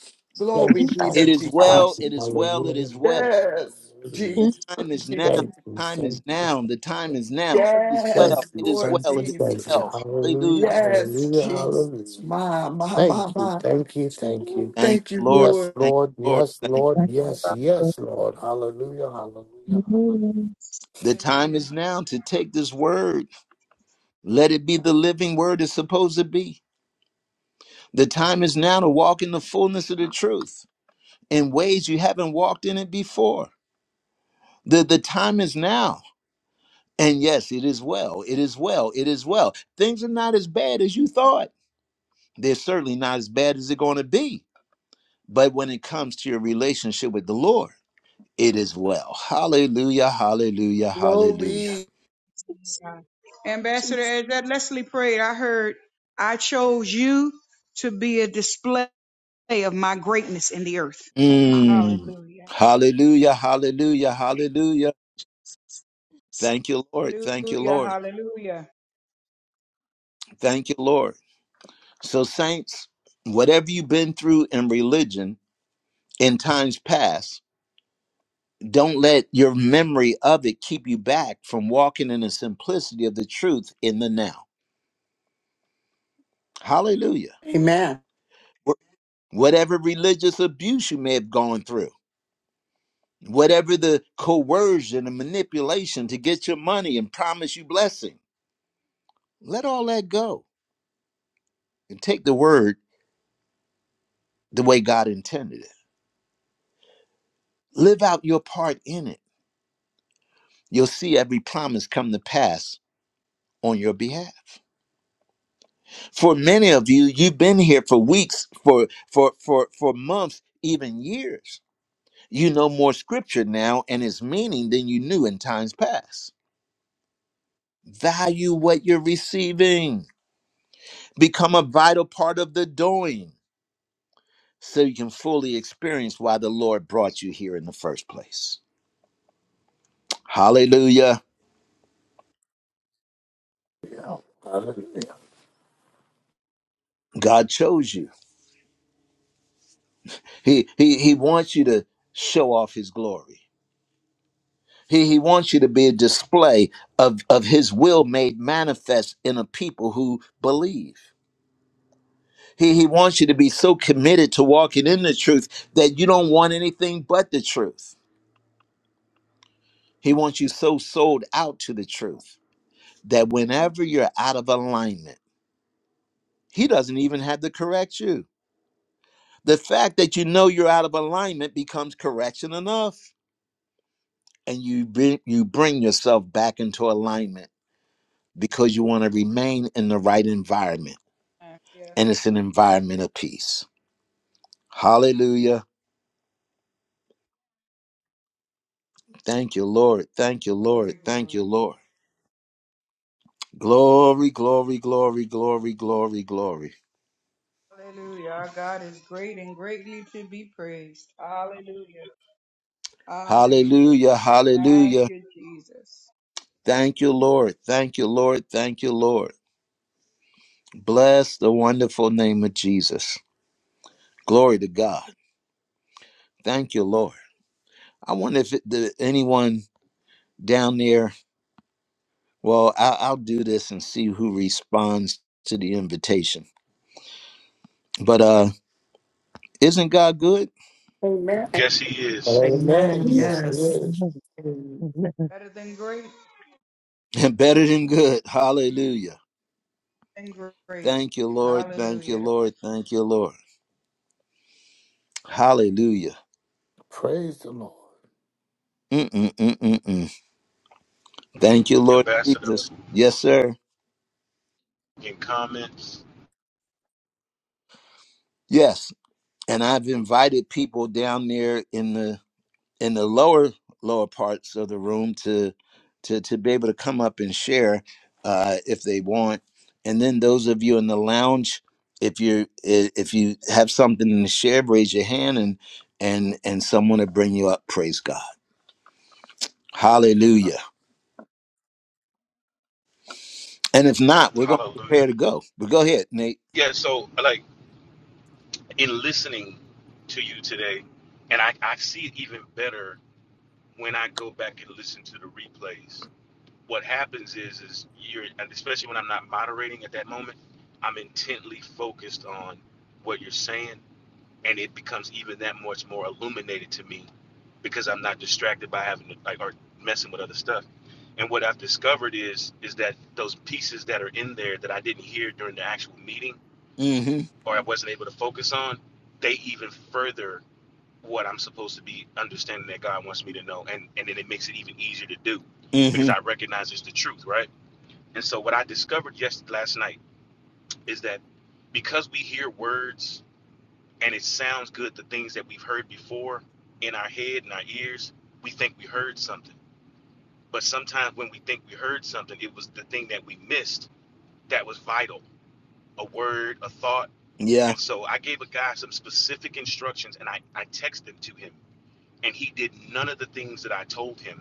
S4: Thank
S11: Glory
S5: Yes,
S4: you,
S11: be
S3: Thank
S11: to
S1: It
S4: thank
S3: you,
S1: is
S11: Jesus.
S3: God.
S1: well. It is
S4: you,
S1: well. It is well.
S11: Yes,
S1: The
S11: Jesus.
S5: yes,
S1: time is now.
S11: Jesus.
S1: The time is now. The time is now. It is well.
S11: Yes,
S1: It is
S11: Lord
S1: well. It is
S11: Jesus.
S4: thank you,
S1: well. Hallelujah.
S4: hallelujah,
S11: Yes, Jesus.
S4: hallelujah.
S11: My, my,
S4: Thank
S11: my,
S4: you, thank you, thank you, thank you, thank you, hallelujah, hallelujah, hallelujah. Thank you,
S11: my.
S4: thank you, thank you.
S1: Thank
S11: Thank you,
S1: you, Lord.
S4: Yes,
S11: Lord.
S1: Thank
S4: Lord,
S1: you, Lord.
S4: yes,
S1: Thank you.
S4: Lord,
S10: and
S4: yes, yes, Lord, hallelujah,
S10: the Son
S4: hallelujah,
S10: of
S1: The time
S9: Hallelujah.
S1: is now to take this word. Let it be the living word it's supposed to be. The time is now to walk in the fullness of the truth in ways you haven't walked in it before. The, the time is now. And yes, it is well. It is well. It is well. Things are not as bad as you thought. They're certainly not as bad as they're going to be. But when it comes to your relationship with the Lord, it is well. Hallelujah, hallelujah, hallelujah.
S11: Glory.
S9: God. Ambassador,
S5: Jesus.
S9: as that Leslie prayed, I heard, I chose you to be a display of my greatness in the earth.
S1: Mm.
S9: Hallelujah.
S1: Hallelujah, hallelujah, hallelujah.
S5: Jesus.
S1: Thank you, Lord. Thank you,
S9: Hallelujah.
S1: Lord.
S9: Hallelujah.
S1: Thank you, Lord. So, saints, whatever you've been through in religion in times past, don't let your memory of it keep you back from walking in the simplicity of the truth in the now. Hallelujah. Wh- Whatever religious abuse you may have gone through, whatever the coercion and manipulation to get your money and promise you blessing, let all that go and take the word the way God intended it. Live out your part in it. You'll see every promise come to pass on your behalf. for many of you you've been here for weeks for for for for months even years you know more scripture now and its meaning than you knew in times past value what you're receiving become a vital part of the doing so you can fully experience why the lord brought you here in the first place hallelujah
S4: hallelujah, hallelujah.
S1: god chose you he he, he wants you to show off his glory He, he wants you to be a display of, of his will made manifest in a people who believe. He, he wants you to be so committed to walking in the truth that you don't want anything but the truth. He wants you so sold out to the truth that whenever you're out of alignment, he doesn't even have to correct you. The fact that you know you're out of alignment becomes correction enough, and you bring, you bring yourself back into alignment because you want to remain in the right environment
S9: Yeah.
S1: and it's an environment of peace. Hallelujah. Thank you, Lord. Thank you, Lord.
S9: Glory,
S1: Thank
S9: glory.
S1: you, Lord. Glory, glory, glory, glory, glory, glory.
S9: Hallelujah. Our God is great and greatly to be praised. Hallelujah. Hallelujah.
S1: Hallelujah.
S9: Thank
S1: Hallelujah.
S9: you, Jesus.
S1: Thank you, Lord. Thank you, Lord. Thank you, Lord. Bless the wonderful name of Jesus. Glory to God. Thank you, Lord. I wonder if it, the, anyone down there, well, I, I'll do this and see who responds to the invitation. But uh, isn't God good?
S11: Amen.
S2: Yes, he is,
S7: yes,
S3: Amen.
S4: Amen,
S10: the
S4: yes, it
S7: sir.
S3: Yes.
S4: is.
S7: Mm,
S9: Better than great
S1: Better than good. Hallelujah.
S9: and great.
S1: Thank you, Lord. Thank you,
S9: Hallelujah.
S1: Lord. Thank you, Lord. Hallelujah.
S4: Praise the Lord,
S1: Mm-mm-mm-mm-mm. Thank you, Lord
S2: Ambassador.
S1: Jesus. Yes, sir.
S2: In comments,
S1: Yes. And I've invited people down there in the in the lower lower parts of the room to to to be able to come up and share uh, if they want. And then those of you in the lounge, if you if you have something to share, raise your hand and and and someone will bring you up. Praise God. Hallelujah. And if not, we're going to prepare
S2: hallelujah.
S1: to go. But go ahead, Nate.
S2: Yeah, so like in listening to you today, and I, I see it even better when I go back and listen to the replays. What happens is, is you're, and especially when I'm not moderating at that moment, I'm intently focused on what you're saying, and it becomes even that much more illuminated to me because I'm not just having to, like or messing with other stuff. And what I've discovered is is that those pieces that are in there that I didn't hear during the actual meeting
S1: Mm hmm.
S2: or I wasn't able to focus on, they even further what I'm supposed to be understanding that God wants me to know. And and then it makes it even easier to do
S1: Mm
S2: because
S1: hmm.
S2: I recognize it's the truth, right? And so what I discovered yes last night is that because we hear words and it sounds good, the things that we've heard before in our head and our ears, we think we heard something But sometimes when we think we heard something, it was the thing that we missed that was vital a word, a thought.
S1: Yeah.
S2: And so I gave a guy some specific instructions and I, I texted them to him. And he did none of the things that I told him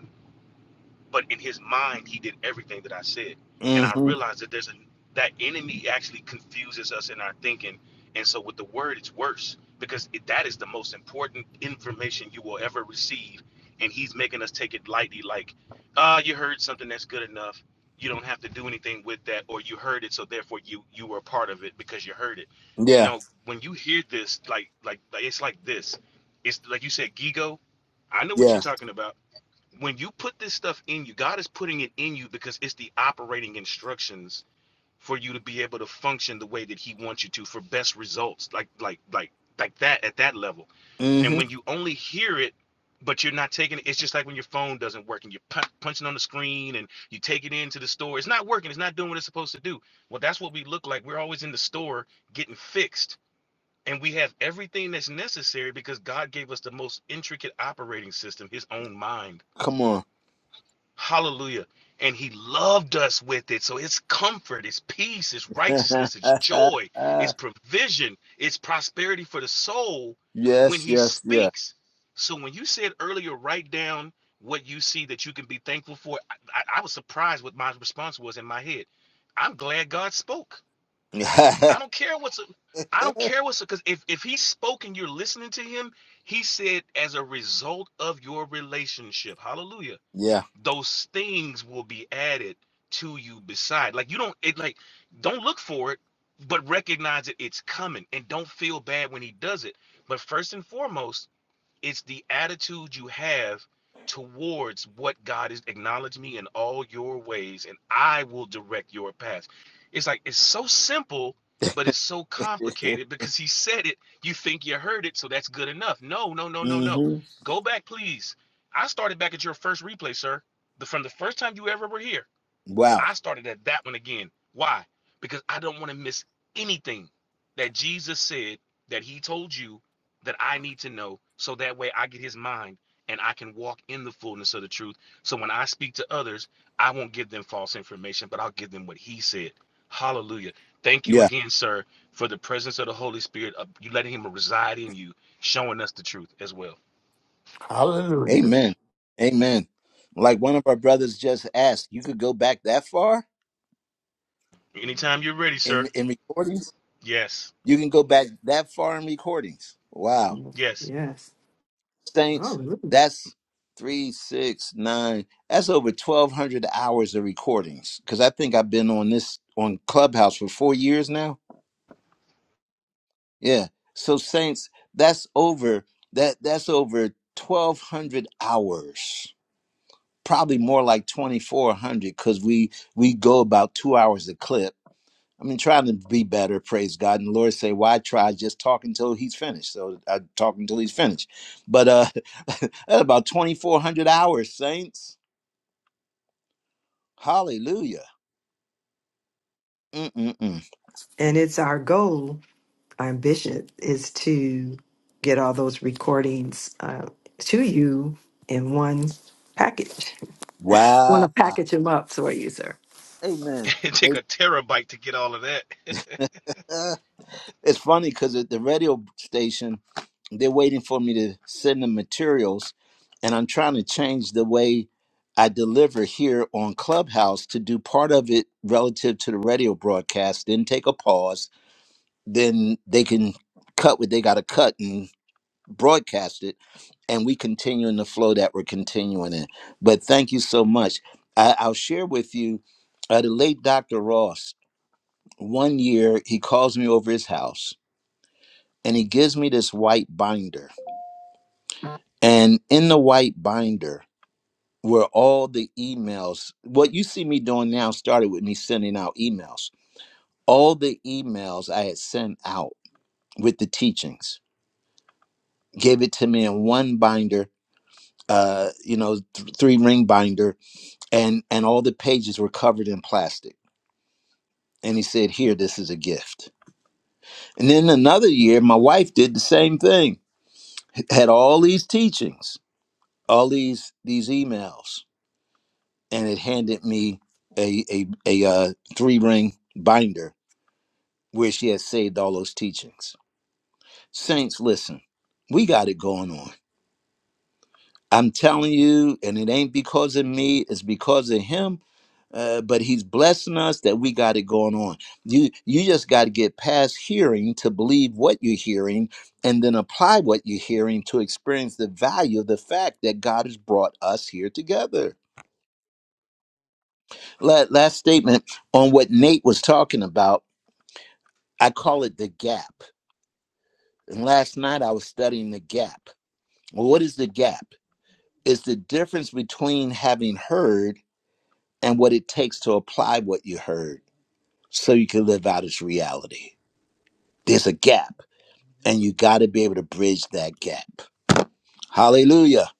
S2: but in his mind he did everything that i said and
S1: Mm
S2: i
S1: hmm.
S2: realized that there's a that enemy actually confuses us in our thinking and so with the word it's worse because it, that is the most important information you will ever receive and he's making us take it lightly like ah oh, you heard something that's good enough you don't have to do anything with that or you heard it so therefore you you were a part of it because you heard it
S1: Yeah.
S2: no when you hear this like like like, it's like this it's like you said gigo i know what you're
S1: Yeah.
S2: talking about when you put this stuff in you, God is putting it in you because it's the operating instructions for you to be able to function the way that He wants you to for best results, like like like like that at that level.
S1: Mm hmm.
S2: And when you only hear it, but you're not taking it, it's just like when your phone doesn't work and you're pu- punching on the screen and you take it into the store, it's not working, it's not doing what it's supposed to do. Well, that's what we look like. We're always in the store getting fixed. And we have everything that's necessary because God gave us the most intricate operating system, His own mind
S1: Come on.
S2: Hallelujah. And he loved us with it. So it's comfort, it's peace, it's righteousness, it's joy, it's provision, it's prosperity for the soul when
S1: yes,
S2: he
S1: yes, yeah.
S2: speaks. So when you said earlier, write down what you see that you can be thankful for, I, I, I was surprised what my response was in my head. I'm glad God spoke. I don't care what's I don't care what's because if, if he spoke and you're listening to him, he said as a result of your relationship. Hallelujah
S1: yeah.
S2: those things will be added to you beside like you don't it like don't look for it but recognize it it's coming and don't feel bad when he does it but first and foremost it's the attitude you have towards what God is acknowledge me in all your ways, and I will direct your path. It's like it's so simple, but it's so complicated because he said it. You think you heard it, so that's good enough. No, no, no, no,
S1: mm
S2: no.
S1: hmm.
S2: Go back, please. I started back at your first replay, sir. The, from the first time you ever were here.
S1: Wow.
S2: I started at that one again. Why? Because I don't want to miss anything that Jesus said that he told you that I need to know so that way I get his mind and I can walk in the fullness of the truth. So when I speak to others, I won't give them false information, but I'll give them what he said. Hallelujah. Thank you
S1: Yeah.
S2: again, sir, for the presence of the Holy Spirit, of you letting him reside in you, showing us the truth as well.
S4: hallelujah.
S1: Amen. Amen. Like one of our brothers just asked, you could go back that far
S2: Anytime you're ready,
S1: in,
S2: sir.
S1: in recordings?
S2: Yes.
S1: You can go back that far in recordings. Wow.
S2: Yes.
S7: Yes.
S1: Saints,
S7: Hallelujah.
S1: that's three, six, nine. That's over twelve hundred hours of recordings. Because I think I've been on this on Clubhouse for four years now. Yeah. So Saints, that's over that that's over twelve hundred hours. Probably more like twenty four hundred because we we go about two hours a clip I mean, trying to be better, praise God. And the Lord say, why try? Just talk until he's finished. So I talk until he's finished. But uh about 2,400 hours, saints. Hallelujah. Mm-mm-mm.
S7: And oh, I'm Bishop to get all those recordings uh, to you in one package. Want to
S1: Wow.
S7: package them up for you, sir.
S1: Amen. Amen.
S2: It take a terabyte to get all of that.
S1: Uh, it's funny because at the radio station, they're waiting for me to send them materials. And I'm trying to change the way I deliver here on Clubhouse to do part of it relative to the radio broadcast, then take a pause then they can cut what they got to cut and broadcast it and we continue in the flow that we're continuing in but thank you so much I, i'll share with you uh, the late dr ross one year he calls me over his house and he gives me this white binder and in the white binder were all the emails what you see me doing now started with me sending out emails all the emails i had sent out with the teachings gave it to me in one binder uh, you know, th- three ring binder, and and all the pages were covered in plastic. And he said, "Here, this is a gift." And then another year, my wife did the same thing. H- Had all these teachings, all these these emails, and it handed me a a a uh, three ring binder where she had saved all those teachings. Saints, listen, we got it going on I'm telling you, and it ain't because of me, it's because of him. Uh, but he's blessing us that we got it going on. You you just got to get past hearing to believe what you're hearing, and then apply what you're hearing to experience the value of the fact that God has brought us here together. La- last statement on what Nate was talking about. I call it the gap. And last night I was studying the gap. Well, what is the gap? It's the difference between having heard and what it takes to apply what you heard so you can live out its reality. There's a gap, and you got to be able to bridge that gap. Hallelujah.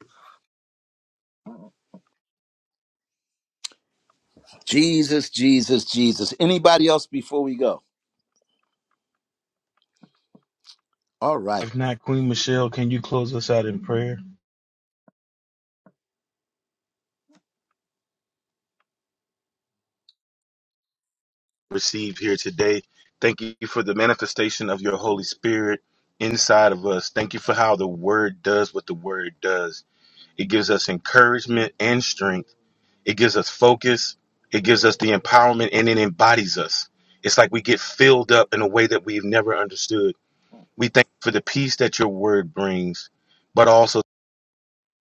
S1: Jesus, Jesus, Jesus. Anybody else before we go? All right.
S2: If not, Queen Michelle, can you close us out in prayer? Receive here today. Thank you for the manifestation of your Holy Spirit inside of us. Thank you for how the Word does what the Word does. It gives us encouragement and strength, it gives us focus, it gives us the empowerment, and it embodies us. It's like we get filled up in a way that we've never understood. We thank you for the peace that your Word brings. But also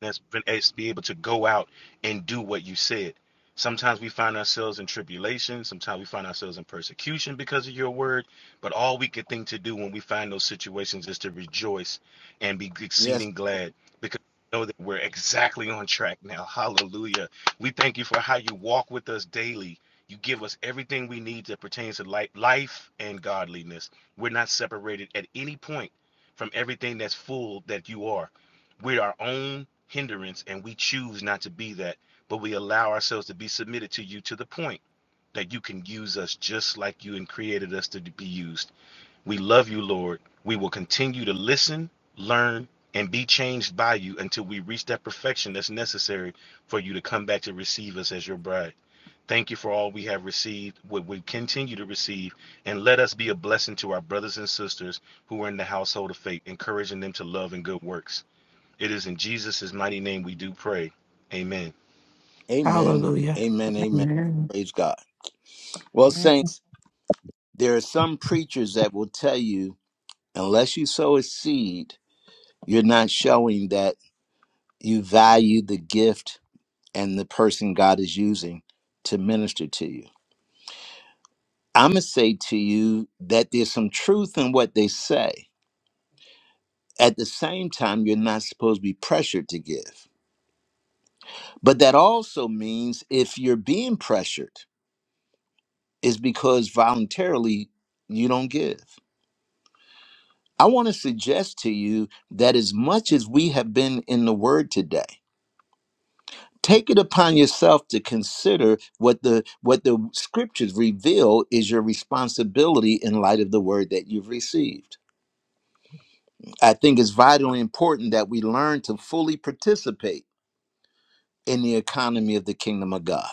S2: us us be able to go out and do what you said. Sometimes we find ourselves in tribulation. Sometimes we find ourselves in persecution because of your word. But all we could think to do when we find those situations is to rejoice and be
S1: Yes.
S2: exceeding glad because we know that we're exactly on track now. Hallelujah. We thank you for how you walk with us daily. You give us everything we need that pertains to life, life and godliness. We're not separated at any point from everything that's full that you are. We're our own hindrance and we choose not to be that, but we allow ourselves to be submitted to you to the point that you can use us just like you and created us to be used. We love you, Lord. We will continue to listen, learn, and be changed by you until we reach that perfection that's necessary for you to come back to receive us as your bride. Thank you for all we have received, what we continue to receive, and let us be a blessing to our brothers and sisters who are in the household of faith, encouraging them to love and good works. It is in Jesus' mighty name we do pray. Amen.
S1: Amen.
S3: Hallelujah.
S1: Amen. Amen.
S3: Amen.
S1: Praise God. Well,
S10: manner
S1: saints, there are some preachers that will tell you unless you sow a seed, you're not showing that you value the gift and the person God is using to minister to you I'm going to say to you that there's some truth in what they say. At the same time, you're not supposed to be pressured to give. But that also means if you're being pressured, it's because voluntarily you don't give. I want to suggest to you that as much as we have been in the word today, take it upon yourself to consider what the what the scriptures reveal is your responsibility in light of the word that you've received. I think it's vitally important that we learn to fully participate in the economy of the kingdom of God.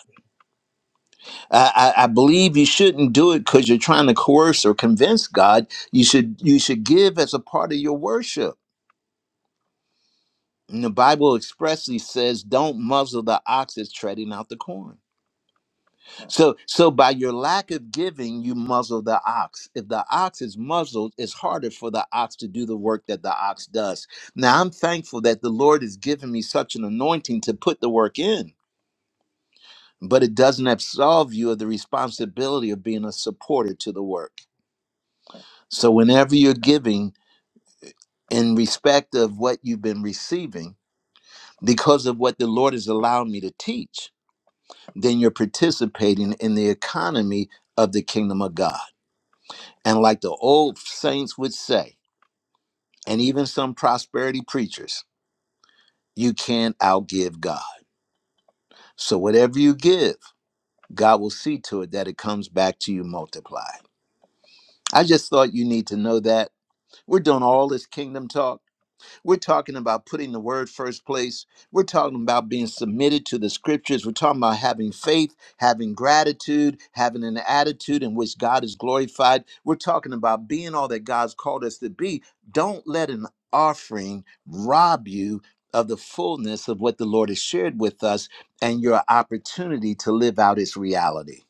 S1: I, I, I believe you shouldn't do it because you're trying to coerce or convince God. You should you should give as a part of your worship. And the Bible expressly says, "Don't muzzle the ox that's treading out the corn." So, so by your lack of giving, you muzzle the ox. If the ox is muzzled, it's harder for the ox to do the work that the ox does. Now, I'm thankful that the Lord has given me such an anointing to put the work in, but it doesn't absolve you of the responsibility of being a supporter to the work. So, whenever you're giving in respect of what you've been receiving, because of what the Lord has allowed me to teach, then you're participating in the economy of the kingdom of God. And like the old saints would say, and even some prosperity preachers, you can't outgive God. So whatever you give, God will see to it that it comes back to you multiplied. I just thought you need to know that. We're doing all this kingdom talk We're talking about putting the word first place. We're talking about being submitted to the scriptures. We're talking about having faith, having gratitude, having an attitude in which God is glorified. We're talking about being all that God's called us to be. Don't let an offering rob you of the fullness of what the Lord has shared with us and your opportunity to live out its reality.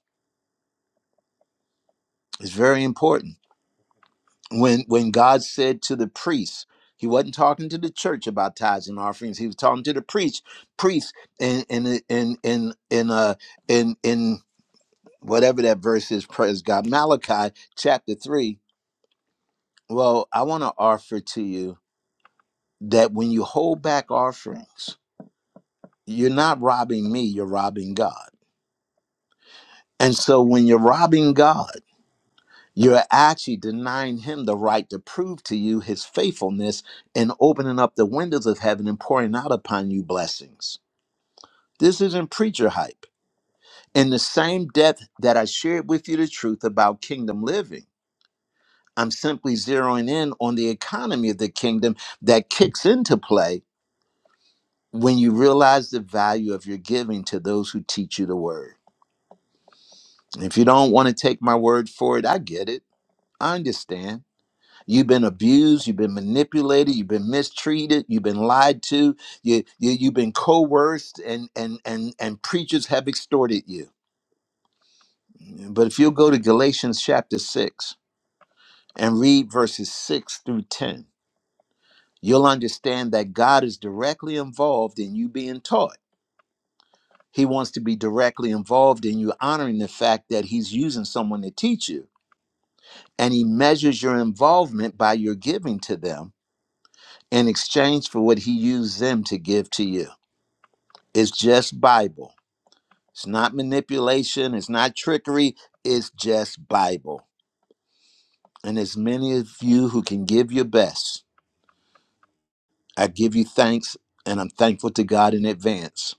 S1: It's very important. when when God said to the priests, he wasn't talking to the church about tithes and offerings. He was talking to the priest, priests, and and and and and uh in in whatever that verse is. Praise God, Malachi chapter three. Well, I want to offer to you that when you hold back offerings, you're not robbing me; you're robbing God. And so, when you're robbing God. You're actually denying him the right to prove to you his faithfulness and opening up the windows of heaven and pouring out upon you blessings. This isn't preacher hype. In the same depth that I shared with you the truth about kingdom living, I'm simply zeroing in on the economy of the kingdom that kicks into play when you realize the value of your giving to those who teach you the word. If you don't want to take my word for it, I get it. I understand You've been abused, you've been manipulated, you've been mistreated, you've been lied to, you, you you've been coerced and and and and preachers have extorted you. But if you'll go to Galatians chapter 6 and read verses 6 through 10, you'll understand that God is directly involved in you being taught. He wants to be directly involved in you honoring the fact that he's using someone to teach you and he measures your involvement by your giving to them in exchange for what he used them to give to you. It's just Bible. It's not manipulation. It's not trickery. It's just Bible. And as many of you who can give your best, I give you thanks and I'm thankful to God in advance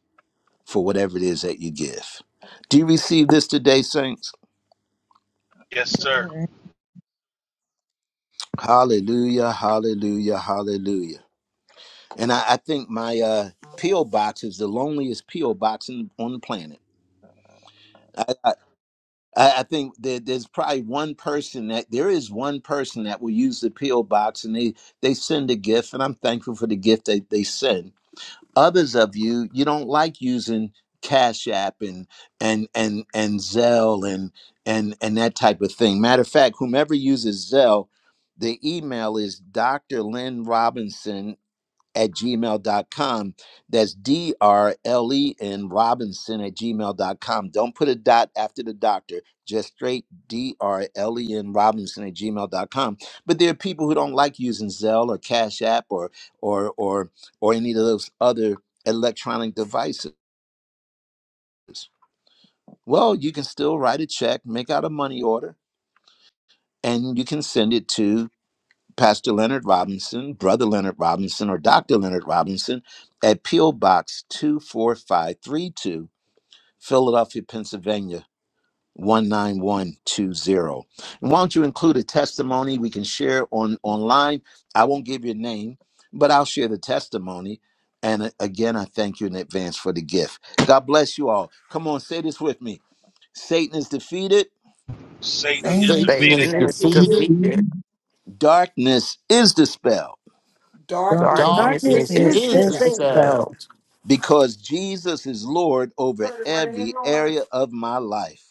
S1: for whatever it is that you give. Do you receive this today, saints?
S2: Yes, sir.
S10: and
S1: Hallelujah, hallelujah, hallelujah. And I, I think my uh, P.O. box is the loneliest P.O. box in, on the planet. I, I, I think that there's probably one person that there is one person that will use the PO box and they they send a gift, and I'm thankful for the gift that they send. Others of you, you don't like using Cash App and and and and Zelle and and and that type of thing. Matter of fact, whomever uses Zelle, the email is Dr. Lynn Robinson at gmail dot com, That's D R L E N Robinson at gmail dot com. Don't put a dot after the doctor, just straight D R L E N Robinson at gmail dot com. But there are people who don't like using Zelle or Cash App or or or or any of those other electronic devices. Well, you can still write a check, make out a money order, and you can send it to Pastor Leonard Robinson, Brother Leonard Robinson, or Dr. Leonard Robinson at P.O. Box 24532, Philadelphia, Pennsylvania. 19120. And why don't you include a testimony we can share on online? I won't give your name, but I'll share the testimony. And a- again, I thank you in advance for the gift. God bless you all. Come on, say this with me Satan is defeated,
S2: Satan
S10: same
S11: Satan
S2: is
S10: as
S4: Satan
S11: is
S4: is
S2: defeated.
S3: Satan
S11: the
S3: is
S10: you
S11: figure.
S4: defeated,
S10: do.
S3: defeated.
S1: darkness is dispelled
S10: Don't you
S11: Darkness
S3: Darkness
S7: Darkness
S11: is
S4: darkness
S11: the
S5: What
S7: is
S3: is
S4: is
S5: is
S11: spirit.
S5: this
S7: despair
S4: dispelled
S5: about?
S3: dispelled
S1: because Jesus is Lord over every area of my life.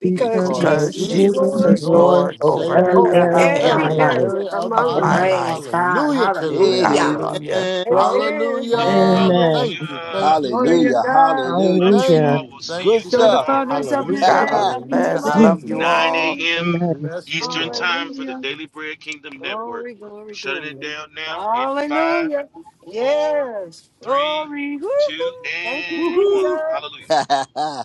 S7: because
S10: because
S4: because
S5: because
S3: because
S7: Jesus
S10: you
S7: is
S4: Jesus
S5: Jesus
S3: Jesus
S4: is
S5: is
S10: do.
S7: Lord
S3: is
S4: Lord
S5: Lord
S3: Lord
S4: and
S5: over
S3: over
S4: Savior
S5: every
S7: over
S11: Area
S3: every
S4: over
S5: area
S11: of
S5: of
S11: my
S5: my
S7: every
S4: every
S3: area
S5: life.
S11: life.
S7: area
S4: area
S7: of
S4: of
S7: my
S3: of
S4: my
S10: And
S3: my
S7: life.
S4: life.
S11: Praise
S3: life.
S11: God.
S4: Hallelujah to the Lamb of
S11: Hallelujah.
S4: God.
S3: Hallelujah.
S1: Amen.
S11: Glory.
S7: Amen.
S4: Hallelujah.
S3: Amen.
S7: Hallelujah.
S5: Amen.
S4: Thank you, thank
S2: Hallelujah.
S4: you,
S7: Glory to
S4: thank
S1: Hallelujah.
S4: you.
S7: God.
S1: Hallelujah.
S2: Love
S7: Bless
S2: you
S4: Thank
S7: you.
S5: Hallelujah.
S2: all.
S4: you,
S2: We'll see
S4: thank
S1: Good
S2: you
S4: you,
S7: Enjoy the
S4: thank
S1: stuff.
S4: you.
S2: tomorrow
S7: fullness of
S10: thank
S7: your
S2: morning,
S4: Hallelujah,
S7: day.
S10: you.
S3: God
S7: Love you to
S4: hallelujah,
S3: bless.
S7: life,
S10: do,
S3: Love you
S4: hallelujah.
S2: 9
S3: all.
S7: family.
S5: Amen.
S2: a.m.
S4: Bless the
S2: Eastern
S4: Lord.
S2: Time for the
S7: Hallelujah.
S2: Daily Bread Kingdom Network.
S7: Glory, glory,
S2: Shutting
S7: glory.
S2: it down now in five,
S7: Hallelujah.
S2: four,
S7: Yes.
S2: three,
S7: Glory.
S2: two,
S7: Woo-hoo. Thank you,
S2: and one.
S1: Woohoo.
S7: Jesus.
S2: Hallelujah.